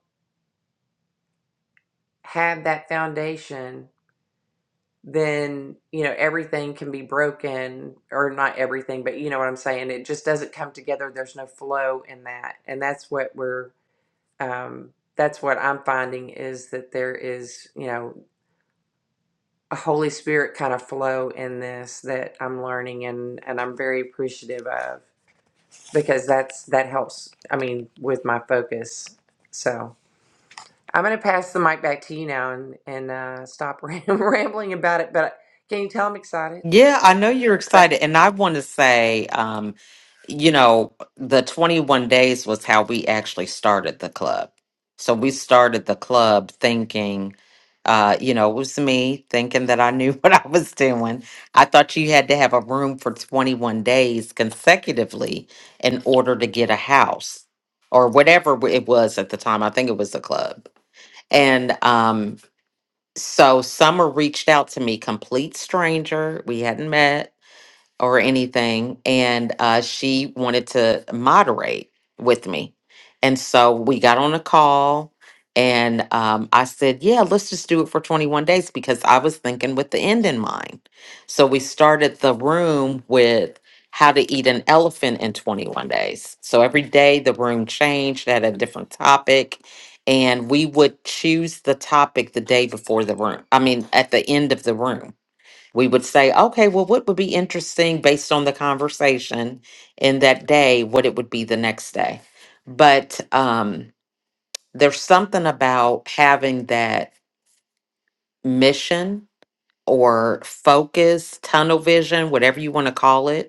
[SPEAKER 2] have that foundation, then you know everything can be broken, or not everything, but you know what I'm saying. It just doesn't come together. There's no flow in that, and that's what we're. Um, that's what I'm finding is that there is, you know, a Holy Spirit kind of flow in this that I'm learning and and I'm very appreciative of because that's that helps. I mean, with my focus. So I'm gonna pass the mic back to you now and and uh, stop ram- rambling about it. But can you tell I'm excited?
[SPEAKER 1] Yeah, I know you're
[SPEAKER 2] But
[SPEAKER 1] excited. And I want to say, um, you know, the 21 days was how we actually started the club. So we started the club thinking, uh, you know, it was me thinking that I knew what I was doing. I thought you had to have a room for 21 days consecutively in order to get a house or whatever it was at the time. I think it was the club. And um, so Summer reached out to me, complete stranger. We hadn't met or anything. And uh, she wanted to moderate with me. And so we got on a call and um, I said, yeah, let's just do it for 21 days because I was thinking with the end in mind. So we started the room with how to eat an elephant in 21 days. So every day the room changed, had a different topic. And we would choose the topic the day before the room, I mean, at the end of the room we would say, okay, well, what would be interesting based on the conversation in that day, what it would be the next day. But um, there's something about having that mission or focus, tunnel vision, whatever you want to call it,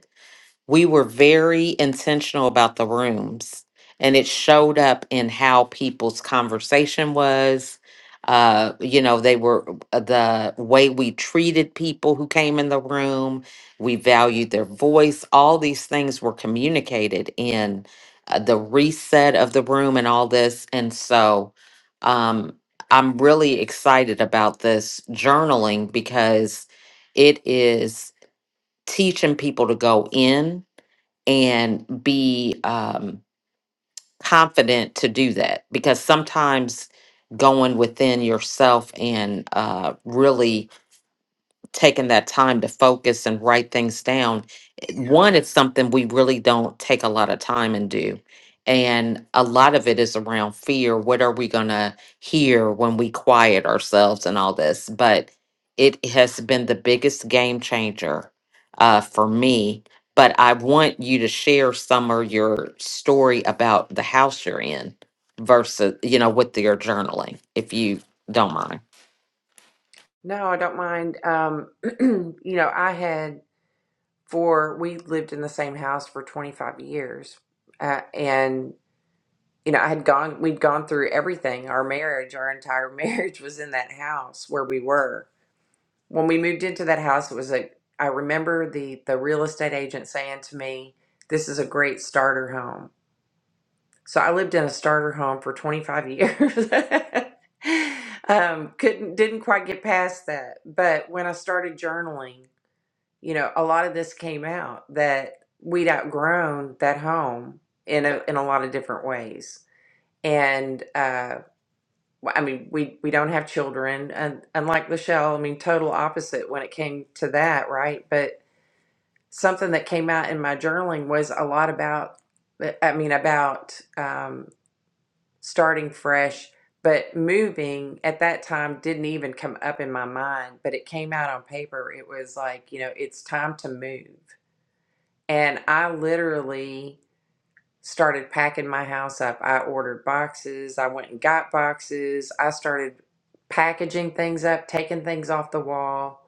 [SPEAKER 1] we were very intentional about the rooms and it showed up in how people's conversation was uh you know they were uh, the way we treated people who came in the room we valued their voice all these things were communicated in uh, the reset of the room and all this and so um i'm really excited about this journaling because it is teaching people to go in and be um, confident to do that because sometimes going within yourself and uh, really taking that time to focus and write things down. it- Yeah. One, it's something we really don't take a lot of time and do. And a lot of it is around fear. What are we going to hear when we quiet ourselves and all this? But it has been the biggest game changer uh, for me. But I want you to share some of your story about the house you're in versus, you know, with your journaling, if you don't mind.
[SPEAKER 2] no, I don't mind. Um, you know, I had for we lived in the same house for 25 years, uh, and you know, I had gone, we'd gone through everything. Our marriage, our entire marriage was in that house where we were. When we moved into that house, it was a. I remember the, the real estate agent saying to me, This is a great starter home. So I lived in a starter home for 25 years. um, couldn't, didn't quite get past that. But when I started journaling, you know, a lot of this came out that we'd outgrown that home in a, in a lot of different ways and uh, well, I mean, we we don't have children, and unlike Lachelle, I mean, total opposite when it came to that, right? But something that came out in my journaling was a lot about, uh, I mean, about um, starting fresh, but moving at that time didn't even come up in my mind, but it came out on paper. It was like, you know, it's time to move, and I literally started packing my house up. I ordered boxes, I went and got boxes, I started packaging things up, taking things off the wall.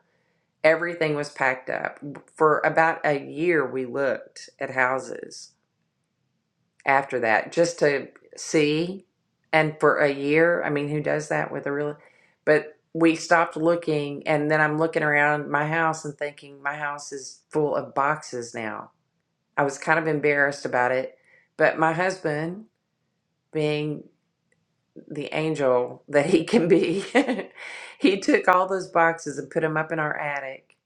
[SPEAKER 2] Everything was packed up. For about a year, we looked at houses after that just to see. And for a year, I mean, who does that with a real? But we stopped looking, and then I'm looking around my house and thinking, my house is full of boxes now. I was kind of embarrassed about it. But my husband, being the angel that he can be, he took all those boxes and put them up in our attic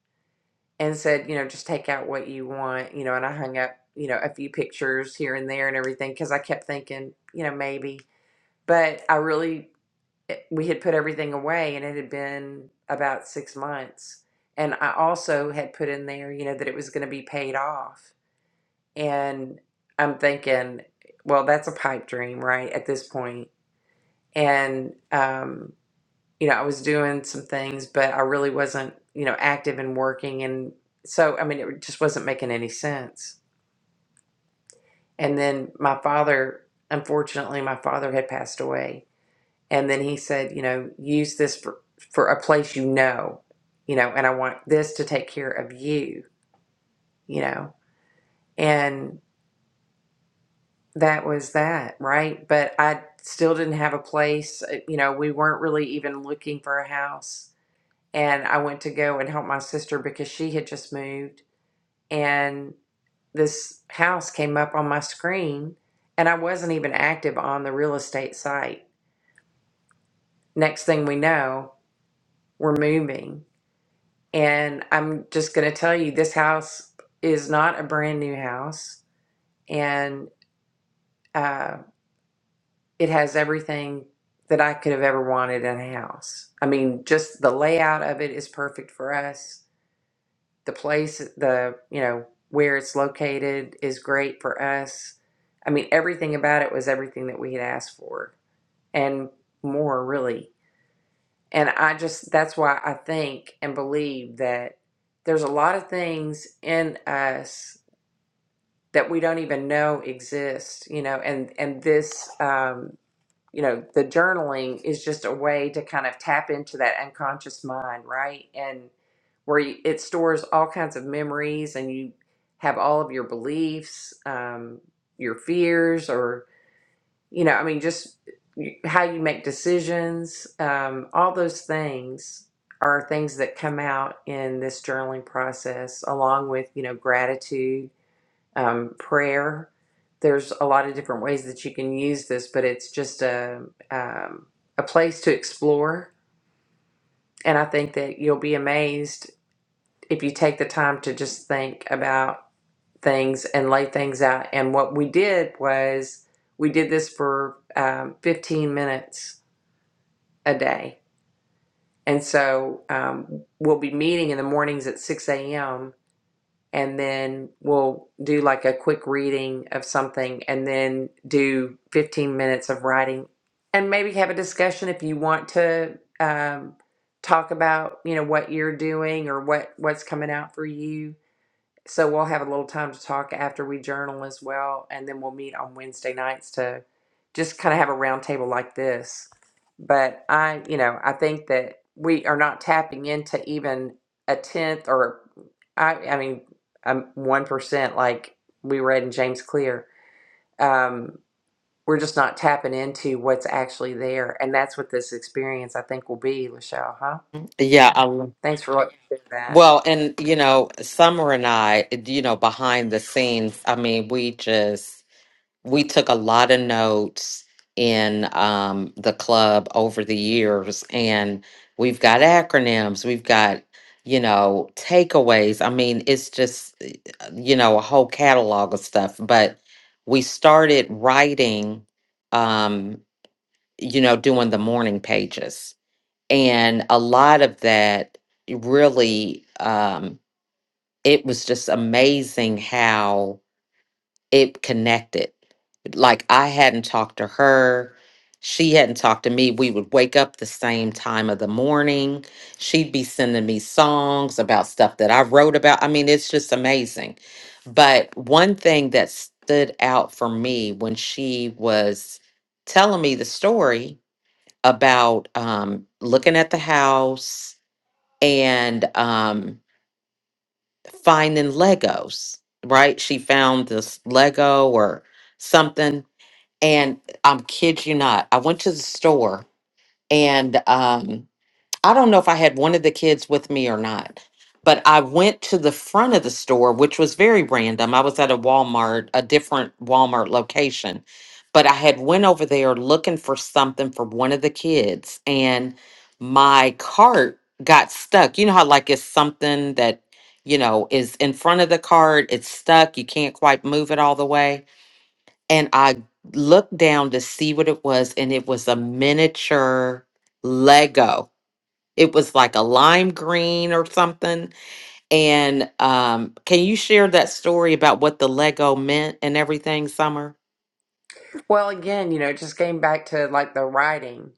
[SPEAKER 2] and said, you know, just take out what you want, you know, and I hung up, you know, a few pictures here and there and everything because I kept thinking, you know, maybe. But I really, eh, we had put everything away and it had been about six months. And I also had put in there, you know, that it was going to be paid off. And I'm thinking, well, that's a pipe dream, right? At this point and um, you know i was doing some things but i really wasn't you know active and working and so i mean it just wasn't making any sense and then my father unfortunately my father had passed away and then he said you know use this for for a place you know you know and i want this to take care of you you know and that was that right but i still didn't have a place Uh, you know we weren't really even looking for a house and I went to go and help my sister because she had just moved and this house came up on my screen and I wasn't even active on the real estate site. Next thing we know, we're moving. And I'm just going to tell you this house is not a brand new house and uh, it has everything that I could have ever wanted in a house. I mean, just the layout of it is perfect for us the place the you know where it's located is great for us i mean everything about it was everything that we had asked for and more really and i just that's why i think and believe that there's a lot of things in us that we don't even know exist you know and and this um you know the journaling is just a way to kind of tap into that unconscious mind right and where you, it stores all kinds of memories and you have all of your beliefs um, your fears or you know i mean just y- how you make decisions um, all those things are things that come out in this journaling process along with you know gratitude um, prayer. There's a lot of different ways that you can use this, but it's just a um, a place to explore. And I think that you'll be amazed if you take the time to just think about things and lay things out. And what we did was we did this for um, 15 minutes a day. And so um, we'll be meeting in the mornings at 6 a.m and then we'll do like a quick reading of something and then do 15 minutes of writing and maybe have a discussion if you want to um, talk about you know what you're doing or what what's coming out for you so we'll have a little time to talk after we journal as well, and then we'll meet on Wednesday nights to just kind of have a roundtable like this. But I, you know, I think that we are not tapping into even a tenth or I, I mean, um, one percent, like we read in James Clear. Um, we're just not tapping into what's actually there, and that's what this experience I think will be, Lachelle. Huh?
[SPEAKER 1] Yeah, I'll.
[SPEAKER 2] Thanks for letting me share that.
[SPEAKER 1] Well, and you know, Summer and I, you know, behind the scenes, I mean, we just we took a lot of notes in um the club over the years and we've got acronyms, we've got, you know, takeaways. I mean, it's just eh, you know, a whole catalog of stuff, but we started writing um, you know, doing the morning pages. And a lot of that really um it was just amazing how it connected. Like I hadn't talked to her. She hadn't talked to me. We would wake up the same time of the morning. She'd be sending me songs about stuff that I wrote about. I mean, it's just amazing. But one thing that stood out for me when she was telling me the story about um, looking at the house and um, finding Legos, right? She found this Lego or something. And I'm kid you not, I went to the store and um I don't know if I had one of the kids with me or not, but I went to the front of the store, which was very random. I was at a Walmart, a different Walmart location, but I had went over there looking for something for one of the kids and my cart got stuck. You know how like it's something that, you know, is in front of the cart, it's stuck, you can't quite move it all the way. And I looked down to see what it was and it was a miniature Lego it was like a lime green or something. And um, can you share that story about what the Lego meant and everything, Summer?
[SPEAKER 2] Well, again, you know, it just came back to like the writing.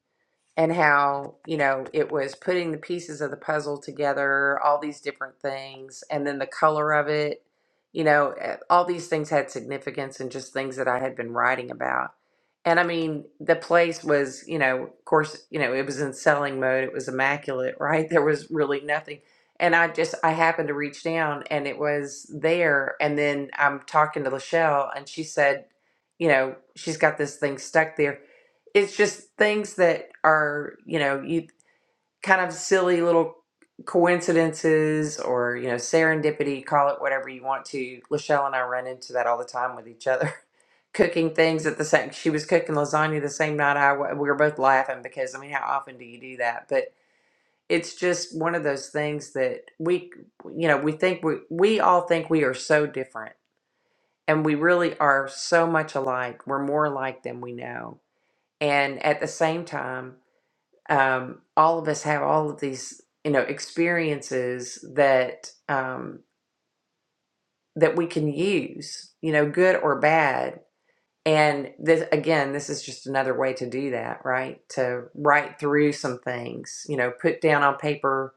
[SPEAKER 2] and how you know it was putting the pieces of the puzzle together all these different things and then the color of it you know eh, all these things had significance and just things that i had been writing about and i mean the place was you know of course you know it was in selling mode it was immaculate right there was really nothing and i just i happened to reach down and it was there and then i'm talking to lachelle and she said you know she's got this thing stuck there it's just things that are you know you kind of silly little coincidences or you know serendipity call it whatever you want to lachelle and i run into that all the time with each other cooking things at the same she was cooking lasagna the same night i wa- we were both laughing because i mean how often do you do that but it's just one of those things that we you know we think we we all think we are so different and we really are so much alike we're more alike than we know and at the same time um, all of us have all of these you know experiences that um, that we can use you know good or bad and this again this is just another way to do that right to write through some things you know put down on paper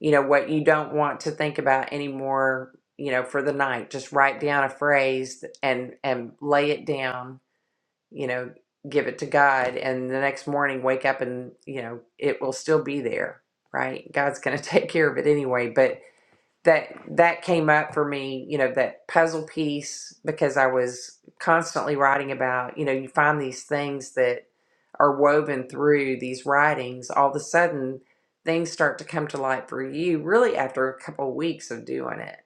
[SPEAKER 2] you know what you don't want to think about anymore you know for the night just write down a phrase and and lay it down you know, give it to God, and the next morning wake up and, you know, it will still be there, right? God's going to take care of it anyway. But that that came up for me, you know, that puzzle piece because I was constantly writing about, you know, you find these things that are woven through these writings, all of a sudden things start to come to light for you really after a couple of weeks of doing it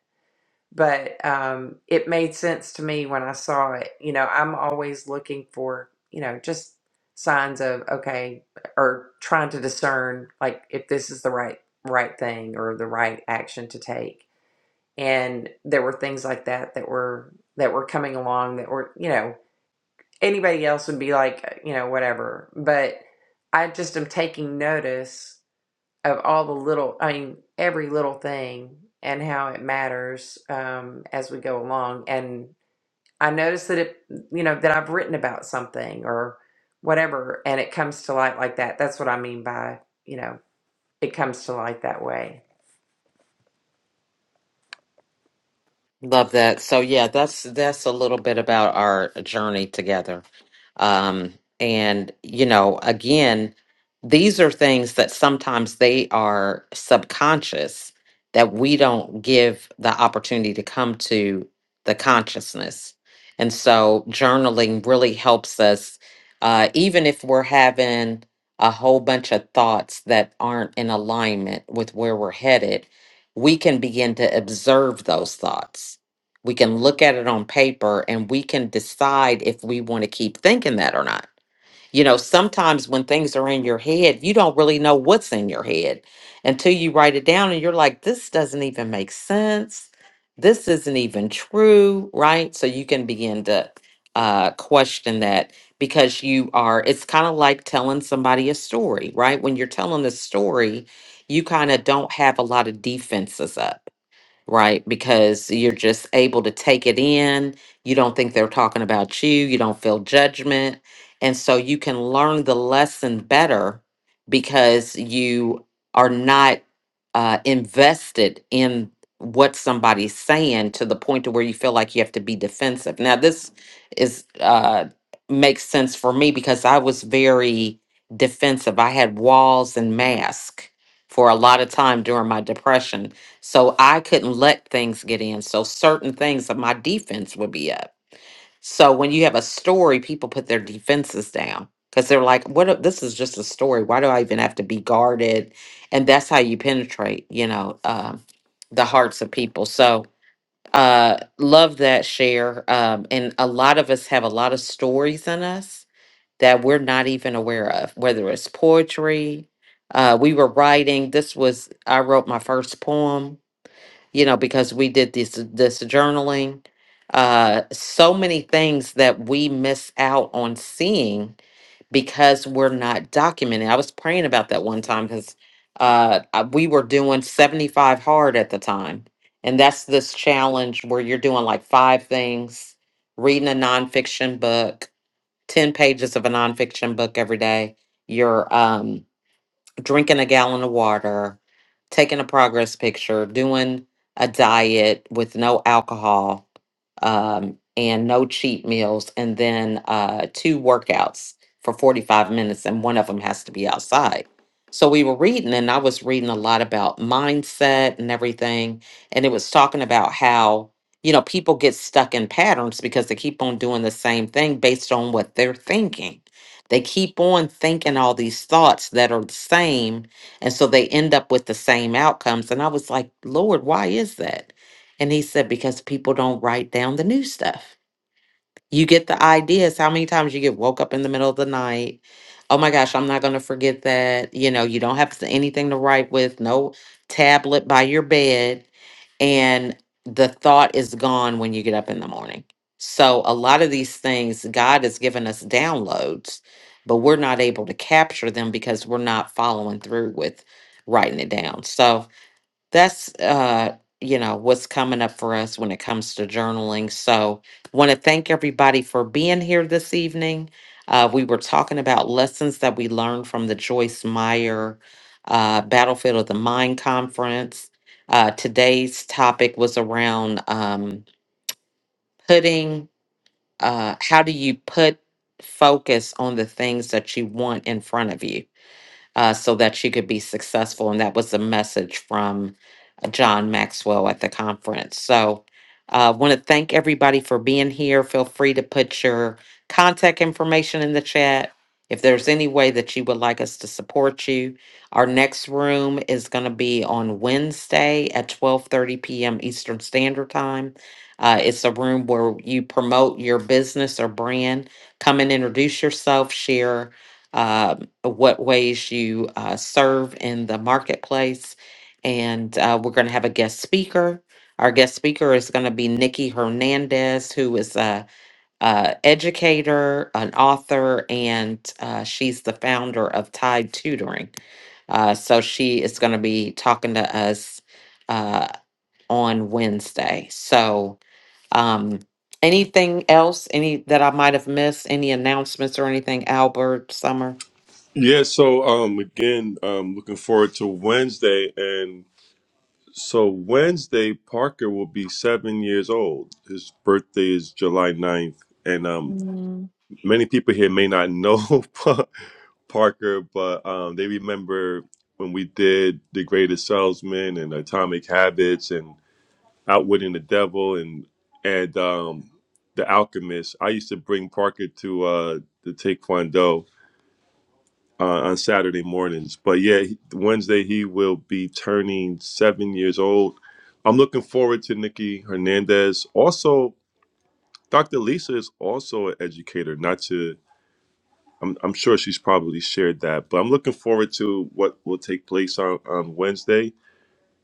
[SPEAKER 2] but um, it made sense to me when I saw it. You know, I'm always looking for, you know, just signs of okay, or trying to discern like if this is the right right thing or the right action to take. And there were things like that that were that were coming along that were, you know, anybody else would be like, uh, you know, whatever. But I just am taking notice of all the little, I mean, every little thing and how it matters um, as we go along. And I notice that it, you know, that I've written about something or whatever, and it comes to light like that. That's what I mean by, you know, it comes to light that way.
[SPEAKER 1] Love that. So yeah, that's that's a little bit about our journey together. Um and you know, again, these are things that sometimes they are subconscious that we don't give the opportunity to come to the consciousness. And so journaling really helps us uh even if we're having a whole bunch of thoughts that aren't in alignment with where we're headed we can begin to observe those thoughts. We can look at it on paper and we can decide if we want to keep thinking that or not. You know, sometimes when things are in your head, you don't really know what's in your head until you write it down and you're like, this doesn't even make sense. This isn't even true, right? So you can begin to uh, question that because you are, it's kind of like telling somebody a story, right? When you're telling a story, you kind of don't have a lot of defenses up right? Because you're just able to take it in. You don't think they're talking about you, you don't feel judgment. And so you can learn the lesson better because you are not uh, invested in what somebody's saying to the point to where you feel like you have to be defensive. Now, this is uh, makes sense for me because I was very defensive. I had walls and mask for a lot of time during my depression so I couldn't let things get in. So certain things of my defense would be up. So when you have a story, people put their defenses down because they're like, what if- this is just a story. Why do I even have to be guarded? And that's how you penetrate, you know, um, the hearts of people. So uh love that share. Um, and a lot of us have a lot of stories in us that we're not even aware of, whether it's poetry. Uh, we were writing, this was I wrote my first poem you know, because we did this this journaling, uh, so many things that we miss out on seeing because we're not documenting. I was praying about that one time because uh, I- we were doing seventy five hard at the time, and that's this challenge where you're doing like five things, reading a nonfiction book, ten pages of a nonfiction book every day. You're um drinking a gallon of water, taking a progress picture, doing a diet with no alcohol um, and no cheat meals, and then uh, two workouts for 45 minutes, and one of them has to be outside. So we were reading, and I was reading a lot about mindset and everything. And it was talking about how, you know, people get stuck in patterns because they keep on doing the same thing based on what they're thinking they keep on thinking all these thoughts that are the same. And so they end up with the same outcomes. And I was like, Lord, why is that? And he said, because people don't write down the new stuff. You get the ideas. How many times you get woke up in the middle of the night? Oh my gosh, I'm not going to forget that. You know, you don't have to- anything to write with, no tablet by your bed. And the thought is gone when you get up in the morning. So, a lot of these things, God has given us downloads, but we're not able to capture them because we're not following through with writing it down. So, that's uh you know what's coming up for us when it comes to journaling so want to thank everybody for being here this evening uh, we were talking about lessons that we learned from the joyce meyer uh, battlefield of the mind conference uh, today's topic was around um, putting uh, how do you put focus on the things that you want in front of you uh, so that she could be successful. And that was the message from uh, John Maxwell at the conference. So I uh, want to thank everybody for being here. Feel free to put your contact information in the chat. If there's any way that you would like us to support you, our next room is going to be on Wednesday at 12:30 p.m. Eastern Standard Time. Uh, it's a room where you promote your business or brand. Come and introduce yourself, share uh, what ways you uh, serve in the marketplace. And uh, we're going to have a guest speaker. Our guest speaker is going to be Nikki Hernandez, who is a, a educator, an author, and uh, she's the founder of Tide Tutoring. Uh, so she is going to be talking to us uh, on Wednesday. So um, anything else? Any that I might have missed? Any announcements or anything? Albert, Summer.
[SPEAKER 7] Yeah, so um again, um looking forward to Wednesday and so Wednesday Parker will be 7 years old. His birthday is July ninth, and um many people here may not know Parker, but um they remember when we did The Greatest Salesman and Atomic Habits and. Outwitting the Devil and and um, The Alchemist. I used to bring Parker to uh, the Taekwondo uh, on Saturday mornings. But yeah, he- Wednesday he will be turning seven years old. I'm looking forward to Nikki Hernandez. Also, Dr. Lisa is also an educator. Not to, I'm, I'm sure she's probably shared that, but I'm looking forward to what will take place on, on Wednesday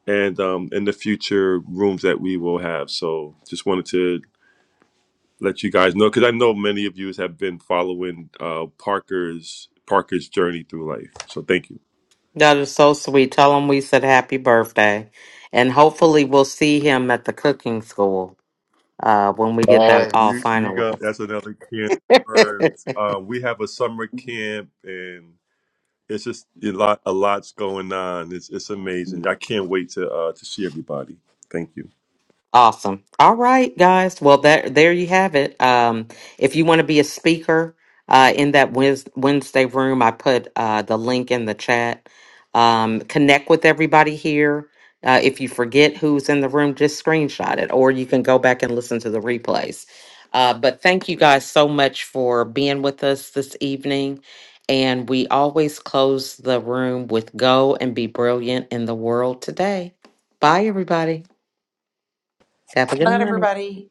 [SPEAKER 7] and um, in the future rooms that we will have. So just wanted to let you guys know because I know many of you have been following uh, Parker's Parker's journey through life. So thank you.
[SPEAKER 1] That is so sweet. Tell him we said happy birthday. And hopefully we'll see him at the cooking school uh, when we get
[SPEAKER 7] Oh,
[SPEAKER 1] that all
[SPEAKER 7] you, you got
[SPEAKER 1] finalized.
[SPEAKER 7] that's another camp words. Um, we have a summer camp and it's just a lot a lot's going on. It's it's amazing. I can't wait to uh, to see everybody. Thank you.
[SPEAKER 1] Awesome. All right, guys. Well, that there you have it. Um, if you want to be a speaker uh, in that Wed- Wednesday room, I put uh, the link in the chat. Um, connect with everybody here. Uh, if you forget who's in the room, just screenshot it, or you can go back and listen to the replays. Uh, but thank you guys so much for being with us this evening. And we always close the room with "Go and be brilliant in the world today." Bye, everybody. Have a good
[SPEAKER 2] Not
[SPEAKER 1] night.
[SPEAKER 2] everybody